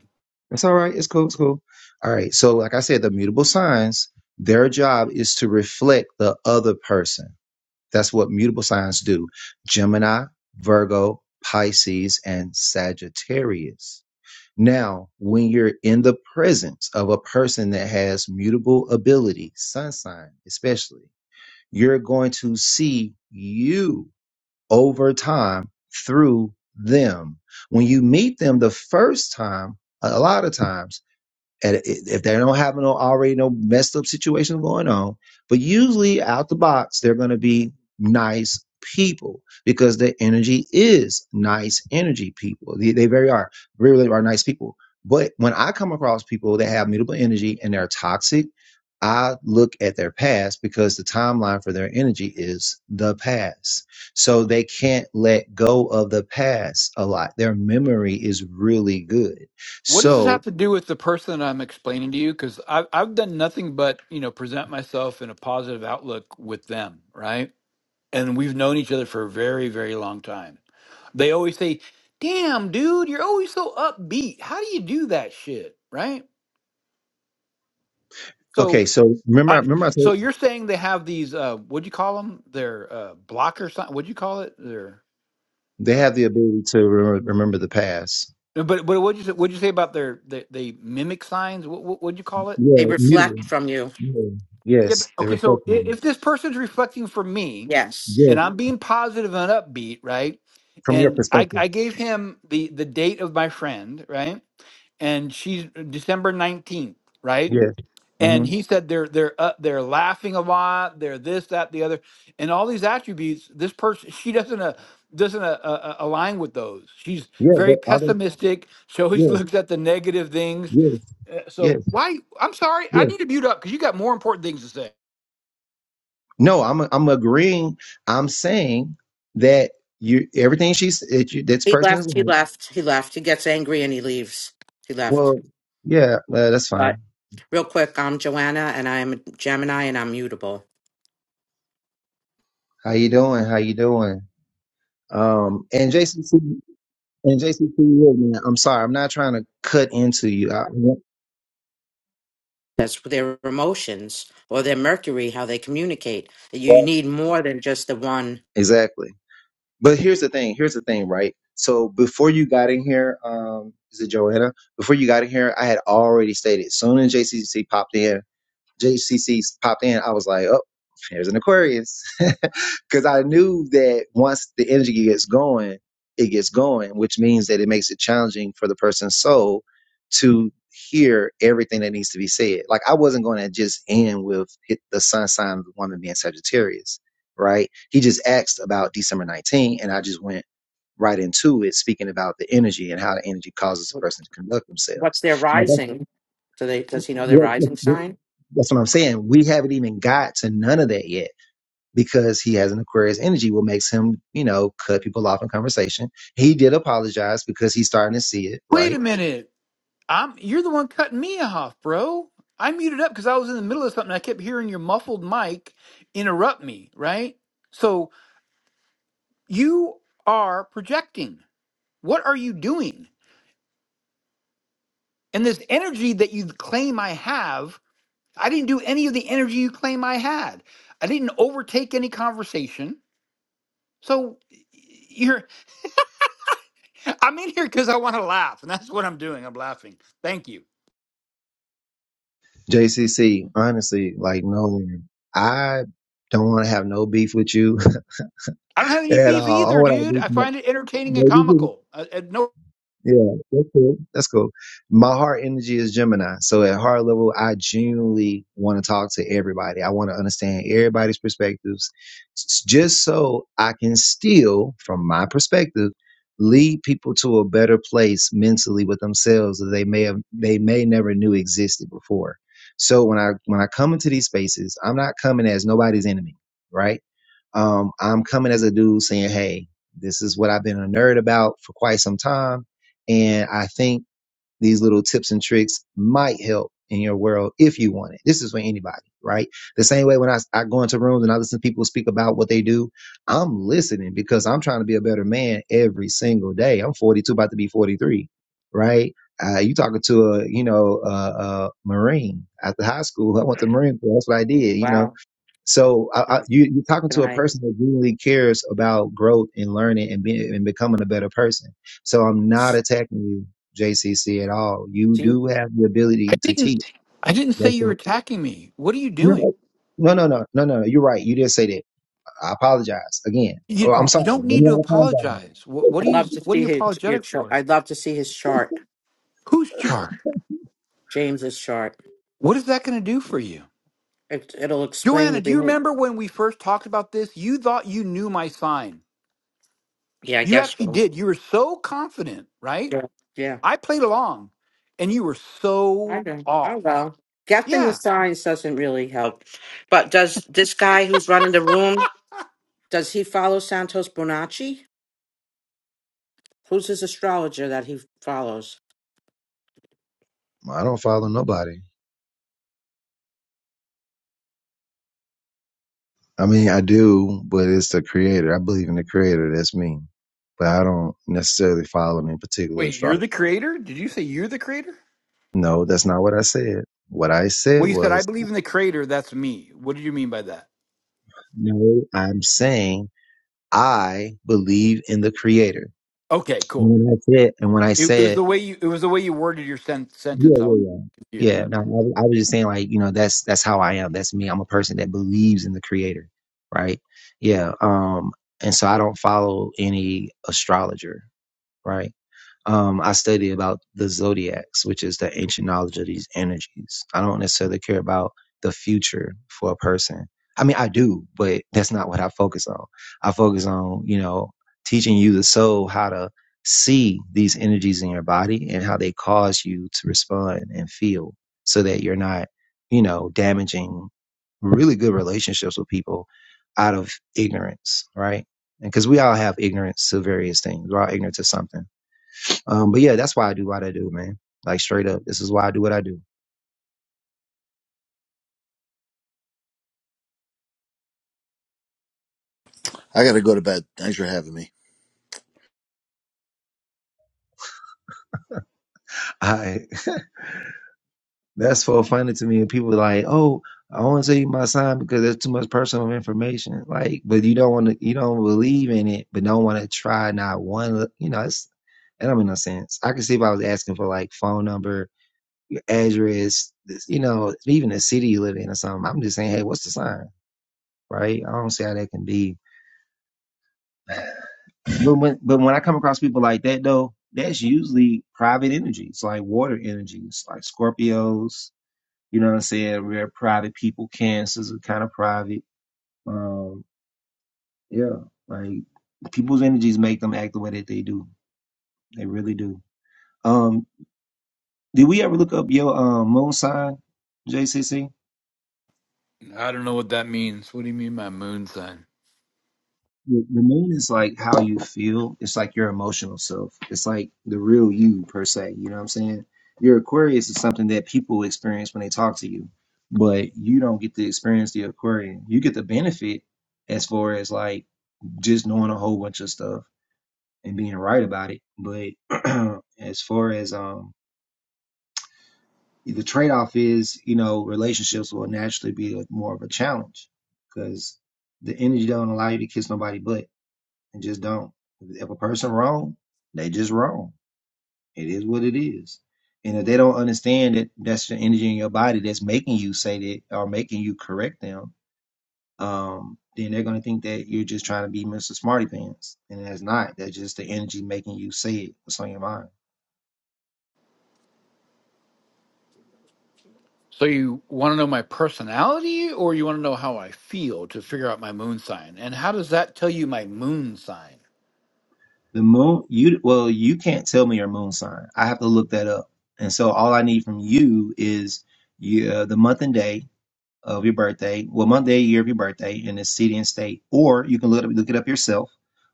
[SPEAKER 1] That's all right. It's cool. It's cool. All right. So, like I said, the mutable signs, their job is to reflect the other person. That's what mutable signs do. Gemini, Virgo, Pisces, and Sagittarius. Now, when you're in the presence of a person that has mutable ability, sun sign especially, you're going to see you over time through them. When you meet them the first time, a lot of times, and if they don't have no already no messed up situation going on, but usually out the box, they're going to be nice people because their energy is nice energy people. They, they very are, really are nice people. But when I come across people that have mutable energy and they're toxic, I look at their past because the timeline for their energy is the past. So they can't let go of the past a lot. Their memory is really good.
[SPEAKER 6] What does this
[SPEAKER 1] So
[SPEAKER 6] have to do with the person that I'm explaining to you? Because I've, I've done nothing but, you know, present myself in a positive outlook with them, right? And we've known each other for a very, very long time. They always say, damn, dude, you're always so upbeat. How do you do that shit, right? So,
[SPEAKER 1] Okay, so remember,
[SPEAKER 6] I,
[SPEAKER 1] remember, I
[SPEAKER 6] so
[SPEAKER 1] told
[SPEAKER 6] you're saying they have these, uh, what'd you call them? Their uh, blocker sign? What'd you call it? Their.
[SPEAKER 1] they
[SPEAKER 6] uh,
[SPEAKER 1] have the ability to remember, remember the past.
[SPEAKER 6] No, But but what'd you say, what'd you say about their they, they mimic signs? What, what what'd you call it?
[SPEAKER 7] They
[SPEAKER 1] Yeah, mutable.
[SPEAKER 7] reflect from you.
[SPEAKER 1] Yeah.
[SPEAKER 6] Yeah. but-
[SPEAKER 1] Yes, they
[SPEAKER 6] Okay. So
[SPEAKER 1] reflect
[SPEAKER 6] i-
[SPEAKER 1] me.
[SPEAKER 6] if this person's reflecting for me,
[SPEAKER 7] Yes.
[SPEAKER 6] and
[SPEAKER 1] Yes,
[SPEAKER 6] I'm being positive and upbeat, right?
[SPEAKER 1] from your
[SPEAKER 6] And I
[SPEAKER 1] perspective.
[SPEAKER 6] I gave him the the date of my friend, right? And she's December nineteenth, right?
[SPEAKER 1] Yes. hmm
[SPEAKER 6] And he said they're they're uh, they're laughing a lot, they're this that the other, and all these attributes. This person she doesn't uh, doesn't uh, uh, uh, align with those. She's
[SPEAKER 1] Yeah,
[SPEAKER 6] very
[SPEAKER 1] but other.
[SPEAKER 6] pessimistic. She always
[SPEAKER 1] Yes,
[SPEAKER 6] looks at the negative things
[SPEAKER 1] yes,
[SPEAKER 6] Uh,
[SPEAKER 1] yes,
[SPEAKER 6] So why? I'm sorry. I
[SPEAKER 1] yes.
[SPEAKER 6] need to mute up because you got more important things to say.
[SPEAKER 1] No, I'm I'm agreeing. I'm saying that you everything she's that you, this
[SPEAKER 7] He
[SPEAKER 1] person is
[SPEAKER 7] left, he
[SPEAKER 1] like.
[SPEAKER 7] left, he left. He gets angry and he leaves. He left.
[SPEAKER 1] Well, yeah, uh, that's
[SPEAKER 7] But
[SPEAKER 1] fine.
[SPEAKER 7] real quick, I'm Joanna and I'm a Gemini and I'm mutable.
[SPEAKER 1] How you doing? How you doing? Um, and JCC and JCC, yeah, am sorry, I'm not trying to cut into you. I,
[SPEAKER 7] That's their emotions or their Mercury, how they communicate. You need more than just the one.
[SPEAKER 1] Exactly. But here's the thing. Here's the thing, right? So before you got in here, um, is it Joanna? Before you got in here, I had already stated. Soon as JCC popped in, JCCs popped in, I was like, oh, here's an Aquarius. Because I knew that once the energy gets going, it gets going, which means that it makes it challenging for the person's soul to hear everything that needs to be said. Like, I wasn't going to just end with hit the sun sign of the woman being Sagittarius, right? He just asked about December 19, and I just went right into it, speaking about the energy and how the energy causes a person to conduct
[SPEAKER 7] What's
[SPEAKER 1] themselves.
[SPEAKER 7] their
[SPEAKER 1] Now,
[SPEAKER 7] rising? So they does he know their
[SPEAKER 1] well, th-
[SPEAKER 7] rising
[SPEAKER 1] th-
[SPEAKER 7] sign?
[SPEAKER 1] that's what I'm saying. We haven't even got to none of that yet because he has an Aquarius energy, what makes him, you know, cut people off in conversation. He did apologize because he's starting to see it,
[SPEAKER 6] Wait a
[SPEAKER 1] right?
[SPEAKER 6] minute. I'm you're the one cutting me off, bro. I muted up because I was in the middle of something. I kept hearing your muffled mic interrupt me, right? So you are projecting. What are you doing? And this energy that you claim I have, I didn't do any of the energy you claim I had. I didn't overtake any conversation. So y- you're I'm in here because I want to laugh, and that's what I'm doing. I'm laughing. Thank you.
[SPEAKER 1] JCC, honestly, like, no, I don't want to have no beef with you
[SPEAKER 6] I don't have any
[SPEAKER 1] at
[SPEAKER 6] beef
[SPEAKER 1] all. I
[SPEAKER 6] either,
[SPEAKER 1] want
[SPEAKER 6] dude. I
[SPEAKER 1] to
[SPEAKER 6] find it entertaining and
[SPEAKER 1] have beef.
[SPEAKER 6] comical. I, I- no,
[SPEAKER 1] Yeah, that's cool. That's cool. My heart energy is Gemini. So at heart level, I genuinely want to talk to everybody. I want to understand everybody's perspectives s- just so I can still, from my perspective, lead people to a better place mentally with themselves that they may have they may never knew existed before. So when I when I come into these spaces, I'm not coming as nobody's enemy, right? um, I'm coming as a dude saying, Hey, this is what I've been a nerd about for quite some time. And I think these little tips and tricks might help in your world if you want it. This is for anybody, right? The same way when I, I go into rooms and I listen to people speak about what they do, I'm listening because I'm trying to be a better man every single day. I'm 42, about to be 43, right? Uh, you talking to a, you know, a, a Marine after high school. I went to Marine Corps. That's what I did, you know
[SPEAKER 7] Wow.
[SPEAKER 1] so I, I,
[SPEAKER 7] Mm,
[SPEAKER 1] you, you're talking
[SPEAKER 7] Can
[SPEAKER 1] to a
[SPEAKER 7] I?
[SPEAKER 1] person that really cares about growth and learning and being and becoming a better person. So I'm not attacking you, JCC, at all. You
[SPEAKER 7] Do you?
[SPEAKER 1] do have the
[SPEAKER 6] I
[SPEAKER 1] ability to
[SPEAKER 6] didn't.
[SPEAKER 1] teach.
[SPEAKER 6] I didn't say
[SPEAKER 1] That's
[SPEAKER 6] you're
[SPEAKER 1] it.
[SPEAKER 6] attacking me. What are you
[SPEAKER 1] No,
[SPEAKER 6] doing?
[SPEAKER 1] no, no, no, no, no. no, no. You're right. You did say that. I apologize again. Oh, I'm
[SPEAKER 6] You you
[SPEAKER 1] sorry.
[SPEAKER 6] don't
[SPEAKER 1] Let
[SPEAKER 6] need to
[SPEAKER 1] me apologize.
[SPEAKER 6] apologize. What, what are
[SPEAKER 7] I'd
[SPEAKER 6] you
[SPEAKER 7] love to
[SPEAKER 6] What are
[SPEAKER 7] see
[SPEAKER 6] you
[SPEAKER 7] his your
[SPEAKER 6] apologetic
[SPEAKER 7] chart.
[SPEAKER 6] for?
[SPEAKER 7] I'd love to see his chart,
[SPEAKER 6] Who's charged?
[SPEAKER 7] James's chart.
[SPEAKER 6] What is that going to do for you,
[SPEAKER 7] It, it'll explain
[SPEAKER 6] Joanna?
[SPEAKER 7] the
[SPEAKER 6] Do you
[SPEAKER 7] behavior.
[SPEAKER 6] remember when we first talked about this? You thought you knew my sign.
[SPEAKER 7] Yeah, I
[SPEAKER 6] You
[SPEAKER 7] guess
[SPEAKER 6] actually
[SPEAKER 7] so.
[SPEAKER 6] did. You were so confident, right?
[SPEAKER 7] Yeah, yeah.
[SPEAKER 6] I played along, and you were so
[SPEAKER 7] I do. Oh
[SPEAKER 6] off.
[SPEAKER 7] well, guessing the
[SPEAKER 6] Yeah.
[SPEAKER 7] signs doesn't really help. But does this guy who's running the room? Does he follow Santos Bonacci? Who's his astrologer that he follows?
[SPEAKER 1] I don't follow nobody. I mean, I do, but it's the creator. I believe in the creator. That's me. But I don't necessarily follow any particular
[SPEAKER 6] Wait, you're
[SPEAKER 1] instruction.
[SPEAKER 6] the creator? Did you say you're the creator?
[SPEAKER 1] No, that's not what I said. What I said
[SPEAKER 6] Well, you said
[SPEAKER 1] was
[SPEAKER 6] I believe in the creator. That's me. What did you mean by that?
[SPEAKER 1] No, I'm saying I believe in the Creator.
[SPEAKER 6] Okay,
[SPEAKER 1] And
[SPEAKER 6] cool.
[SPEAKER 1] when I said, and when I
[SPEAKER 6] It, it was
[SPEAKER 1] said,
[SPEAKER 6] the way you. It was the way you worded your sen-
[SPEAKER 1] yeah,
[SPEAKER 6] sentence. I was
[SPEAKER 1] yeah, yeah,
[SPEAKER 6] confused.
[SPEAKER 1] yeah. No, I, was- I was just saying, like, you know, that's that's how I am. That's me. I'm a person that believes in the Creator, right? Yeah. Um, and so I don't follow any astrologer. right? Um, I study about the zodiacs, which is the ancient knowledge of these energies. I don't necessarily care about the future for a person. I mean, I do, but that's not what I focus on. I focus on, you know, teaching you the soul how to see these energies in your body and how they cause you to respond and feel so that you're not, you know, damaging really good relationships with people out of ignorance, right? And because we all have ignorance to various things. We're all ignorant to something. Um, but yeah, that's why I do what I do, man. Like straight up, this is why I do what I do.
[SPEAKER 5] I got to go to bed. Thanks for having me.
[SPEAKER 1] I that's so funny to me. And people are like, oh, I want to tell you my sign because there's too much personal information. Like, but you don't want to, you don't believe in it, but don't want to try not one. You know, it's that don't make no sense. I could see if I was asking for like phone number, your address, this- you know, even the city you live in or something. I'm just saying, hey, what's the sign? Right? I don't see how that can be But when but when I come across people like that though, that's usually private energies, like water energies, like Scorpios, you know what I'm saying? We're private people, cancers are kind of private. Um, yeah, like people's energies make them act the way that they do. They really do. Um, did we ever look up your um moon sign, JCC?
[SPEAKER 6] I don't know what that means. What do you mean by moon sign?
[SPEAKER 1] Your your moon is like how you feel. It's like your emotional self. It's like the real you per se. You know what I'm saying? Your Aquarius is something that people experience when they talk to you, but you don't get to experience the Aquarian. You get the benefit as far as like just knowing a whole bunch of stuff and being right about it. But as far as um the trade off is, you know, relationships will naturally be a, more of a challenge because the energy don't allow you to kiss nobody butt and just don't. If a person wrong, they just wrong. It is what it is. And if they don't understand that that's the energy in your body that's making you say that or making you correct them, um, then they're gonna think that you're just trying to be Mr. Smarty Pants, and that's not. That's just the energy making you say it. What's on your mind?
[SPEAKER 6] So you want to know my personality, or you want to know how I feel to figure out my moon sign? And how does that tell you my moon sign?
[SPEAKER 1] The moon, you well, you can't tell me your moon sign. I have to look that up. And so all I need from you is yeah, the month and day, of your birthday. Well, month, day, year of your birthday, and the city and state. Or you can look it up, look it up yourself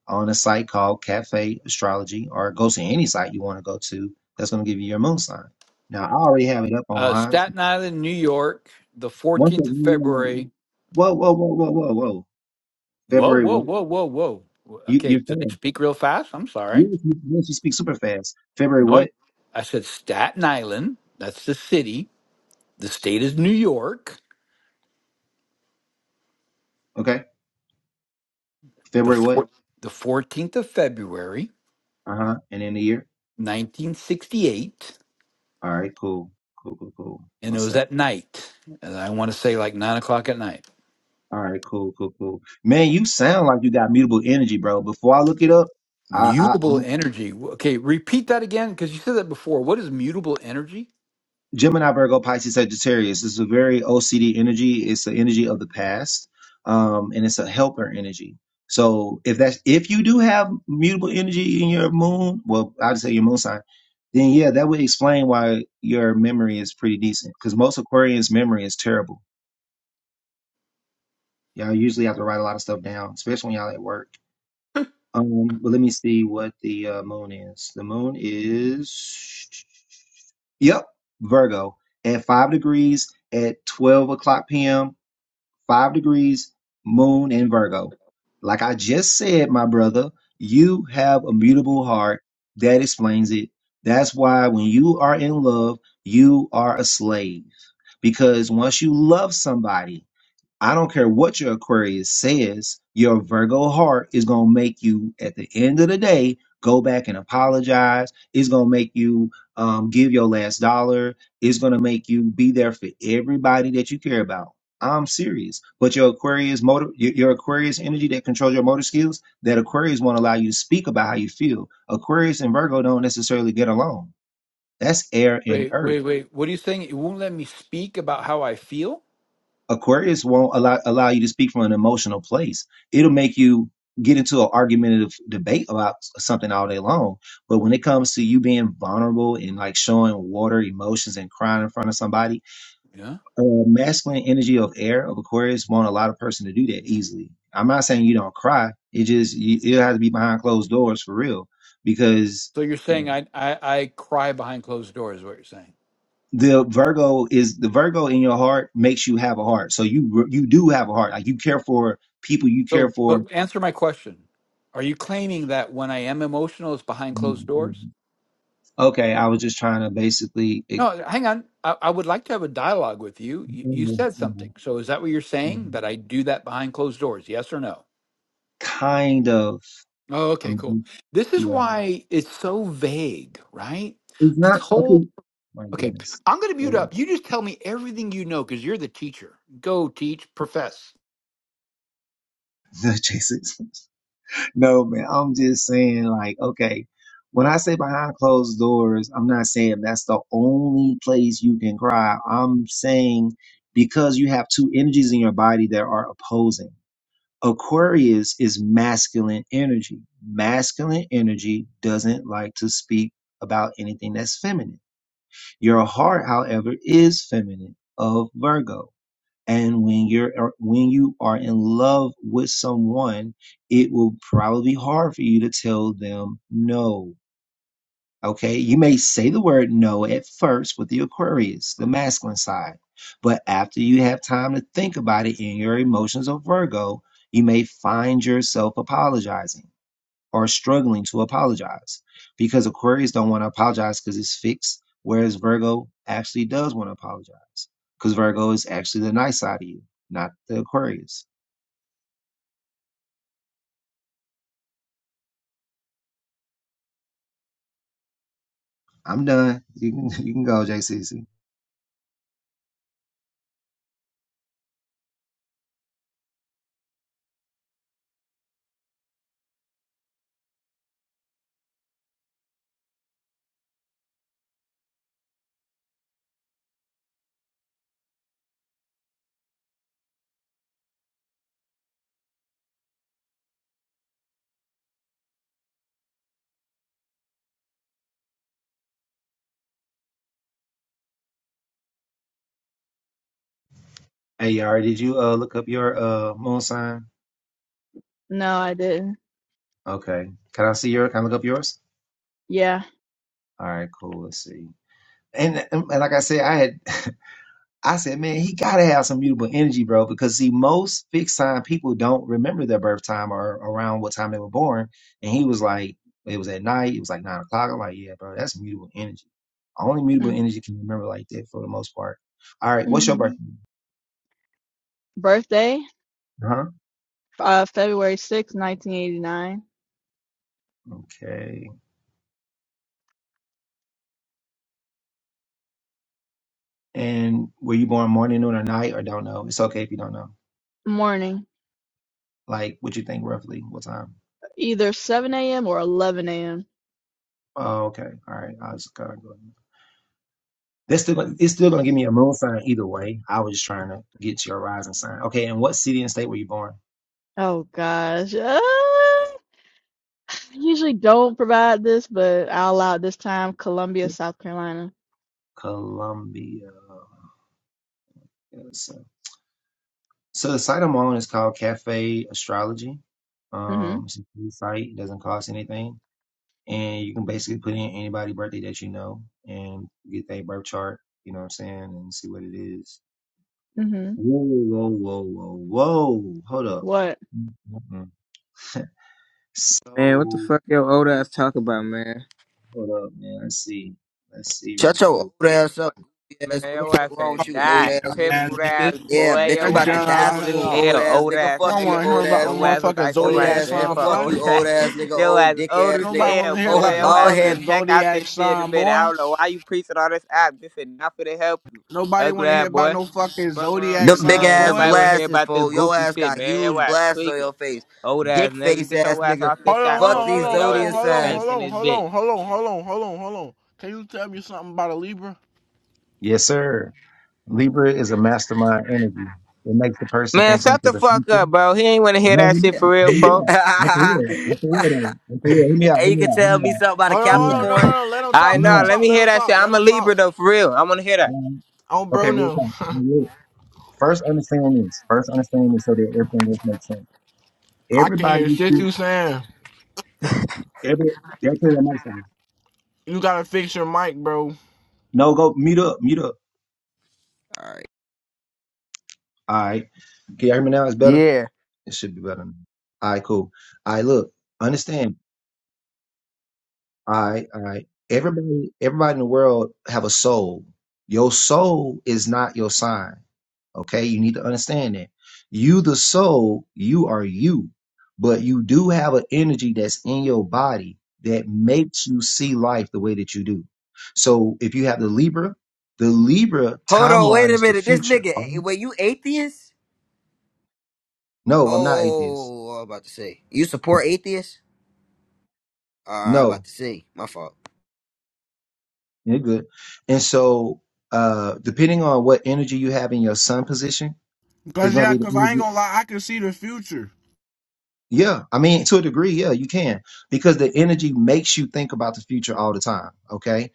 [SPEAKER 1] on a site called Cafe Astrology, or go to any site you want to go to that's going to give you your moon sign. Now, I already have it up
[SPEAKER 6] Uh,
[SPEAKER 1] online.
[SPEAKER 6] Staten Island, New York, the
[SPEAKER 1] One
[SPEAKER 6] fourteenth of
[SPEAKER 1] second.
[SPEAKER 6] February.
[SPEAKER 1] Whoa, whoa, whoa, whoa, whoa, whoa.
[SPEAKER 6] Whoa,
[SPEAKER 1] February
[SPEAKER 6] whoa,
[SPEAKER 1] what?
[SPEAKER 6] whoa, whoa, whoa.
[SPEAKER 1] You,
[SPEAKER 6] Okay,
[SPEAKER 1] you're
[SPEAKER 6] did I
[SPEAKER 1] fast.
[SPEAKER 6] speak real fast? I'm sorry.
[SPEAKER 1] You, you, you speak super fast. February
[SPEAKER 6] No, I
[SPEAKER 1] what?
[SPEAKER 6] I said Staten Island. That's the city. The state is New York,
[SPEAKER 1] Okay.
[SPEAKER 6] the,
[SPEAKER 1] February what?
[SPEAKER 6] four, the 14th of February,
[SPEAKER 1] Uh huh. And then the year.
[SPEAKER 6] 1968.
[SPEAKER 1] All right. Cool. Cool. Cool. Cool.
[SPEAKER 6] And
[SPEAKER 1] One
[SPEAKER 6] it was
[SPEAKER 1] second.
[SPEAKER 6] at night. And I want to say like nine o'clock at night.
[SPEAKER 1] All right, cool, cool, cool. Man, you sound like you got mutable energy, bro. Before I look it up, I, I
[SPEAKER 6] Mutable energy. Okay, repeat that again because you said that before. What is mutable energy?
[SPEAKER 1] Gemini, Virgo, Pisces, Sagittarius. This is a very OCD energy. It's the energy of the past, um, and it's a helper energy. So if that's if you do have mutable energy in your moon, well, I'd say your moon sign, then yeah, that would explain why your memory is pretty decent. Because most Aquarians' memory is terrible. Y'all usually have to write a lot of stuff down, especially when y'all at work. Um, but let me see what the uh, moon is. The moon is, yep, Virgo at five degrees at 12 o'clock p.m., five degrees, moon in Virgo. Like I just said, my brother, you have a mutable heart. That explains it. That's why when you are in love, you are a slave. Because once you love somebody, I don't care what your Aquarius says, your Virgo heart is going to make you, at the end of the day, go back and apologize. It's going to make you um, give your last dollar. It's going to make you be there for everybody that you care about. I'm serious. But your Aquarius motor, your, your Aquarius energy that controls your motor skills, that Aquarius won't allow you to speak about how you feel. Aquarius and Virgo don't necessarily get along. That's air and
[SPEAKER 6] Wait,
[SPEAKER 1] earth.
[SPEAKER 6] wait, wait. What are you saying? It won't let me speak about how I feel?
[SPEAKER 1] Aquarius won't allow allow you to speak from an emotional place. It'll make you get into an argumentative debate about something all day long. But when it comes to you being vulnerable and like showing water emotions and crying in front of somebody,
[SPEAKER 6] Yeah.
[SPEAKER 1] uh, masculine energy of air of Aquarius won't allow a person to do that easily. I'm not saying you don't cry. It just you, it'll have to be behind closed doors for real because
[SPEAKER 6] So you're saying I, I, I cry behind closed doors, is what you're saying.
[SPEAKER 1] the Virgo is the Virgo in your heart makes you have a heart. So you you do have a heart. Like you care for people you care
[SPEAKER 6] So,
[SPEAKER 1] for
[SPEAKER 6] but answer my question. Are you claiming that when I am emotional, it's behind closed
[SPEAKER 1] Mm-hmm.
[SPEAKER 6] doors?
[SPEAKER 1] Okay, I was just trying to basically it,
[SPEAKER 6] No, hang on. I, I would like to have a dialogue with you. you. You said something. So is that what you're saying? That I do that behind closed doors? Yes or no?
[SPEAKER 1] kind of.
[SPEAKER 6] Oh, okay, cool.
[SPEAKER 1] I'm
[SPEAKER 6] This is
[SPEAKER 1] yeah.
[SPEAKER 6] why it's so vague, right?
[SPEAKER 1] It's
[SPEAKER 6] This
[SPEAKER 1] not okay.
[SPEAKER 6] whole.
[SPEAKER 1] My
[SPEAKER 6] Okay,
[SPEAKER 1] goodness,
[SPEAKER 6] I'm going to mute
[SPEAKER 1] Um,
[SPEAKER 6] up. You just tell me everything you know because you're the teacher. Go teach, profess.
[SPEAKER 1] Jason. No, man. I'm just saying, like, okay. When I say behind closed doors, I'm not saying that's the only place you can cry. I'm saying because you have two energies in your body that are opposing. Aquarius is masculine energy. Masculine energy doesn't like to speak about anything that's feminine. Your heart, however, is feminine of Virgo. And when you're uh, when you are in love with someone, it will probably be hard for you to tell them no Okay, you may say the word no at first with the Aquarius, the masculine side, but after you have time to think about it in your emotions of Virgo, you may find yourself apologizing or struggling to apologize because Aquarius don't want to apologize because it's fixed, whereas Virgo actually does want to apologize because Virgo is actually the nice side of you, not the Aquarius. I'm done. You can you can go, JCC. Hey, Yari, did you uh, look up your uh, moon sign?
[SPEAKER 3] No, I didn't.
[SPEAKER 1] Okay. Can I see your? Can I look up yours?
[SPEAKER 3] Yeah.
[SPEAKER 1] All right. Cool. Let's see. And and and like I said, I had I said, man, he gotta have some mutable energy, bro, because see, most fixed sign people don't remember their birth time or around what time they were born. And he was like, it was at night. It was like nine o'clock. I'm like, yeah, bro, that's mutable energy. Only mutable
[SPEAKER 3] Mm.
[SPEAKER 1] energy can remember like that for the most part. All right. What's your birth?
[SPEAKER 3] hmm Birthday,
[SPEAKER 1] Huh?
[SPEAKER 3] uh, February sixth, 1989.
[SPEAKER 1] Okay. And were you born morning, noon, or night, or don't know? It's okay if you don't know.
[SPEAKER 3] Morning,
[SPEAKER 1] Like, what you think roughly? What time?
[SPEAKER 3] either 7 a.m. or 11 a.m.
[SPEAKER 1] Oh, okay. All right. I just gotta go. That's still gonna- it's still gonna give me a moon sign either way. I was just trying to get your rising sign. Okay, and what city and state were you born?
[SPEAKER 3] Oh gosh. Ah. I usually don't provide this, but I'll allow it this time. Columbia, South Carolina.
[SPEAKER 1] Columbia. Yes, sir. So the site I'm on is called Cafe Astrology.
[SPEAKER 3] Mm-hmm.
[SPEAKER 1] Um, it's a free site. It doesn't cost anything, and you can basically put in anybody' birthday that you know and get their birth chart. You know what I'm saying, and see what it is.
[SPEAKER 3] Mm-hmm.
[SPEAKER 1] Whoa, whoa, whoa, whoa, whoa! Hold up.
[SPEAKER 3] What?
[SPEAKER 1] Mhm.
[SPEAKER 8] Man, what the
[SPEAKER 1] So,
[SPEAKER 8] fuck your old ass talk about, man?
[SPEAKER 1] Hold up, man. Let's see. Let's see real
[SPEAKER 9] Shut your old
[SPEAKER 1] quick.
[SPEAKER 9] ass up, goofy
[SPEAKER 8] Man,
[SPEAKER 9] ass nigga.
[SPEAKER 8] your ass
[SPEAKER 9] Fuck wrong
[SPEAKER 8] finna
[SPEAKER 9] with you, old
[SPEAKER 8] die.
[SPEAKER 9] ass nigga.
[SPEAKER 10] ass
[SPEAKER 8] Crippled ass
[SPEAKER 10] niggas.
[SPEAKER 9] Yeah,
[SPEAKER 8] boy,
[SPEAKER 9] bitch, you
[SPEAKER 10] That
[SPEAKER 8] your
[SPEAKER 9] about to
[SPEAKER 8] ass
[SPEAKER 10] dumb
[SPEAKER 9] die
[SPEAKER 10] ass
[SPEAKER 8] crippled
[SPEAKER 9] soon,
[SPEAKER 8] as
[SPEAKER 9] old
[SPEAKER 10] nigga.
[SPEAKER 8] hell.
[SPEAKER 9] ass
[SPEAKER 8] Old
[SPEAKER 9] nigga.
[SPEAKER 8] ass
[SPEAKER 10] I
[SPEAKER 9] Fuck
[SPEAKER 10] don't
[SPEAKER 9] you,
[SPEAKER 8] nigga.
[SPEAKER 10] want to hear
[SPEAKER 9] old
[SPEAKER 10] about no
[SPEAKER 9] ass
[SPEAKER 8] Your
[SPEAKER 9] nigga.
[SPEAKER 8] ass look
[SPEAKER 10] motherfucking
[SPEAKER 8] like
[SPEAKER 9] Old
[SPEAKER 8] somebody
[SPEAKER 10] zodiac
[SPEAKER 9] ass
[SPEAKER 10] sign,
[SPEAKER 9] nigga.
[SPEAKER 8] grandpa
[SPEAKER 9] Fuck
[SPEAKER 10] boy.
[SPEAKER 8] old
[SPEAKER 9] you, old
[SPEAKER 8] ass.
[SPEAKER 9] ass nigga.
[SPEAKER 8] Your
[SPEAKER 9] Old
[SPEAKER 8] ass
[SPEAKER 9] dick
[SPEAKER 8] old as
[SPEAKER 9] ass
[SPEAKER 10] Nobody
[SPEAKER 9] nigga.
[SPEAKER 10] want
[SPEAKER 8] hell,
[SPEAKER 10] to hear
[SPEAKER 8] boy.
[SPEAKER 10] about
[SPEAKER 9] Old
[SPEAKER 10] no
[SPEAKER 8] Your
[SPEAKER 9] bald
[SPEAKER 8] ass finna
[SPEAKER 9] head.
[SPEAKER 10] fucking
[SPEAKER 8] check out this
[SPEAKER 10] zodiac
[SPEAKER 8] shit in a
[SPEAKER 10] sign,
[SPEAKER 8] minute. I
[SPEAKER 10] boy.
[SPEAKER 8] don't know why you preaching all this app. This is not finna help you.
[SPEAKER 10] Nobody
[SPEAKER 8] Ugly
[SPEAKER 10] want to
[SPEAKER 8] ass
[SPEAKER 10] hear about
[SPEAKER 8] boy.
[SPEAKER 10] no fucking
[SPEAKER 8] Fuck wrong with
[SPEAKER 10] zodiac
[SPEAKER 9] Them
[SPEAKER 8] you,
[SPEAKER 9] big
[SPEAKER 10] sign,
[SPEAKER 8] gang.
[SPEAKER 9] ass
[SPEAKER 8] Nobody
[SPEAKER 10] boy.
[SPEAKER 8] wanna hear
[SPEAKER 9] glasses,
[SPEAKER 8] about this
[SPEAKER 9] fool. Your
[SPEAKER 8] goofy
[SPEAKER 9] ass
[SPEAKER 8] shit,
[SPEAKER 9] got
[SPEAKER 8] man. Your
[SPEAKER 9] huge
[SPEAKER 8] ass
[SPEAKER 9] glasses on
[SPEAKER 8] tweaking.
[SPEAKER 9] your face.
[SPEAKER 8] Old ass
[SPEAKER 9] Dick
[SPEAKER 8] nigga.
[SPEAKER 9] face
[SPEAKER 8] Get
[SPEAKER 9] ass
[SPEAKER 8] your ass
[SPEAKER 9] nigga.
[SPEAKER 8] off
[SPEAKER 10] Hold
[SPEAKER 8] this
[SPEAKER 10] on, hold on,
[SPEAKER 8] app,
[SPEAKER 9] Fuck
[SPEAKER 8] folks.
[SPEAKER 10] hold
[SPEAKER 9] these
[SPEAKER 10] on,
[SPEAKER 8] Your
[SPEAKER 10] hold
[SPEAKER 8] ass
[SPEAKER 10] on,
[SPEAKER 9] zodiac
[SPEAKER 8] get
[SPEAKER 10] hold on,
[SPEAKER 8] spanked
[SPEAKER 9] signs.
[SPEAKER 8] in
[SPEAKER 10] hold on,
[SPEAKER 8] this
[SPEAKER 10] hold
[SPEAKER 8] bitch.
[SPEAKER 10] on, hold on, hold on, hold on. Can you tell me something about a Libra?
[SPEAKER 1] Yes, sir. Libra is a mastermind energy. It makes the person
[SPEAKER 8] Man,
[SPEAKER 1] think
[SPEAKER 8] shut
[SPEAKER 1] into
[SPEAKER 8] the
[SPEAKER 1] the
[SPEAKER 8] fuck
[SPEAKER 1] future.
[SPEAKER 8] up, bro. He ain't wanna hear
[SPEAKER 1] No,
[SPEAKER 8] that
[SPEAKER 1] hear me
[SPEAKER 8] shit for
[SPEAKER 1] out.
[SPEAKER 8] real,
[SPEAKER 1] Hear me
[SPEAKER 8] folk.
[SPEAKER 1] out. That's real.
[SPEAKER 9] hey,
[SPEAKER 1] That's real, though. That's real. Hear me out. Hear
[SPEAKER 9] you
[SPEAKER 1] me
[SPEAKER 9] can
[SPEAKER 1] out. Hear
[SPEAKER 9] tell
[SPEAKER 1] me
[SPEAKER 9] me
[SPEAKER 1] out.
[SPEAKER 9] something about a
[SPEAKER 10] Hold on,
[SPEAKER 1] Hear me
[SPEAKER 10] hold
[SPEAKER 1] out.
[SPEAKER 10] on, no,
[SPEAKER 9] Capricorn?
[SPEAKER 10] no, no. Let him
[SPEAKER 8] I
[SPEAKER 1] Hear
[SPEAKER 10] talk,
[SPEAKER 1] me
[SPEAKER 10] let
[SPEAKER 8] know.
[SPEAKER 10] him
[SPEAKER 1] out.
[SPEAKER 8] Let
[SPEAKER 10] talk,
[SPEAKER 8] me
[SPEAKER 10] let
[SPEAKER 8] hear
[SPEAKER 10] him
[SPEAKER 8] that shit.
[SPEAKER 10] talk,
[SPEAKER 8] I'm
[SPEAKER 10] let
[SPEAKER 8] a
[SPEAKER 10] him talk.
[SPEAKER 8] Libra though, for real. I wanna hear that.
[SPEAKER 1] All right.
[SPEAKER 10] Oh,
[SPEAKER 1] Okay,
[SPEAKER 10] bro,
[SPEAKER 1] real
[SPEAKER 10] no.
[SPEAKER 1] time. Real, real. First, understand this. First, understand this so that everything else makes sense.
[SPEAKER 10] I can't
[SPEAKER 1] Everybody
[SPEAKER 10] hear
[SPEAKER 1] you
[SPEAKER 10] shit
[SPEAKER 1] see,
[SPEAKER 10] you saying.
[SPEAKER 1] every, they'll tell you that makes sense.
[SPEAKER 10] You gotta fix your mic, bro.
[SPEAKER 1] No, go mute up. Mute up.
[SPEAKER 9] All right.
[SPEAKER 1] All right. Can you hear me now? It's better?
[SPEAKER 8] Yeah.
[SPEAKER 1] It should be better now. All right, cool. All right, look. Understand. All right, all right. Everybody, everybody in the world have a soul. Your soul is not your sign. Okay, you need to understand that. You, the soul, you are you, but you do have an energy that's in your body that makes you see life the way that you do. So, if you have the Libra, the Libra
[SPEAKER 9] Hold on, wait
[SPEAKER 1] timeline
[SPEAKER 9] a
[SPEAKER 1] is the
[SPEAKER 9] minute. This
[SPEAKER 1] future.
[SPEAKER 9] nigga, eh, wait, you atheist? Oh,
[SPEAKER 1] No, I'm
[SPEAKER 9] oh,
[SPEAKER 1] not
[SPEAKER 9] oh,
[SPEAKER 1] atheist.
[SPEAKER 9] oh, oh, oh, I'm about to say. You support atheists? Uh, I'm about
[SPEAKER 1] No,
[SPEAKER 9] to say. My fault.
[SPEAKER 1] you're good. And so, uh, depending on what energy you have in your sun position, is
[SPEAKER 10] Cause
[SPEAKER 1] going
[SPEAKER 10] yeah,
[SPEAKER 1] to be the
[SPEAKER 10] cause I
[SPEAKER 1] energy.
[SPEAKER 10] ain't gonna lie, I can see the future.
[SPEAKER 1] Yeah, I mean, to a degree, yeah, you can because the energy makes you think about the future all the time. Okay,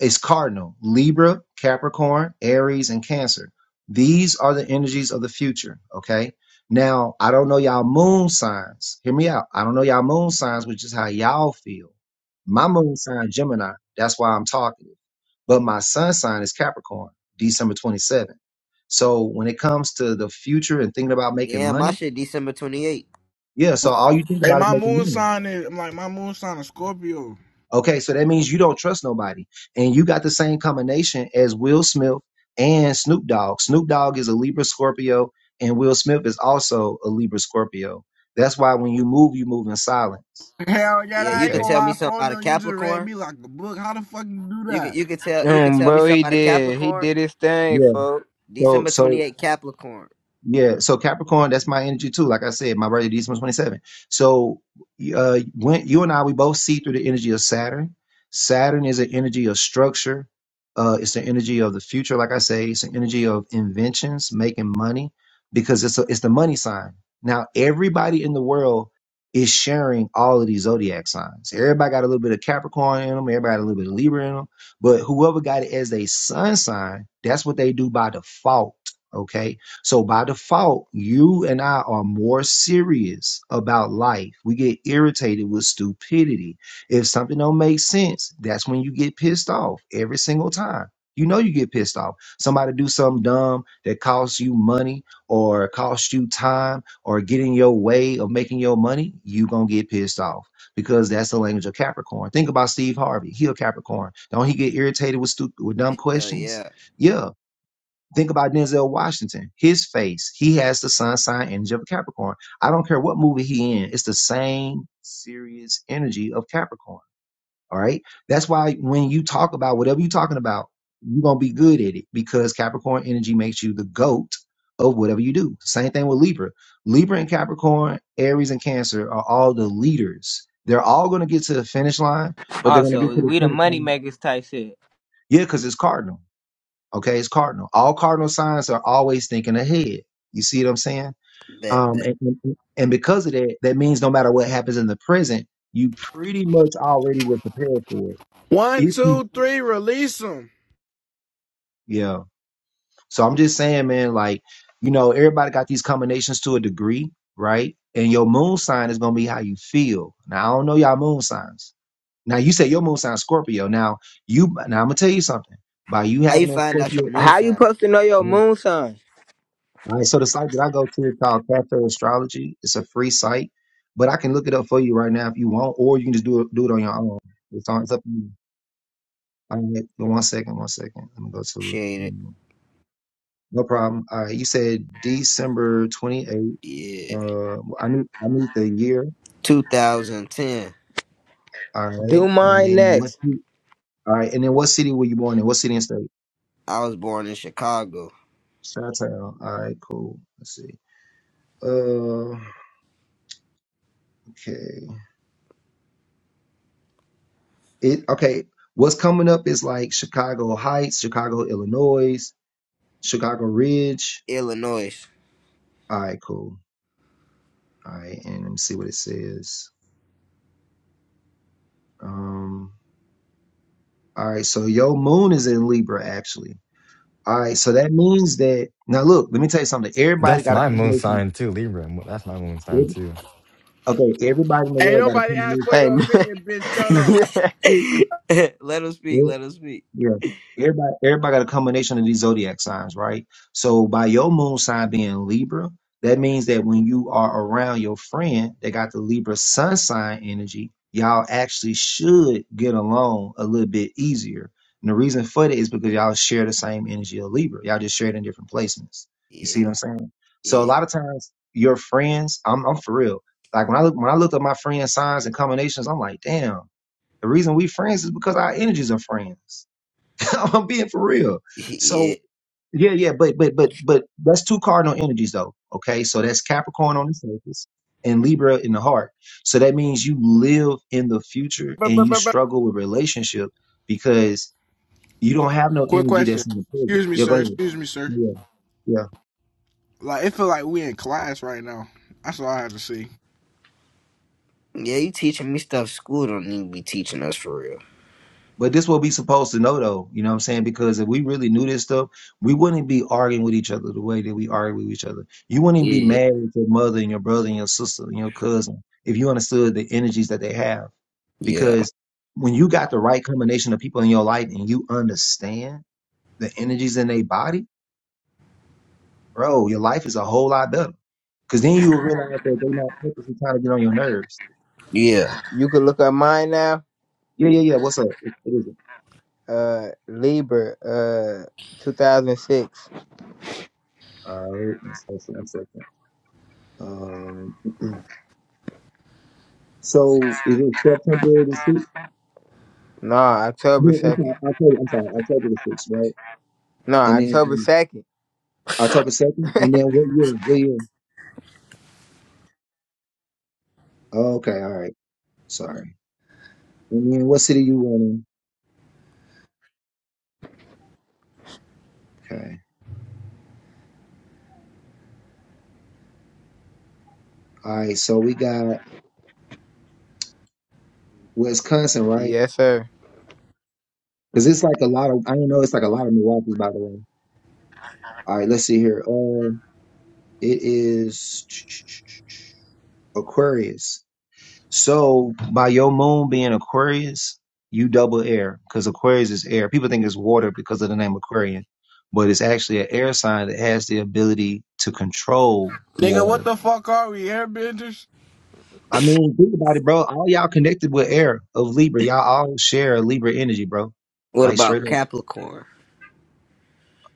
[SPEAKER 1] it's cardinal Libra, Capricorn, Aries, and Cancer. These are the energies of the future. Okay, now I don't know y'all moon signs. Hear me out. I don't know y'all moon signs, which is how y'all feel. My moon sign Gemini. That's why I'm talking. But my sun sign is Capricorn, December 27th. So when it comes to the future and thinking about making
[SPEAKER 9] Yeah, my
[SPEAKER 1] money
[SPEAKER 9] shit December 28th.
[SPEAKER 1] yeah, so all you think
[SPEAKER 10] And
[SPEAKER 1] about is
[SPEAKER 10] my
[SPEAKER 1] making
[SPEAKER 10] moon
[SPEAKER 1] money.
[SPEAKER 10] sign is I'm like my moon sign is Scorpio.
[SPEAKER 1] Okay, so that means you don't trust nobody. And you got the same combination as Will Smith and Snoop Dogg. Snoop Dogg is a Libra Scorpio, and Will Smith is also a Libra Scorpio. That's why when you move, you move in silence.
[SPEAKER 10] Hell yeah,
[SPEAKER 9] Yeah,
[SPEAKER 10] I
[SPEAKER 9] you
[SPEAKER 10] ain't
[SPEAKER 9] could
[SPEAKER 1] Okay.
[SPEAKER 10] gonna
[SPEAKER 9] tell me
[SPEAKER 10] lie,
[SPEAKER 9] something
[SPEAKER 10] phone
[SPEAKER 9] about a
[SPEAKER 10] you just read
[SPEAKER 9] Capricorn.
[SPEAKER 10] me like a book. How the fuck you do
[SPEAKER 9] You could
[SPEAKER 10] that?
[SPEAKER 9] you could tell you could
[SPEAKER 8] Um,
[SPEAKER 9] tell me
[SPEAKER 8] bro,
[SPEAKER 9] something
[SPEAKER 8] he
[SPEAKER 9] about a
[SPEAKER 8] did. He
[SPEAKER 9] Capricorn.
[SPEAKER 8] did his thing,
[SPEAKER 1] Yeah.
[SPEAKER 8] folk.
[SPEAKER 1] So
[SPEAKER 9] December
[SPEAKER 1] so
[SPEAKER 9] 28th Capricorn.
[SPEAKER 1] Yeah, so Capricorn, that's my energy too. Like I said, my birthday December 27. So uh when you and I we both see through the energy of Saturn. Saturn is an energy of structure. Uh it's the energy of the future, like I say, it's an energy of inventions, making money because it's a, it's the money sign. Now everybody in the world is sharing all of these zodiac signs. Everybody got a little bit of Capricorn in them, everybody got a little bit of Libra in them, but whoever got it as a sun sign, that's what they do by default, okay? So by default, you and I are more serious about life. We get irritated with stupidity. If something don't make sense, that's when you get pissed off every single time. You know you get pissed off. Somebody do something dumb that costs you money or costs you time or get in your way of making your money, you gonna get pissed off because that's the language of Capricorn. Think about Steve Harvey. He a Capricorn. Don't he get irritated with stupid with dumb
[SPEAKER 9] Hell
[SPEAKER 1] questions?
[SPEAKER 9] yeah.
[SPEAKER 1] Yeah Think about Denzel Washington. His face, he has the sun sign energy of a Capricorn. I don't care what movie he in, it's the same serious energy of Capricorn. All right. That's why when you talk about whatever you're talking about, you're gonna be good at it because Capricorn energy makes you the goat of whatever you do. Same thing with Libra. Libra and Capricorn, Aries and Cancer are all the leaders. They're all gonna get to the finish line, but they're gonna get to
[SPEAKER 8] Also,
[SPEAKER 1] the
[SPEAKER 8] we the
[SPEAKER 1] finish
[SPEAKER 8] money
[SPEAKER 1] line.
[SPEAKER 8] makers type shit.
[SPEAKER 1] Yeah, because it's cardinal. Okay, it's cardinal. All cardinal signs are always thinking ahead. You see what I'm saying?
[SPEAKER 9] Bet
[SPEAKER 1] Um,
[SPEAKER 9] bet.
[SPEAKER 1] and, and and because of that, that means no matter what happens in the present, you pretty much already were prepared for it.
[SPEAKER 10] One,
[SPEAKER 1] If you,
[SPEAKER 10] two, three, release them.
[SPEAKER 1] yeah. So I'm just saying, man, like you know, everybody got these combinations to a degree, right? And your moon sign is gonna be how you feel. Now I don't know y'all moon signs. Now you say your moon sign is Scorpio. Now you, now I'm gonna tell you something. By you
[SPEAKER 9] How you
[SPEAKER 1] having a
[SPEAKER 9] find out your
[SPEAKER 1] Scorpio,
[SPEAKER 9] moon
[SPEAKER 8] How you
[SPEAKER 9] sign?
[SPEAKER 8] supposed to know your moon sign?
[SPEAKER 1] All right, so the site that I go to is called Catho Astrology. It's a free site, but I can look it up for you right now if you want, or you can just do it do it on your own. It's, on, it's up to you. All right, one second, one second. Let me go to it.
[SPEAKER 9] Appreciate
[SPEAKER 1] No problem. All right, you said December twenty eighth.
[SPEAKER 9] it. Yeah.
[SPEAKER 1] Uh, I need I need the year.
[SPEAKER 9] 2010.
[SPEAKER 1] All right,
[SPEAKER 8] Do
[SPEAKER 1] and
[SPEAKER 8] mine
[SPEAKER 1] then what?
[SPEAKER 8] next.
[SPEAKER 1] ci- All right, and then what city were you born in? What city and state?
[SPEAKER 9] I was born in Chicago,
[SPEAKER 1] Chi-town. All right, cool. Let's see. Uh, okay. It okay. What's coming up is like Chicago Heights, Chicago, Illinois, Chicago Ridge.
[SPEAKER 9] Illinois.
[SPEAKER 1] All right, cool. All right, and let me see what it says. Um, all right, so your moon is in Libra actually. All right, so that means that now look, let me tell you something. Everybody
[SPEAKER 11] That's
[SPEAKER 1] got a
[SPEAKER 11] my moon
[SPEAKER 1] combination.
[SPEAKER 11] sign too, Libra. Mo- That's my moon sign
[SPEAKER 1] ev-
[SPEAKER 11] too.
[SPEAKER 1] Okay, everybody in the
[SPEAKER 10] Ain't
[SPEAKER 1] world got a
[SPEAKER 10] nobody asked
[SPEAKER 1] combination.
[SPEAKER 10] for
[SPEAKER 8] Hey,
[SPEAKER 10] your
[SPEAKER 8] man.
[SPEAKER 10] opinion, bitch. Shut up.
[SPEAKER 9] let him speak, let him speak.
[SPEAKER 1] Yeah. Everybody, everybody got a combination of these zodiac signs, right? So by your moon sign being Libra, that means that when you are around your friend that got the Libra sun sign energy, y'all actually should get along a little bit easier. And the reason for that is because y'all share the same energy of Libra. Y'all just share it in different placements. You
[SPEAKER 9] Yeah,
[SPEAKER 1] see what I'm saying? So a
[SPEAKER 9] yeah,
[SPEAKER 1] lot of times your friends, I'm, I'm for real. Like when I look when I look at my friends' signs and combinations, I'm like, damn, the reason we friends is because our energies are friends. I'm being for real.
[SPEAKER 9] yeah.
[SPEAKER 1] So yeah, yeah, but but but but that's two cardinal energies though. Okay, so that's Capricorn on the surface and Libra in the heart. So that means you live in the future
[SPEAKER 10] But
[SPEAKER 1] and
[SPEAKER 10] but
[SPEAKER 1] you
[SPEAKER 10] but but.
[SPEAKER 1] struggle with relationship because you don't have no
[SPEAKER 10] Quick
[SPEAKER 1] energy
[SPEAKER 10] question.
[SPEAKER 1] that's in the present.
[SPEAKER 10] Excuse me,
[SPEAKER 1] You're
[SPEAKER 10] sir.
[SPEAKER 1] going,
[SPEAKER 10] Excuse me,
[SPEAKER 1] yeah,
[SPEAKER 10] sir.
[SPEAKER 1] go ahead. Yeah, yeah.
[SPEAKER 10] Like it feel like we in class right now. That's all I have to see.
[SPEAKER 9] Yeah, you teaching me stuff school don't need to be teaching us for real.
[SPEAKER 1] But this is what we supposed to know though, you know what I'm saying? Because if we really knew this stuff, we wouldn't be arguing with each other the way that we argue with each other. You wouldn't be
[SPEAKER 9] Yeah.
[SPEAKER 1] mad with your mother and your brother and your sister and your cousin if you understood the energies that they have.
[SPEAKER 9] Yeah.
[SPEAKER 1] Because when you got the right combination of people in your life and you understand the energies in their body, bro, your life is a whole lot better. Cause then you will realize that they're not purposely trying to get on your nerves.
[SPEAKER 9] Yeah.
[SPEAKER 8] you can look up mine now.
[SPEAKER 1] Yeah, yeah, yeah. What's up? It, it is.
[SPEAKER 8] Uh, Libra. Uh, 2006.
[SPEAKER 1] All right. One second. One second. Um, So is it September the sixth?
[SPEAKER 8] No, October
[SPEAKER 1] No, I'm sorry,
[SPEAKER 8] 2nd.
[SPEAKER 1] October. I'm sorry, October the sixth, right?
[SPEAKER 8] No,
[SPEAKER 1] And then
[SPEAKER 8] October
[SPEAKER 1] um,
[SPEAKER 8] 2nd.
[SPEAKER 1] October second, and then what year? What year? Oh, okay, all right. Sorry. And then what city you running? Okay, all right. So we got Wisconsin, right?
[SPEAKER 8] Yes, sir.
[SPEAKER 1] Because it's like a lot of I don't know. It's like a lot of Milwaukee's, by the way. All right, let's see here. Um, it is Aquarius. So by your moon being Aquarius, you double air because Aquarius is air. People think it's water because of the name Aquarian, but it's actually an air sign that has the ability to control
[SPEAKER 10] Nigga, what
[SPEAKER 1] water.
[SPEAKER 10] the fuck are we, airbenders?
[SPEAKER 1] I mean, think about it, bro. All y'all connected with air of Libra. Y'all all share Libra energy, bro.
[SPEAKER 9] What
[SPEAKER 1] Like
[SPEAKER 9] about
[SPEAKER 1] straight up.
[SPEAKER 9] Capricorn?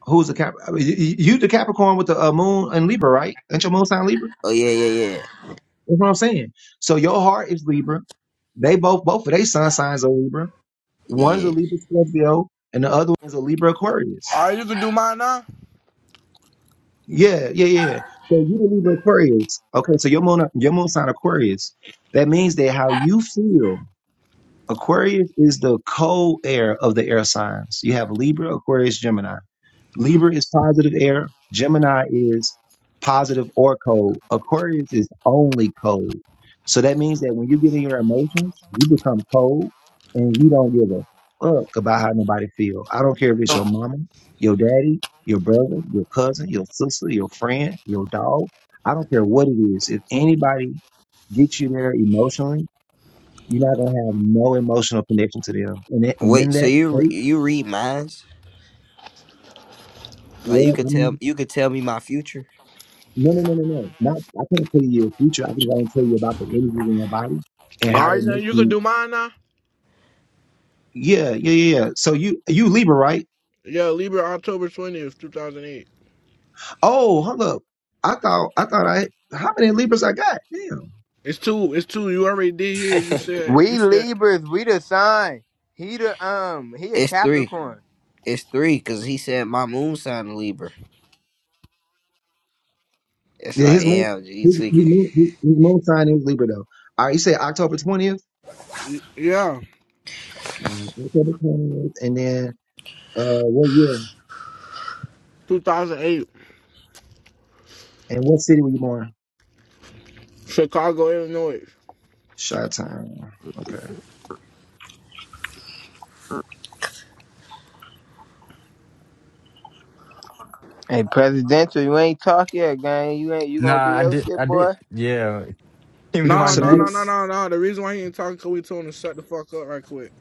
[SPEAKER 1] Who's the Cap? I mean, you, you you the Capricorn with the uh, moon and Libra, right? Ain't your moon sign Libra?
[SPEAKER 9] Oh yeah, yeah, yeah.
[SPEAKER 1] That's what I'm saying. So your heart is Libra. They both both of they sun signs are Libra. One's a
[SPEAKER 9] Yeah.
[SPEAKER 1] Libra Scorpio and the other one's a Libra Aquarius.
[SPEAKER 10] All right, you can do mine now.
[SPEAKER 1] Yeah, yeah, yeah. yeah. So you the Libra Aquarius. Okay, so your moon your moon sign Aquarius. That means that how you feel Aquarius is the co air of the air signs. You have Libra, Aquarius, Gemini. Libra is positive air. Gemini is positive or cold. Aquarius is only cold. So that means that when you get in your emotions, you become cold and you don't give a fuck about how nobody feels. I don't care if it's your mama, your daddy, your brother, your cousin, your sister, your friend, your dog. I don't care what it is. If anybody gets you there emotionally, you're not gonna have no emotional connection to them. And then, and then
[SPEAKER 9] Wait, so
[SPEAKER 1] that
[SPEAKER 9] you
[SPEAKER 1] state,
[SPEAKER 9] you read minds? Like you
[SPEAKER 1] well,
[SPEAKER 9] could
[SPEAKER 1] I
[SPEAKER 9] tell
[SPEAKER 1] mean,
[SPEAKER 9] you could tell me my future?
[SPEAKER 1] no, no, no, no, no. Not, I can't tell you your future. I can only tell you about the energies in your body and
[SPEAKER 10] All
[SPEAKER 1] how they
[SPEAKER 10] right, now
[SPEAKER 1] make
[SPEAKER 10] you can
[SPEAKER 1] you.
[SPEAKER 10] do mine now.
[SPEAKER 1] Yeah, yeah, yeah. yeah. So you, you Libra, right?
[SPEAKER 10] Yeah, Libra, October twentieth, two thousand eight.
[SPEAKER 1] Oh, hold up. I thought, I thought I, how many Libras I got? Damn.
[SPEAKER 10] It's two. It's two. You already did his. You said. You
[SPEAKER 8] We
[SPEAKER 10] said.
[SPEAKER 8] Libras, we the sign. He the um, he a
[SPEAKER 9] It's three.
[SPEAKER 8] Capricorn.
[SPEAKER 9] It's three, cause he said my moon sign Libra. It's
[SPEAKER 1] Yeah,
[SPEAKER 9] like
[SPEAKER 1] his moon,
[SPEAKER 9] yeah, G, you
[SPEAKER 1] his, his
[SPEAKER 9] tweaking.
[SPEAKER 1] moon, his, his moon sign is Libra though. All right, you say October 20th?
[SPEAKER 10] y- Yeah,
[SPEAKER 1] Uh, October 20th. And then, uh, what year?
[SPEAKER 10] two thousand eight,
[SPEAKER 1] And what city were you born?
[SPEAKER 10] Chicago, Illinois.
[SPEAKER 1] Chi-Town. Okay.
[SPEAKER 8] Hey, presidential, you ain't talk yet, gang. You ain't you gonna do
[SPEAKER 11] Nah, I
[SPEAKER 8] your
[SPEAKER 11] did.
[SPEAKER 8] shit,
[SPEAKER 11] I did.
[SPEAKER 8] boy?
[SPEAKER 11] Yeah. Can we do my
[SPEAKER 10] No,
[SPEAKER 1] So
[SPEAKER 10] no, no, no,
[SPEAKER 11] next?
[SPEAKER 10] no, no. The reason why he ain't talking, cause we told him to shut the fuck up right quick.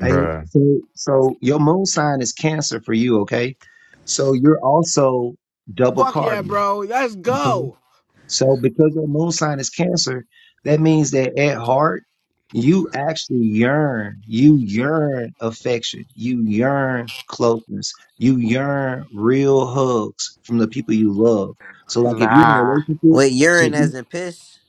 [SPEAKER 1] Hey,
[SPEAKER 11] Bruh,
[SPEAKER 1] so so your moon sign is Cancer for you, okay? So you're also double
[SPEAKER 10] Fuck yeah,
[SPEAKER 1] carbon,
[SPEAKER 10] bro. Let's
[SPEAKER 1] okay?
[SPEAKER 10] go.
[SPEAKER 1] So because your moon sign is Cancer, that means that at heart you actually yearn, you yearn affection, you yearn closeness, you yearn real hugs from the people you love. So like if you're in a
[SPEAKER 8] Nah,
[SPEAKER 1] relationship,
[SPEAKER 9] Wait,
[SPEAKER 1] so
[SPEAKER 9] urine as in piss?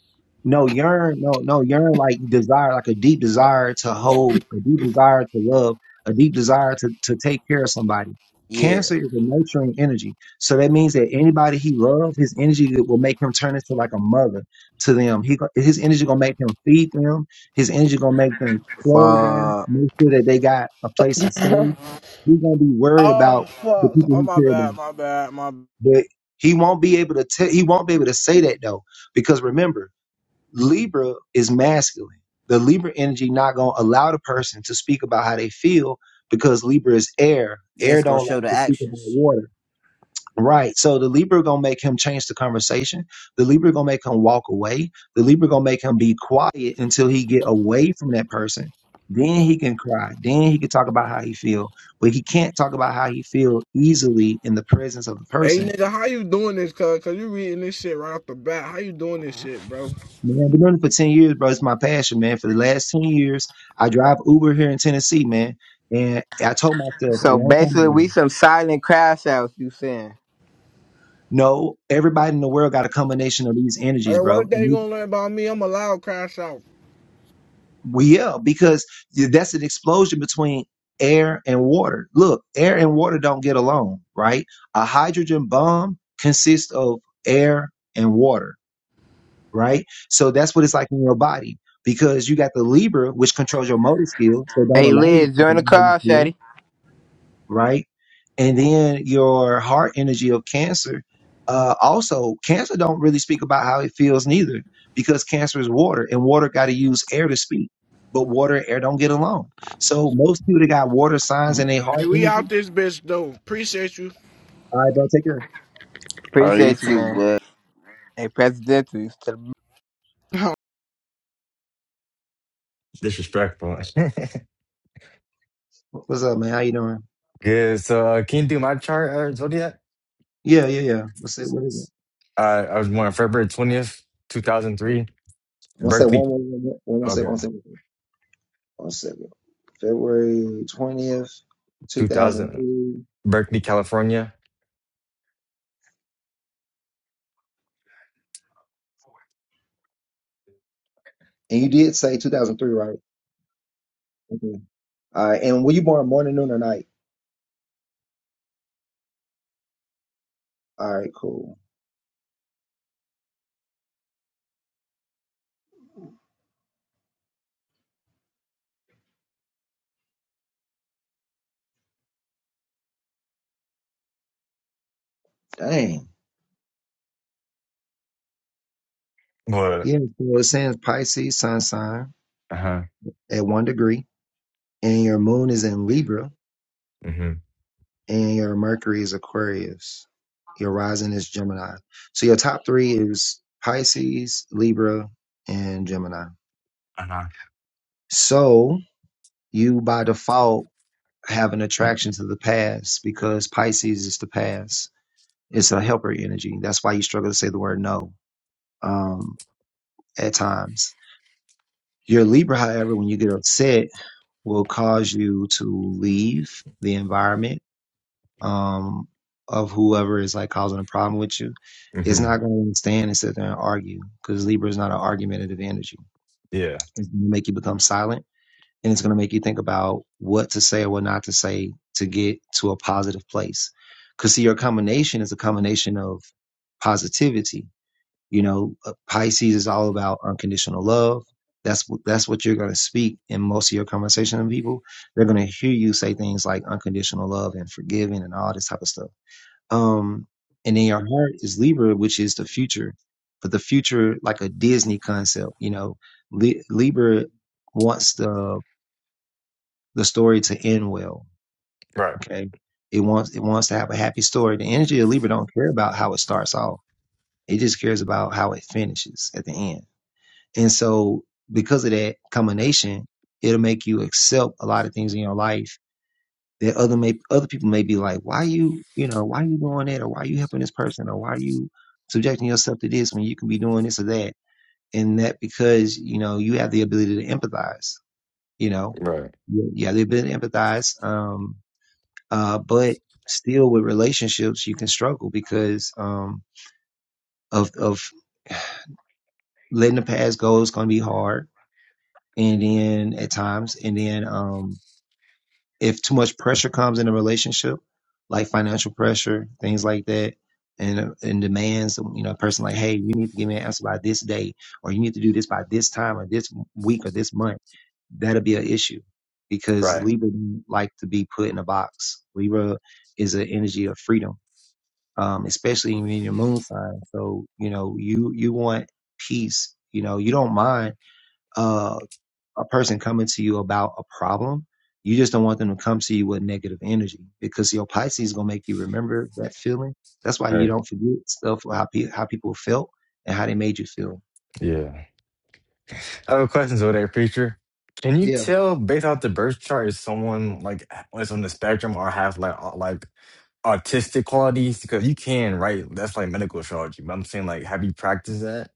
[SPEAKER 1] no yearn, no, no yearn like desire, like a deep desire to
[SPEAKER 9] Oh.
[SPEAKER 1] hold, a deep desire to love, a deep desire to, to take care of somebody.
[SPEAKER 9] Yeah.
[SPEAKER 1] Cancer is a nurturing energy, so that means that anybody he loves, his energy will make him turn into like a mother to them. He go- his energy gonna make them feed them. His energy gonna make them clothe them,
[SPEAKER 8] fuck.
[SPEAKER 1] make sure that they got a place to stay. He's gonna be worried
[SPEAKER 10] Oh
[SPEAKER 1] about the
[SPEAKER 10] fuck.
[SPEAKER 1] people
[SPEAKER 10] Oh
[SPEAKER 1] he
[SPEAKER 10] my
[SPEAKER 1] care about,
[SPEAKER 10] bad. My bad. My. b-
[SPEAKER 1] but he won't be able to tell. He won't be able to say that though, because remember. Libra is masculine. The Libra energy not gonna allow the person to speak about how they feel because Libra is air. Air
[SPEAKER 9] It's gonna
[SPEAKER 1] don't
[SPEAKER 9] show
[SPEAKER 1] like
[SPEAKER 9] the
[SPEAKER 1] to speak about
[SPEAKER 9] actions.
[SPEAKER 1] water. Right. So the Libra gonna make him change the conversation. The Libra gonna make him walk away. The Libra gonna make him be quiet until he get away from that person. Then he can cry. Then he can talk about how he feel. But he can't talk about how he feel easily in the presence of the
[SPEAKER 10] Hey
[SPEAKER 1] person
[SPEAKER 10] nigga, how you doing this? Cause, cause you reading this shit right off the bat. How you doing this shit, bro?
[SPEAKER 1] Man, I've been doing it for 10 years, bro. It's my passion, man. For the last 10 years, I drive Uber here in Tennessee, man. And I told myself a
[SPEAKER 8] So
[SPEAKER 1] long time
[SPEAKER 8] basically,
[SPEAKER 1] ago,
[SPEAKER 8] we some silent crash outs. You saying?
[SPEAKER 1] no, everybody in the world got a combination of these energies,
[SPEAKER 10] Hey, one
[SPEAKER 1] bro. And
[SPEAKER 10] day you
[SPEAKER 1] we,
[SPEAKER 10] gonna learn about me. I'm a loud crash out.
[SPEAKER 1] we- yeah, because that's an explosion between air and water. Look, air and water don't get along, right? A hydrogen bomb consists of air and water, right? So that's what it's like in your body. Because you got the Libra, which controls your motor skills, so don't
[SPEAKER 8] Hey,
[SPEAKER 1] allow you to
[SPEAKER 8] Liz,
[SPEAKER 1] think
[SPEAKER 8] join the
[SPEAKER 1] about how you
[SPEAKER 8] call,
[SPEAKER 1] feel
[SPEAKER 8] Shady.
[SPEAKER 1] right? And then your heart energy of cancer. Uh, also, cancer don't really speak about how it feels neither, because cancer is water, and water got to use air to speak. But water and air don't get along. So most people that got water signs in their heart
[SPEAKER 10] Hey, we out
[SPEAKER 1] energy.
[SPEAKER 10] this bitch though. Appreciate you.
[SPEAKER 1] All right, bro, take care.
[SPEAKER 9] Are you
[SPEAKER 8] Appreciate you,
[SPEAKER 9] too
[SPEAKER 8] man.
[SPEAKER 9] black?
[SPEAKER 8] Hey, presidential, you still.
[SPEAKER 11] disrespectful.
[SPEAKER 1] What- What's up, man? How you doing?
[SPEAKER 11] Good. So, uh, can you do my chart, uh, Zodiac?
[SPEAKER 1] Yeah, yeah, yeah. What's it? What is it?
[SPEAKER 11] Uh, I was born February 20th, 2003,
[SPEAKER 1] One sec.
[SPEAKER 11] Berkeley.
[SPEAKER 1] One, one, one, one, one, one
[SPEAKER 11] Okay.
[SPEAKER 1] sec. One sec. One sec. One second. February twentieth, two thousand
[SPEAKER 11] 2000,
[SPEAKER 1] three.
[SPEAKER 11] Berkeley, California.
[SPEAKER 1] And you did say two thousand three, right? Okay. All right. And were you born morning, noon, or night? All right, cool. Dang.
[SPEAKER 11] What?
[SPEAKER 1] Yeah, so it says Pisces sun sign
[SPEAKER 11] Uh huh.
[SPEAKER 1] at one degree, and your moon is in Libra,
[SPEAKER 11] Mm hmm.
[SPEAKER 1] and your Mercury is Aquarius. Your rising is Gemini. So your top three is Pisces, Libra, and Gemini.
[SPEAKER 11] Uh huh.
[SPEAKER 1] So you by default have an attraction to the past because Pisces is the past. It's a helper energy. That's why you struggle to say the word no um, at times. Your Libra, however, when you get upset, will cause you to leave the environment um, of whoever is like causing a problem with you.
[SPEAKER 11] Mm
[SPEAKER 1] It's
[SPEAKER 11] hmm.
[SPEAKER 1] not going to stand and sit there and argue because Libra is not an argumentative energy.
[SPEAKER 11] Yeah.
[SPEAKER 1] It's going to make you become silent and it's going to make you think about what to say or what not to say to get to a positive place. Because see, your combination is a combination of positivity you know, uh, Pisces is all about unconditional love. That's wh- that's what you're going to speak in most of your conversation with people. They're going to hear you say things like unconditional love and forgiving and all this type of stuff. Um, and then your heart is Libra, which is the future, but the future like a Disney concept. You know, Li- Libra wants the the story to end well.
[SPEAKER 11] Right.
[SPEAKER 1] Okay, it wants it wants to have a happy story. The energy of Libra don't care about how it starts off. It just cares about how it finishes at the end And so because of that combination, it'll make you accept a lot of things in your life that other may other people may be like, why you, you know, why you doing that or why you helping this person or why are you subjecting yourself to this when you can be doing this or that. And that because, you know, you have the ability to empathize, you know.
[SPEAKER 11] Right.
[SPEAKER 1] You you have the ability to empathize. Um uh but still with relationships you can struggle because um of of letting the past go is gonna be hard and then at times and then um if too much pressure comes in a relationship, like financial pressure, things like that, and and demands, you know, a person like, hey, you need to give me an answer by this day, or you need to do this by this time, or this week, or this month, that'll be an issue because
[SPEAKER 11] Right.
[SPEAKER 1] Libra don't like to be put in a box. Libra is an energy of freedom, um, especially in your moon sign. So you know, you you want peace. You know, you don't mind. Uh, a person coming to you about a problem, you just don't want them to come to you with negative energy because your Pisces is gonna make you remember that feeling. That's why you
[SPEAKER 11] Right.
[SPEAKER 1] don't forget stuff how pe- how people felt and how they made you feel.
[SPEAKER 11] Yeah. I have a question over there, preacher. Can you
[SPEAKER 1] Yeah,
[SPEAKER 11] tell based off the birth chart is someone like is on the spectrum or have like au- like autistic qualities? Because you can, right? That's like medical astrology. But I'm saying like, have you practiced that?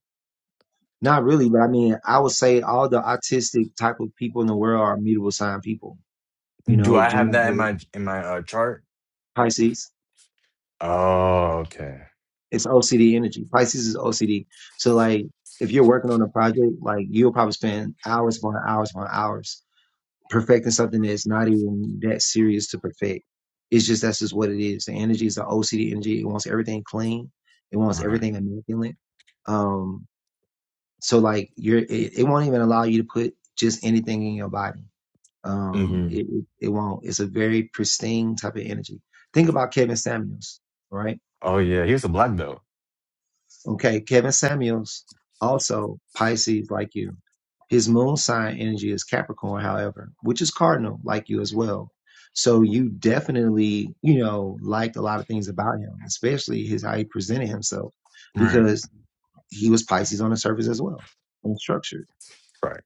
[SPEAKER 1] not really, but I mean, I would say all the autistic type of people in the world are mutable sign people. You
[SPEAKER 11] Do
[SPEAKER 1] know,
[SPEAKER 11] I have that in
[SPEAKER 1] Gemini,
[SPEAKER 11] my in my uh, chart?
[SPEAKER 1] Pisces,
[SPEAKER 11] Oh, okay.
[SPEAKER 1] it's OCD energy. Pisces is OCD. So like, if you're working on a project, like you'll probably spend hours upon hours upon hours perfecting something that's not even that serious to perfect. It's just that's just what it is. The energy is the OCD energy. It wants everything clean. It wants
[SPEAKER 11] Right.
[SPEAKER 1] everything immaculate. Um, so like you're, it, it won't even allow you to put just anything in your body. Um,
[SPEAKER 11] hmm
[SPEAKER 1] it, it it won't. It's a very pristine type of energy. Think about Kevin Samuels, right?
[SPEAKER 11] Oh yeah, he was a black belt.
[SPEAKER 1] Okay, Kevin Samuels, also Pisces like you. His moon sign energy is Capricorn, however, which is cardinal like you as well. So you definitely, you know, liked a lot of things about him, especially his how he presented himself,
[SPEAKER 11] Right.
[SPEAKER 1] because he was Pisces on the surface as well, and structured.
[SPEAKER 11] Right.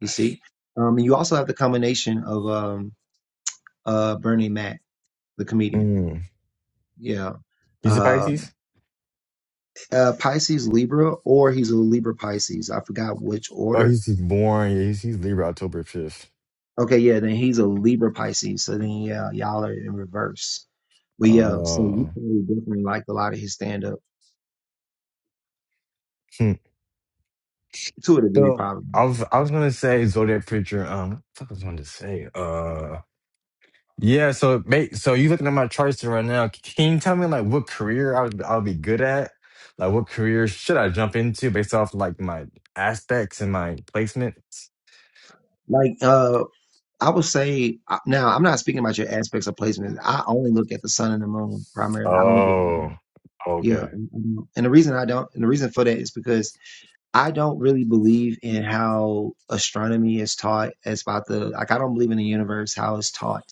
[SPEAKER 1] You see, um, and you also have the combination of um, uh, Bernie Mac, the comedian.
[SPEAKER 11] Mm.
[SPEAKER 1] Yeah,
[SPEAKER 11] He's a
[SPEAKER 1] uh,
[SPEAKER 11] Pisces.
[SPEAKER 1] uh, Pisces Libra, or he's a Libra Pisces. I forgot which
[SPEAKER 11] Oh,
[SPEAKER 1] order
[SPEAKER 11] he's he's born. Yeah, he's he's Libra October fifth.
[SPEAKER 1] Okay, yeah, then he's a Libra Pisces, so then yeah, y'all are in reverse. But yeah, so you
[SPEAKER 11] Oh.
[SPEAKER 1] probably definitely like a lot of his stand up
[SPEAKER 11] Hmm.
[SPEAKER 1] to a degree,
[SPEAKER 11] So
[SPEAKER 1] probably.
[SPEAKER 11] I was I was gonna say zodiac picture. Um, what the fuck was I going to say? Uh, yeah. So mate, so you looking at my charts right now? Can you tell me like what career I would I'll be good at? Like what career should I jump into based off like my aspects and my placements?
[SPEAKER 1] Like, uh, I would say I- now I'm not speaking about your aspects of placement. I only look at the sun and the moon primarily. I don't look at
[SPEAKER 11] Oh,
[SPEAKER 1] yeah,
[SPEAKER 11] okay.
[SPEAKER 1] and and the reason I don't, and the reason for that is because I don't really believe in how astronomy is taught as about the like I don't believe in the universe how it's taught.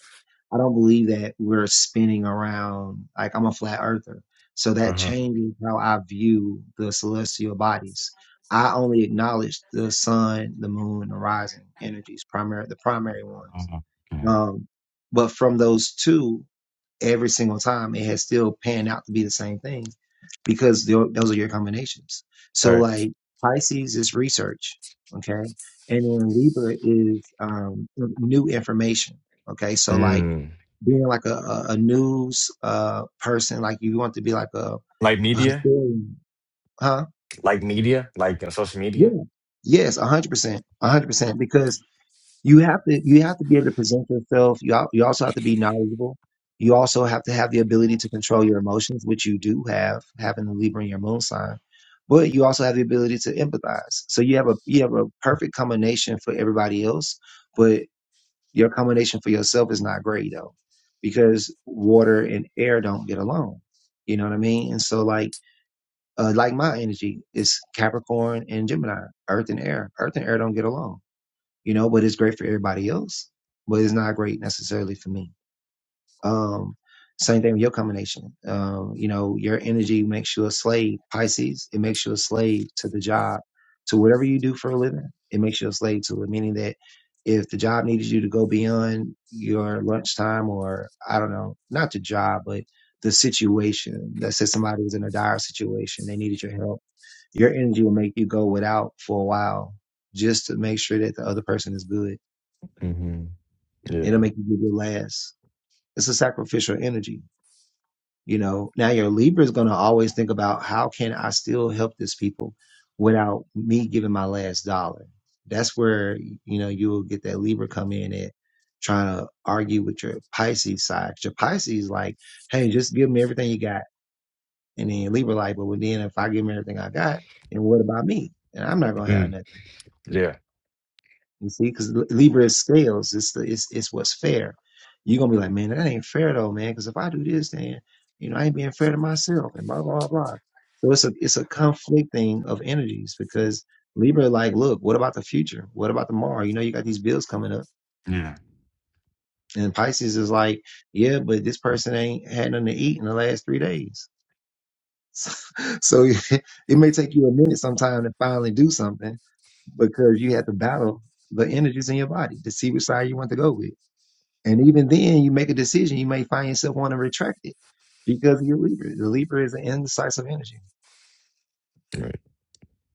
[SPEAKER 1] I don't believe that we're spinning around like I'm a flat earther. So that
[SPEAKER 11] Uh-huh.
[SPEAKER 1] changes how I view the celestial bodies. I only acknowledge the sun, the moon, the rising energies, primary the primary ones.
[SPEAKER 11] Uh-huh. Okay.
[SPEAKER 1] Um, but from those two, every single time it has still panned out to be the same thing because tho- those are your combinations.
[SPEAKER 11] All
[SPEAKER 1] So
[SPEAKER 11] right.
[SPEAKER 1] like Pisces is research, okay, and then Libra is um, new information, okay. So like
[SPEAKER 11] Mm.
[SPEAKER 1] being like a, a, a news uh, person, like you want to be like a,
[SPEAKER 11] Like
[SPEAKER 1] a
[SPEAKER 11] media,
[SPEAKER 1] historian, huh?
[SPEAKER 11] like media, like uh, social media.
[SPEAKER 1] Yeah. Yes, a hundred percent, a hundred percent, because you have to you have to be able to present yourself you, al- you also have to be knowledgeable you also have to have the ability to control your emotions which you do have having the libra in your moon sign but you also have the ability to empathize so you have a you have a perfect combination for everybody else but your combination for yourself is not great though because water and air don't get along you know what i mean and so like uh, like my energy is capricorn and gemini earth and air earth and air don't get along you know, but it's great for everybody else, but it's not great necessarily for me. Um, same thing with your combination. Um, you know, your energy makes you a slave, Pisces. It makes you a slave to the job, to whatever you do for a living. It makes you a slave to it, meaning that if the job needed you to go beyond your lunchtime or I don't know, not the job, but the situation that said somebody was in a dire situation, they needed your help. Your energy will make you go without for a while just to make sure that the other person is good
[SPEAKER 11] hmm
[SPEAKER 1] It'll
[SPEAKER 11] Yeah.
[SPEAKER 1] make you give your last. It's a sacrificial energy. You know, now your Libra is going to always think about how can I still help this people without me giving my last dollar. That's where, you know, you'll get that Libra come in at trying to argue with your Pisces side. 'Cause Your Pisces like, hey, just give me everything you got. And then Libra like, but well, then if I give them everything I got, then what about me? And I'm not going to have
[SPEAKER 11] Mm.
[SPEAKER 1] nothing.
[SPEAKER 11] Yeah.
[SPEAKER 1] You see, because Libra is scales. It's the it's it's what's fair. You're gonna be like, man, that ain't fair though, man. Because if I do this, then you know I ain't being fair to myself, and blah blah blah. So it's a it's a conflicting of energies because Libra, like, look, what about the future? What about tomorrow? You know, you got these bills coming up,
[SPEAKER 11] Yeah.
[SPEAKER 1] and Pisces is like, yeah, but this person ain't had nothing to eat in the last three days. So it may take you a minute sometime to finally do something because you have to battle the energies in your body to see which side you want to go with. And even then, you make a decision, you may find yourself wanting to retract it because you're Libra. The Libra is an indecisive energy.
[SPEAKER 11] Right.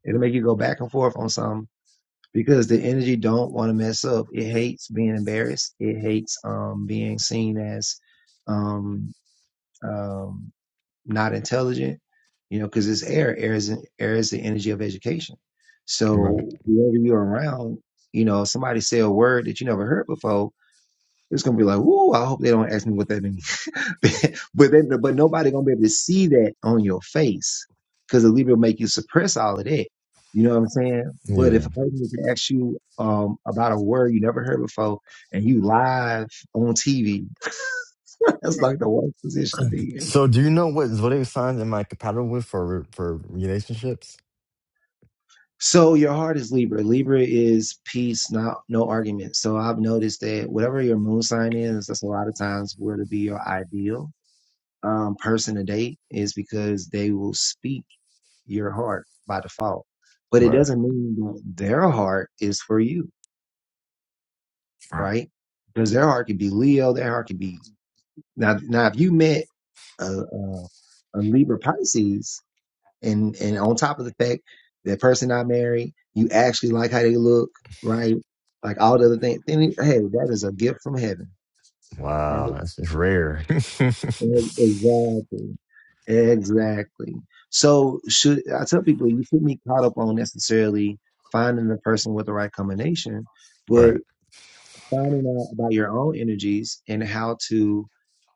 [SPEAKER 1] It'll make you go back and forth on something because the energy don't want to mess up. It hates being embarrassed. It hates um, being seen as um, um, not intelligent. You know, because it's air. Air is air is the energy of education.
[SPEAKER 11] Right.
[SPEAKER 1] So whoever you're around, you know, somebody say a word that you never heard before It's gonna be like, woo, I hope they don't ask me what that means. but then but nobody gonna be able to see that on your face. Because the Libra make you suppress all of that. You know what I'm saying? But
[SPEAKER 11] yeah.
[SPEAKER 1] if a person is to ask you um, about a word you never heard before and you live on TV, that's like the worst position to be in.
[SPEAKER 11] So do you know what zodiac signs am I compatible with for for relationships?
[SPEAKER 1] So your heart is Libra. Libra is peace, not no argument. So I've noticed that whatever your moon sign is, that's a lot of times where to be your ideal um, person to date is because they will speak your heart by default. But it
[SPEAKER 11] Right.
[SPEAKER 1] doesn't mean that their heart is for you,
[SPEAKER 11] Right.
[SPEAKER 1] right? Because their heart could be Leo, their heart could be now. Now, if you met a, a, a Libra Pisces, and and on top of the fact that person I married, you actually like how they look, right? Like all the other things. Then hey, that is a gift from heaven, right?
[SPEAKER 11] Wow, that's it's rare.
[SPEAKER 1] E-, Exactly. Exactly. So should I tell people you shouldn't be caught up on necessarily finding the person with the right combination, but
[SPEAKER 11] right.
[SPEAKER 1] finding out about your own energies and how to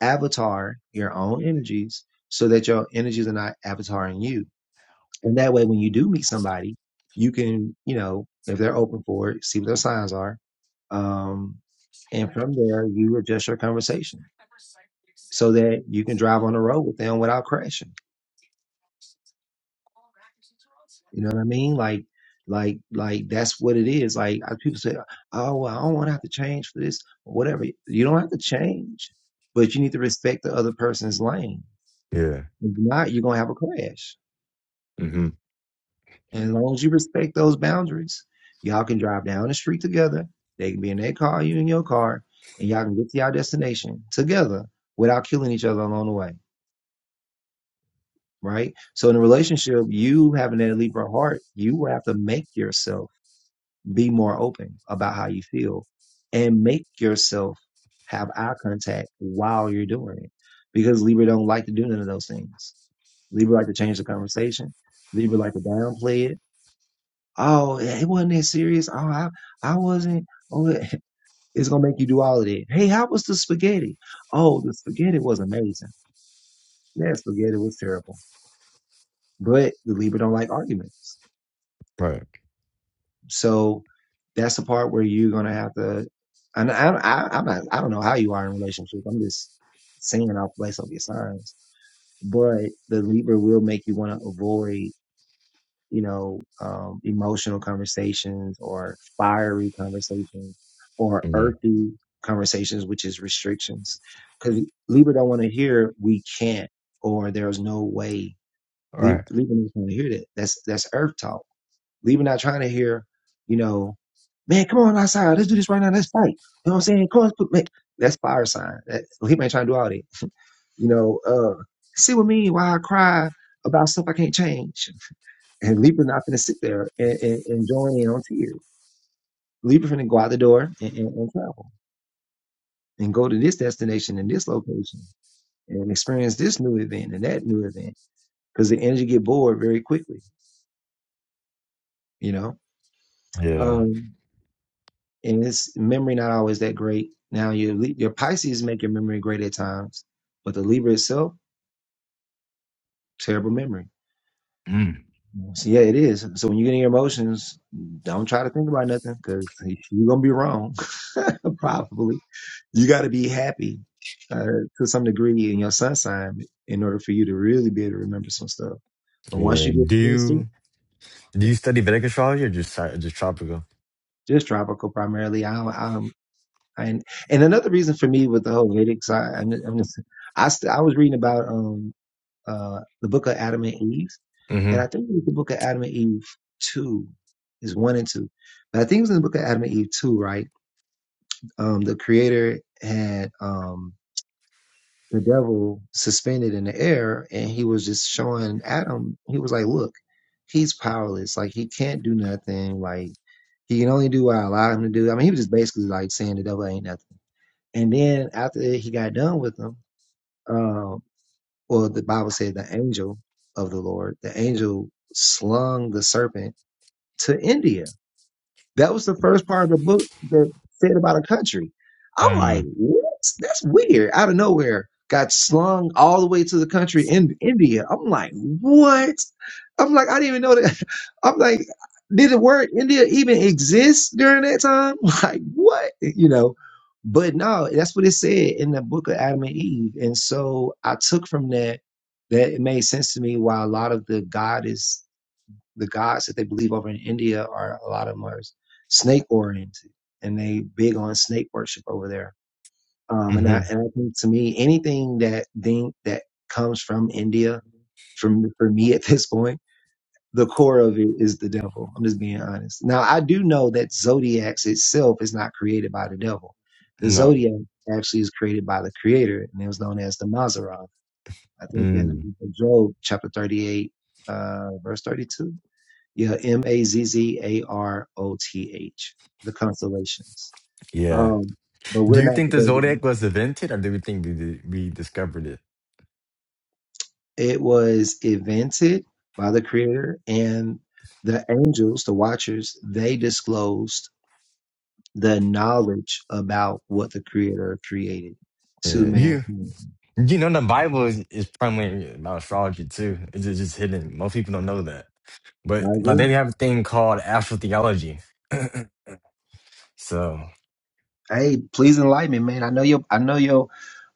[SPEAKER 1] avatar your own energies so that your energies are not avataring you. And that way when you do meet somebody, you can, you know, if they're open for it, see what their signs are. Um and from there you adjust your conversation so that you can drive on the road with them without crashing. You know what I mean? Like, like, like that's what it is. Like I- people say, "Oh, well, I don't want to have to change for this or whatever." You don't have to change, but you need to respect the other person's lane.
[SPEAKER 11] Yeah.
[SPEAKER 1] If not, you're gonna have a crash.
[SPEAKER 11] hmm
[SPEAKER 1] And as long as you respect those boundaries, y'all can drive down the street together. They can be in their car, you in your car, and y'all can get to your destination together without killing each other along the way. right? So in a relationship, you having that Libra heart, you will have to make yourself be more open about how you feel and make yourself have eye contact while you're doing it. Because Libra don't like to do none of those things. Libra like to change the conversation. Libra like to downplay it. Oh, it wasn't that serious. Oh, I, I wasn't. Oh, it's gonna make you do all of that. Hey, how was the spaghetti? Oh, the spaghetti was amazing. Yeah, spaghetti was terrible. But the Libra don't like arguments
[SPEAKER 11] Right.
[SPEAKER 1] So that's the part where you're gonna have to. And I, I, I'm not. I don't know how you are in relationships. I'm just saying off based off your signs. But the Libra will make you want to avoid, you know, um, emotional conversations or fiery conversations or
[SPEAKER 11] Mm.
[SPEAKER 1] earthy conversations, which is restrictions, because Libra don't want to hear we can't or there's no way. Lib-
[SPEAKER 11] Right.
[SPEAKER 1] Libra don't want to hear that. That's that's earth talk Leaving out trying to hear, you know, man, come on outside. Let's do this right now. Let's fight. You know what I'm saying? Come on, put, man. That's fire sign. That, Leave ain't trying to do all that. You know, uh, see what me? mean? Why I cry about stuff I can't change. And Libra not going to sit there and, and, and join in on tears. Libra going to go out the door and, and, and travel and go to this destination and this location and experience this new event and that new event because the energy get bored very quickly, you know?
[SPEAKER 11] Yeah.
[SPEAKER 1] Um, and this memory not always that great. Now your Li- your Pisces make your memory great at times, but the Libra itself, terrible memory.
[SPEAKER 11] Mm.
[SPEAKER 1] So yeah, it is. So when you get in your emotions, don't try to think about nothing because you're gonna be wrong, probably. You got to be happy uh, to some degree in your sun sign in order for you to really be able to remember some stuff. But once
[SPEAKER 11] Yeah.
[SPEAKER 1] you get
[SPEAKER 11] Do
[SPEAKER 1] twisted,
[SPEAKER 11] you do you study Vedic astrology or just si- just tropical?
[SPEAKER 1] just tropical primarily. I, I'm, I, and another reason for me with the whole Vedic side, I'm, I'm just, I st- I was reading about um uh, the book of Adam and Eve,
[SPEAKER 11] Mm-hmm.
[SPEAKER 1] and I think it was the book of Adam and Eve two, is one and two, but I think it was in the book of Adam and Eve two, right? Um, the creator had um, the devil suspended in the air, and he was just showing Adam. He was like, "Look, he's powerless. Like he can't do nothing. Like he can only do what I allow him to do." I mean, he was just basically like saying the devil ain't nothing. And then after he got done with him. uh, Well, the Bible said the angel of the Lord, the angel slung the serpent to India. That was the first part of the book that said about a country. I'm like,
[SPEAKER 11] Mm.
[SPEAKER 1] what? That's weird. Out of nowhere, got slung all the way to the country in India. I'm like, what? I'm like, I didn't even know that. I'm like, did the word India even exist during that time? Like, what? You know. But no, that's what it said in the book of Adam and Eve. And so I took from that that it made sense to me why a lot of the goddess the gods that they believe over in India are a lot of them are snake oriented, and they big on snake worship over there. Um, and I
[SPEAKER 11] Mm-hmm.
[SPEAKER 1] and I think to me anything that thing that comes from India from for me at this point, the core of it is the devil. I'm just being honest. Now I do know that zodiacs itself is not created by the devil. The
[SPEAKER 11] No.
[SPEAKER 1] zodiac actually is created by the creator, and it was known as the Mazarov. I think in the
[SPEAKER 11] Mm.
[SPEAKER 1] book of Job, chapter 38, uh, verse 32 yeah, M A Z Z A R O T H, the constellations.
[SPEAKER 11] Yeah.
[SPEAKER 1] Um, but
[SPEAKER 11] Do
[SPEAKER 1] we're
[SPEAKER 11] you
[SPEAKER 1] not
[SPEAKER 11] think the
[SPEAKER 1] debating.
[SPEAKER 11] zodiac was invented, or do we think we di- we discovered it?
[SPEAKER 1] It was invented by the creator and the angels, the watchers, they disclosed the knowledge about what the creator created to
[SPEAKER 11] Yeah. You.
[SPEAKER 1] mankind.
[SPEAKER 11] You know, the Bible is, is primarily about astrology too. It's just just hidden. Most people don't know that. But
[SPEAKER 1] I
[SPEAKER 11] like
[SPEAKER 1] agree.
[SPEAKER 11] they have a thing called astrotheology. So
[SPEAKER 1] Hey, please enlighten me, man. I know your I know your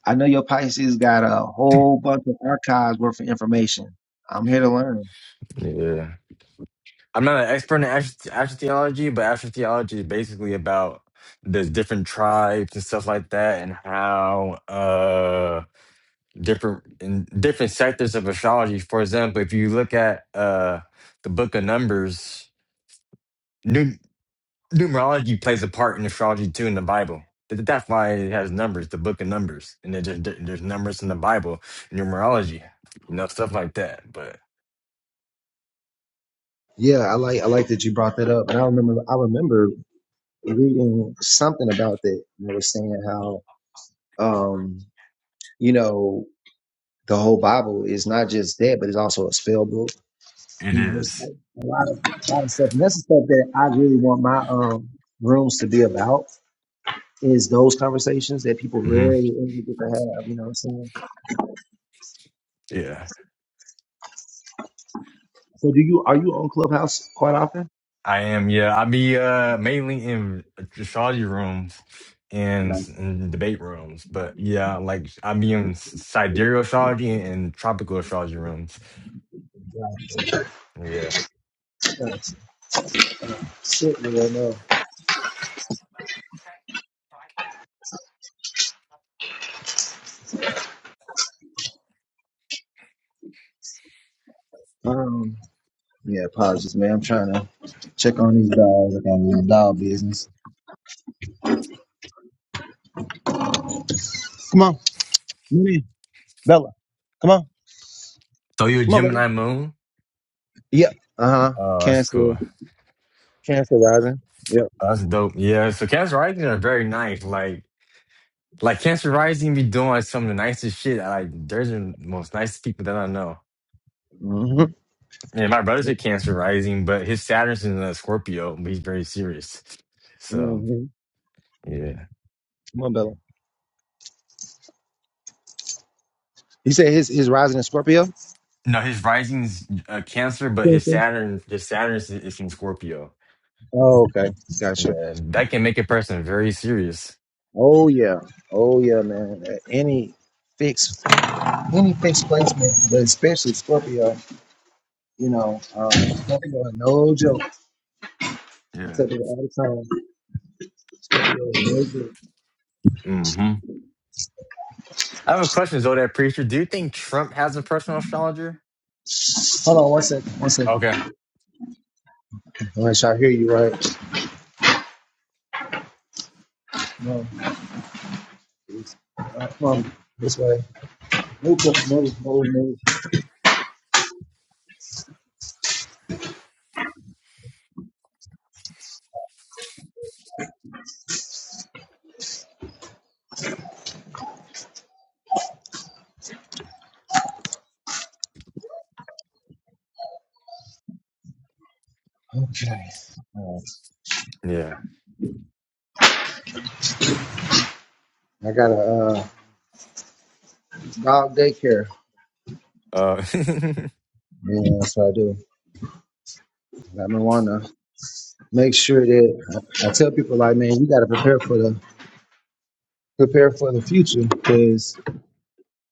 [SPEAKER 1] I know your Pisces got a whole bunch of archives worth of information. I'm here to learn.
[SPEAKER 11] yeah, I'm not an expert in astro- astrotheology, but astrotheology is basically about the different tribes and stuff like that, and how uh different in different sectors of astrology. For example, if you look at uh the Book of Numbers. numerology plays a part in astrology too in the Bible. Th- That's why it has numbers, the book of numbers, and there just there's numbers in the Bible, numerology, you know, stuff like that. But
[SPEAKER 1] Yeah, I like I like that you brought that up, and I remember I remember reading something about that. And it was saying how um, you know the whole Bible is not just that, but it's also a spell book.
[SPEAKER 11] it
[SPEAKER 1] You know, it's
[SPEAKER 11] is,
[SPEAKER 1] like a lot of a lot of stuff, and that's the stuff that I really want my um, rooms to be about is those conversations that people
[SPEAKER 11] Mm-hmm.
[SPEAKER 1] rarely ever get to have. You know what I'm saying?
[SPEAKER 11] Yeah,
[SPEAKER 1] So, do you are you on Clubhouse quite often?
[SPEAKER 11] I am. Yeah, I be uh mainly in astrology rooms and, s- and debate rooms. But yeah, like I be in s- sidereal astrology and tropical astrology rooms.
[SPEAKER 1] Yeah,
[SPEAKER 11] Yeah.
[SPEAKER 1] sitting right now. Um, yeah, apologies, man. I'm trying to check on these dogs. I got a little dog business. Come on, come in. Bella. Come on,
[SPEAKER 11] So you a
[SPEAKER 1] come on. Bella.
[SPEAKER 11] Gemini moon?
[SPEAKER 1] Yeah. Uh huh.
[SPEAKER 11] Oh, that's
[SPEAKER 1] Cancer,
[SPEAKER 11] cool.
[SPEAKER 1] Cancer rising. Yep.
[SPEAKER 11] Oh, That's dope. Yeah. So Cancer Rising are very nice. Like, like Cancer Rising be doing like some of the nicest shit. Like, they're the most nicest people that I know.
[SPEAKER 1] Mm-hmm.
[SPEAKER 11] Yeah, my brother's a Cancer Rising, but his Saturn's in uh, Scorpio. but He's very serious. So
[SPEAKER 1] Mm-hmm.
[SPEAKER 11] yeah.
[SPEAKER 1] Come on, Bella. You said his his rising in Scorpio.
[SPEAKER 11] No, his Rising's uh, Cancer, but his
[SPEAKER 1] Cancer.
[SPEAKER 11] Saturn, his Saturn is, is in Scorpio.
[SPEAKER 1] Oh, okay. Gotcha.
[SPEAKER 11] Yeah, that can make a person very serious.
[SPEAKER 1] Oh yeah. Oh yeah, man. Uh, Any fixed any fixed placement, but especially Scorpio. You know, um, Scorpio is no joke. I
[SPEAKER 11] Yeah.
[SPEAKER 1] tell people all the time. Scorpio is no joke.
[SPEAKER 11] hmm I have a question, Zodiac Preacher. Do you think Trump has a personal astrologer?
[SPEAKER 1] Hold on one second. One second.
[SPEAKER 11] Okay.
[SPEAKER 1] Make sure I hear you right. No, uh, come on this way. Move, move, move, move. Okay. All
[SPEAKER 11] Yeah.
[SPEAKER 1] right. I got a uh, dog daycare.
[SPEAKER 11] Uh,
[SPEAKER 1] Yeah, that's what I do. I want to make sure that I, I tell people like, man, you got to prepare for the prepare for the future because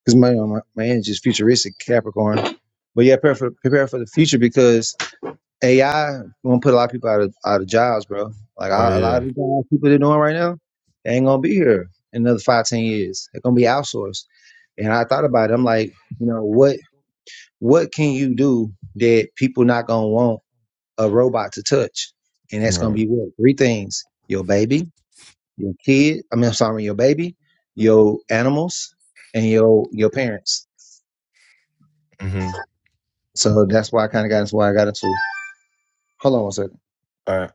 [SPEAKER 1] because my my, my energy is futuristic Capricorn. But yeah, prepare for prepare for the future because AI gonna put a lot of people out of out of jobs, bro. Like
[SPEAKER 11] oh
[SPEAKER 1] a, a lot
[SPEAKER 11] yeah,
[SPEAKER 1] of the jobs people are doing right now, they ain't gonna be here in another five ten years. They're gonna be outsourced. And I thought about it. I'm like, you know what? What can you do that people not gonna want a robot to touch? And that's gonna
[SPEAKER 11] right.
[SPEAKER 1] be what? Three things. Your baby, your kid, I mean I'm sorry, your baby, your animals, and your your parents.
[SPEAKER 11] hmm
[SPEAKER 1] So that's why I kinda got into why I got into. Hold on one second.
[SPEAKER 11] All right.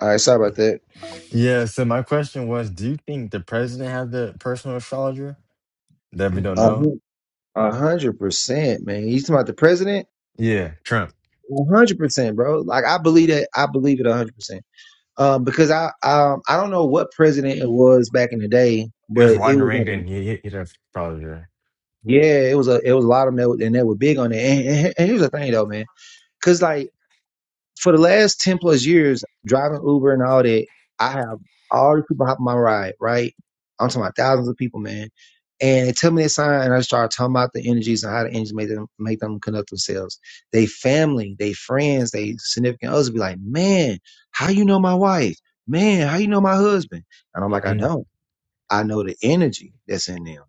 [SPEAKER 1] All right, sorry about that.
[SPEAKER 11] Yeah. So my question was, do you think the president has the personal astrologer that we don't
[SPEAKER 1] A
[SPEAKER 11] know?
[SPEAKER 1] hun- a hundred percent, man. You talking about the president?
[SPEAKER 11] Yeah, Trump.
[SPEAKER 1] A hundred percent, bro. Like I believe that I believe it a hundred percent. Um, because I um I don't know what president it was back in the day,
[SPEAKER 11] It was
[SPEAKER 1] but it
[SPEAKER 11] Rodney
[SPEAKER 1] was like
[SPEAKER 11] Reagan. He he, he had an astrologer.
[SPEAKER 1] Yeah, it was a it was a lot of them that were, and they were big on it. And, and, and here's the thing though, man, because like for the last ten plus years, driving Uber and all that, I have all the people hopping my ride, right? I'm talking about thousands of people, man. And they tell me that sign, and I start talking about the energies and how the energies make them make them conduct themselves. They family, they friends, they significant others be like, man, how you know my wife? Man, how you know my husband? And I'm like, I
[SPEAKER 11] hmm
[SPEAKER 1] don't. I know the energy that's in them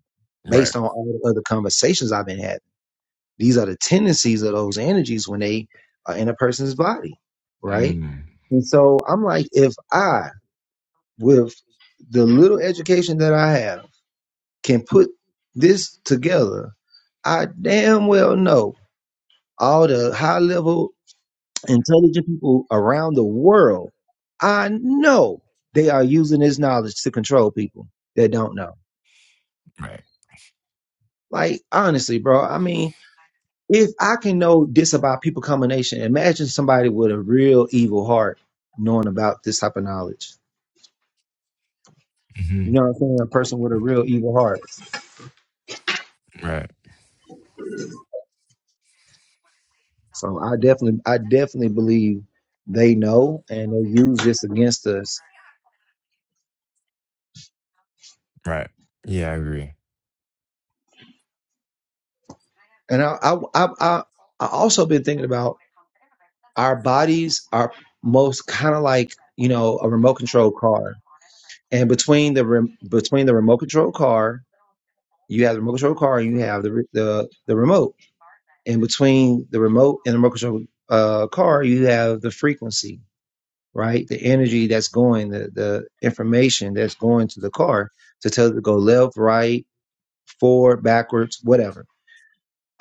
[SPEAKER 11] Right.
[SPEAKER 1] based on all the other conversations I've been having. These are the tendencies of those energies when they are in a person's body, right?
[SPEAKER 11] Mm,
[SPEAKER 1] And so I'm like, if I, with the little education that I have, can put this together, I damn well know all the high level intelligent people around the world. I know they are using this knowledge to control people that don't know.
[SPEAKER 11] right.
[SPEAKER 1] Like, honestly, bro, I mean, if I can know this about people combination, imagine somebody with a real evil heart knowing about this type of knowledge.
[SPEAKER 11] hmm
[SPEAKER 1] You know what I'm saying? A person with a real evil heart.
[SPEAKER 11] Right.
[SPEAKER 1] So I definitely, I definitely believe they know and they use this against us.
[SPEAKER 11] Right. Yeah, I agree.
[SPEAKER 1] And I, I, I, I, I also been thinking about our bodies are most kind of like you know a remote control car, and between the rem- between the remote control car, you have the remote control car, and you have the re- the the remote and between the remote and the remote control uh, car, you have the frequency, right? The energy that's going, the, the information that's going to the car to tell it to go left, right, forward, backwards, whatever.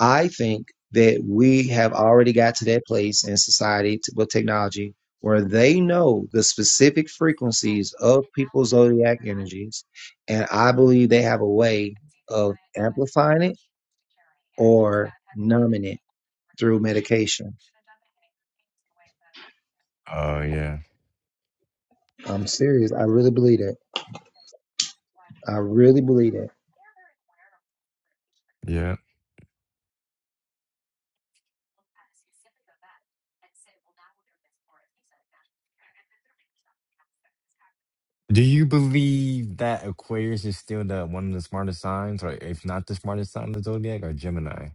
[SPEAKER 1] I think that we have already got to that place in society t- with technology where they know the specific frequencies of people's zodiac energies. And I believe they have a way of amplifying it or numbing it through medication
[SPEAKER 11] Oh yeah.
[SPEAKER 1] I'm serious. I really believe it. I really believe it.
[SPEAKER 11] Yeah. Do you believe that Aquarius is still the one of the smartest signs, or if not the smartest sign of the zodiac, or Gemini?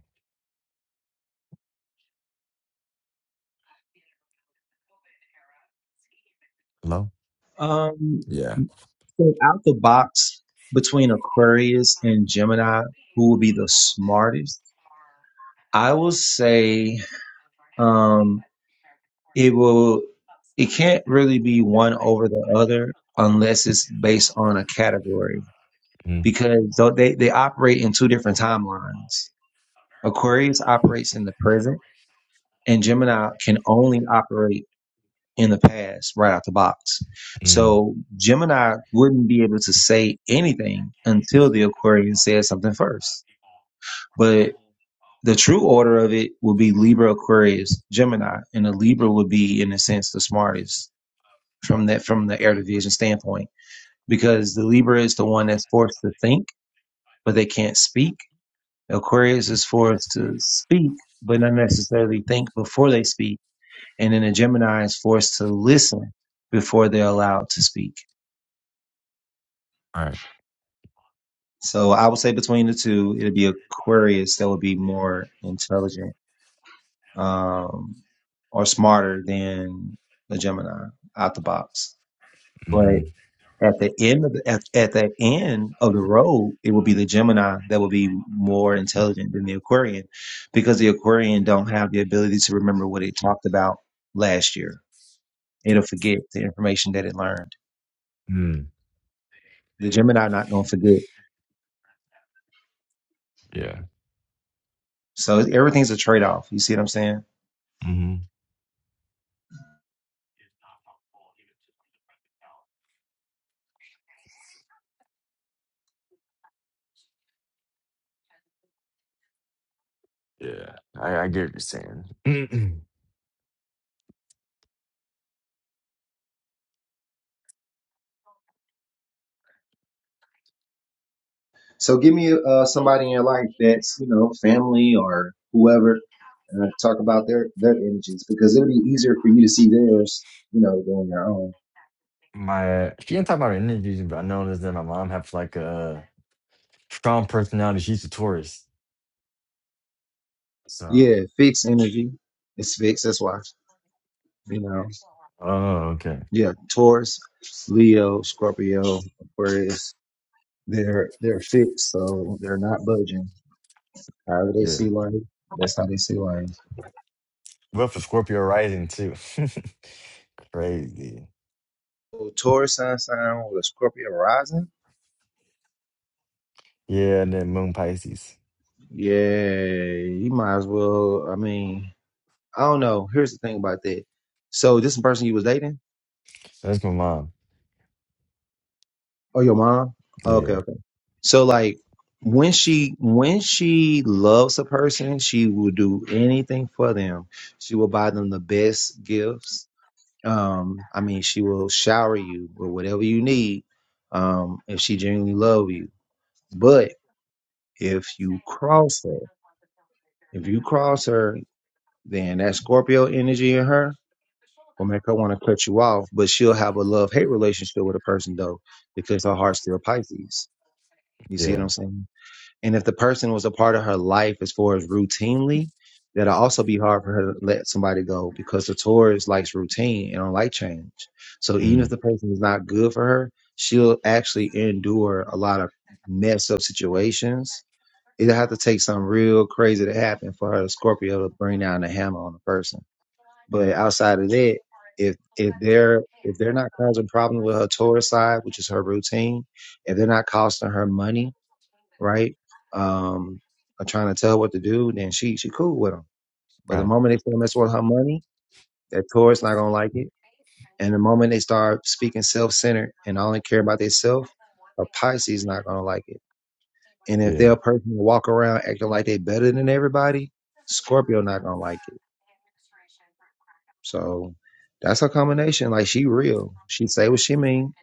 [SPEAKER 11] Hello.
[SPEAKER 1] Um,
[SPEAKER 11] Yeah.
[SPEAKER 1] so out the box between Aquarius and Gemini, who will be the smartest? I will say, um, it will. It can't really be one over the other unless it's based on a category
[SPEAKER 11] Mm.
[SPEAKER 1] because though they they operate in two different timelines. Aquarius operates in the present, and Gemini can only operate in the past right out the box.
[SPEAKER 11] Mm.
[SPEAKER 1] So Gemini wouldn't be able to say anything until the Aquarian says something first. But the true order of it would be Libra, Aquarius, Gemini, and the Libra would be, in a sense, the smartest from that from the air division standpoint because the Libra is the one that's forced to think, but they can't speak. Aquarius is forced to speak, but not necessarily think before they speak. And then the Gemini is forced to listen before they're allowed to speak.
[SPEAKER 11] All right.
[SPEAKER 1] So I would say between the two, it'd be Aquarius that would be more intelligent um, or smarter than a Gemini out the box. But
[SPEAKER 11] Mm-hmm.
[SPEAKER 1] at the end of the, at, at the end of the road, it would be the Gemini that would be more intelligent than the Aquarian because the Aquarian don't have the ability to remember what it talked about last year. It'll forget the information that it learned.
[SPEAKER 11] Mm.
[SPEAKER 1] The Gemini not gonna forget.
[SPEAKER 11] Yeah.
[SPEAKER 1] So everything's a trade off. You see what I'm saying?
[SPEAKER 11] Mm-hmm. Yeah. I, I get what you're saying.
[SPEAKER 1] So give me uh, somebody in your life that's you know family or whoever, and I talk about their their energies because it'll be easier for you to see theirs, you know, than your own.
[SPEAKER 11] my she didn't talk about her energies, but I noticed that my mom has like a strong personality. She's a Taurus. So.
[SPEAKER 1] Yeah, fixed energy. It's fixed. That's why. You know.
[SPEAKER 11] Oh, okay.
[SPEAKER 1] Yeah, Taurus, Leo, Scorpio, Aquarius. They're they're fixed, so they're not budging. However they
[SPEAKER 11] Yeah.
[SPEAKER 1] see life, that's how they see life.
[SPEAKER 11] Well, for Scorpio rising too. Crazy.
[SPEAKER 1] Oh, Taurus sign sign with a Scorpio rising.
[SPEAKER 11] Yeah, and then Moon Pisces.
[SPEAKER 1] Yeah, you might as well. I mean, I don't know. Here's the thing about that. So this person you was dating,
[SPEAKER 11] That's my mom.
[SPEAKER 1] or your mom? Okay,
[SPEAKER 11] Yeah.
[SPEAKER 1] okay. So like when she when she loves a person, she will do anything for them. She will buy them the best gifts um i mean she will shower you with whatever you need um if she genuinely love you but if you cross her if you cross her then that scorpio energy in her will make her want to cut you off but she'll have a love hate relationship with a person though because her heart's still pisces you see what
[SPEAKER 11] Yeah.
[SPEAKER 1] i'm saying And if the person was a part of her life as far as routinely, that'll also be hard for her to let somebody go because the Taurus likes routine and don't like change. So even if
[SPEAKER 11] Mm,
[SPEAKER 1] the person is not good for her, she'll actually endure a lot of messed up situations. It'll have to take something real crazy to happen for her, Scorpio, to bring down the hammer on the person. But outside of that, if if they're if they're not causing problems with her Taurus side, which is her routine, if they're not costing her money, right? Um, are trying to tell what to do, then she she cool with them. But the
[SPEAKER 11] right.
[SPEAKER 1] moment they start messing with her money, that Taurus not gonna like it. And the moment they start speaking self centered and only care about themselves, a Pisces not gonna like it. And if
[SPEAKER 11] Yeah.
[SPEAKER 1] they're a person who walk around acting like they better than everybody, Scorpio not gonna like it. So that's her combination. Like she real. She say what she mean.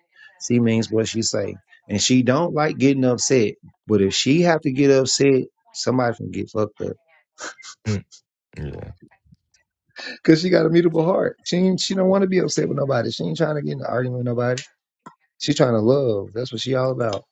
[SPEAKER 1] She means what she say. And she don't like getting upset. But if she have to get upset, somebody can get fucked up.
[SPEAKER 11] Mm, yeah.
[SPEAKER 1] Cause she got a mutable heart. She ain't, she don't want to be upset with nobody. She ain't trying to get in an argument with nobody. She trying to love. That's what she all about.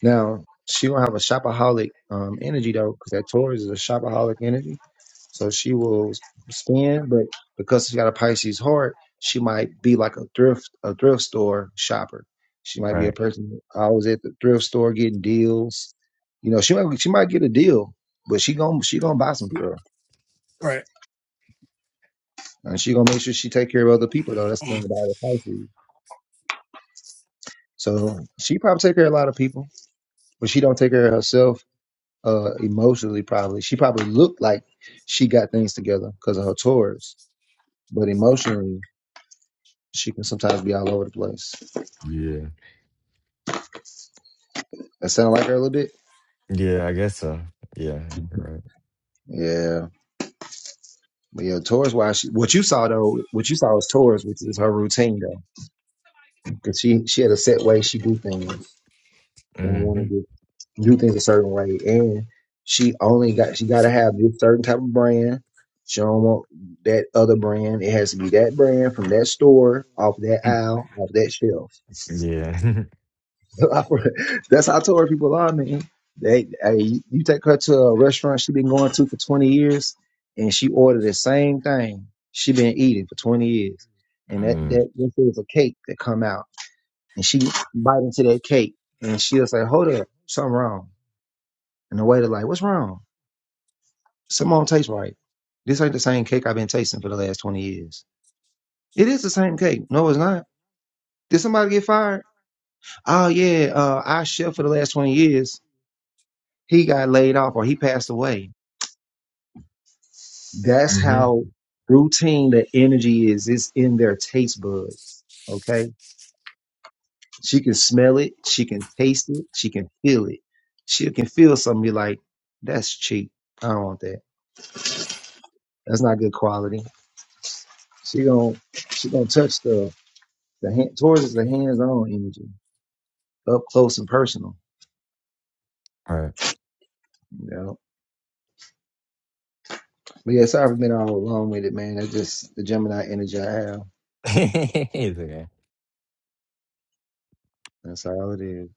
[SPEAKER 1] Now she will have a shopaholic um, energy though, because that Taurus is a shopaholic energy. So she will spend, but because she got a Pisces heart, she might be like a thrift a thrift store shopper. She might be a
[SPEAKER 11] Right.
[SPEAKER 1] person always at the thrift store getting deals. You know, she might she might get a deal, but she gonna she gonna buy some stuff, and she gonna make sure she take care of other people though. That's the thing about a Pisces. So she probably take care of a lot of people, but she don't take care of herself uh, emotionally. Probably she probably looked like she got things together because of her Taurus, but emotionally she can sometimes be all over the place.
[SPEAKER 11] Yeah.
[SPEAKER 1] That sound like her a little bit,
[SPEAKER 11] Yeah, I guess so. Yeah. you're Right.
[SPEAKER 1] yeah. But yeah, Taurus. Why she? What you saw though? What you saw was Taurus, which is her routine though, because she she had a set way she do things. She don't want
[SPEAKER 11] Mm-hmm.
[SPEAKER 1] to do things a certain way, and she only got she got to have this certain type of brand. She don't want that other brand. It has to be that brand from that store, off that
[SPEAKER 11] Mm,
[SPEAKER 1] aisle, off that shelf.
[SPEAKER 11] Yeah.
[SPEAKER 1] That's how tall people are, man. They, hey, you you take her to a restaurant she been going to for twenty years, and she ordered the same thing she been eating for twenty years, and that
[SPEAKER 11] mm.
[SPEAKER 1] that this is a cake that come out, and she bite into that cake, and she'll say, "Hold up, something wrong," and the waiter like, "What's wrong?" Some don't taste right. This ain't the same cake I've been tasting for the last 20 years. It is the same cake. No, it's not. Did somebody get fired? Oh, yeah. Uh, our chef for the last 20 years, he got laid off or he passed away. That's
[SPEAKER 11] Mm-hmm.
[SPEAKER 1] how routine the energy is. It's in their taste buds. Okay. She can smell it. She can taste it. She can feel it. She can feel something be like, that's cheap. I don't want that. That's not good quality. She gon' she gonna touch stuff. The hand, Taurus is the hands-on energy, up close and personal.
[SPEAKER 11] Right.
[SPEAKER 1] You know. But yeah, sorry for being all along with it, man. That's just the Gemini energy I have.
[SPEAKER 11] it's okay.
[SPEAKER 1] That's all it is.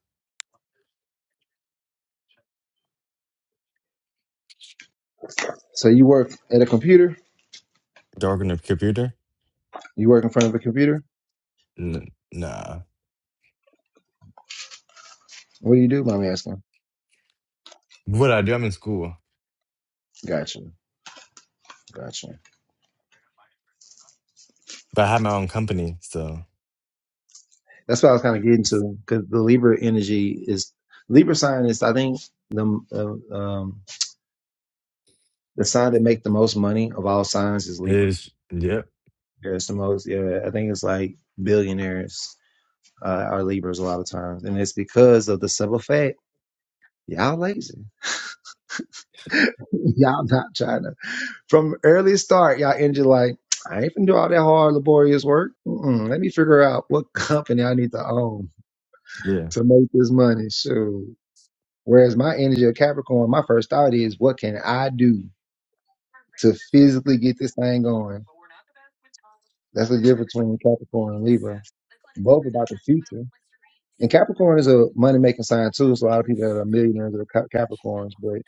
[SPEAKER 1] So you work at a computer?
[SPEAKER 11] Dark on the computer?
[SPEAKER 1] You work in front of a computer?
[SPEAKER 11] N- nah.
[SPEAKER 1] What do you do, mommy asking?
[SPEAKER 11] What I do, I'm in school,
[SPEAKER 1] Gotcha. Gotcha.
[SPEAKER 11] but I have my own company, so
[SPEAKER 1] That's what I was kind of getting to because the Libra energy is Libra sign is I think the uh, um, the sign that make the most money of all signs is Libra.
[SPEAKER 11] it's yep.
[SPEAKER 1] Yeah, it's the most. Yeah, I think it's like billionaires. uh, are Libras a lot of times, and it's because of the simple fact y'all lazy. y'all not trying to. From early start, y'all ended like I ain't finna do all that hard laborious work. Mm-mm, let me figure out what company I need to own
[SPEAKER 11] Yeah.
[SPEAKER 1] to make this money. So, whereas my energy of Capricorn, my first thought is what can I do to physically get this thing going. That's the difference between Capricorn and Libra. Both about the future. And Capricorn is a money making sign too. So a lot of people that are millionaires are Cap- Capricorns, but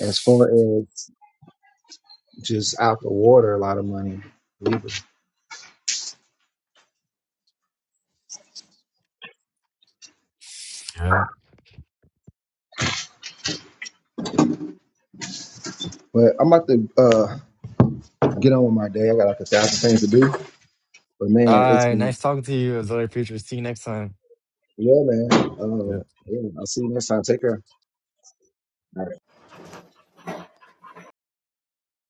[SPEAKER 1] As far as just out the water, a lot of money. Leaving.
[SPEAKER 11] Yeah.
[SPEAKER 1] But I'm about to uh, get on with my day. I got like a thousand things to do. But man,
[SPEAKER 11] All
[SPEAKER 1] it's
[SPEAKER 11] right,
[SPEAKER 1] been
[SPEAKER 11] nice talking to you, Auxiliary Future. See you next time.
[SPEAKER 1] yeah, man.
[SPEAKER 11] Yeah.
[SPEAKER 1] Um, yeah, I'll see you next time. Take care.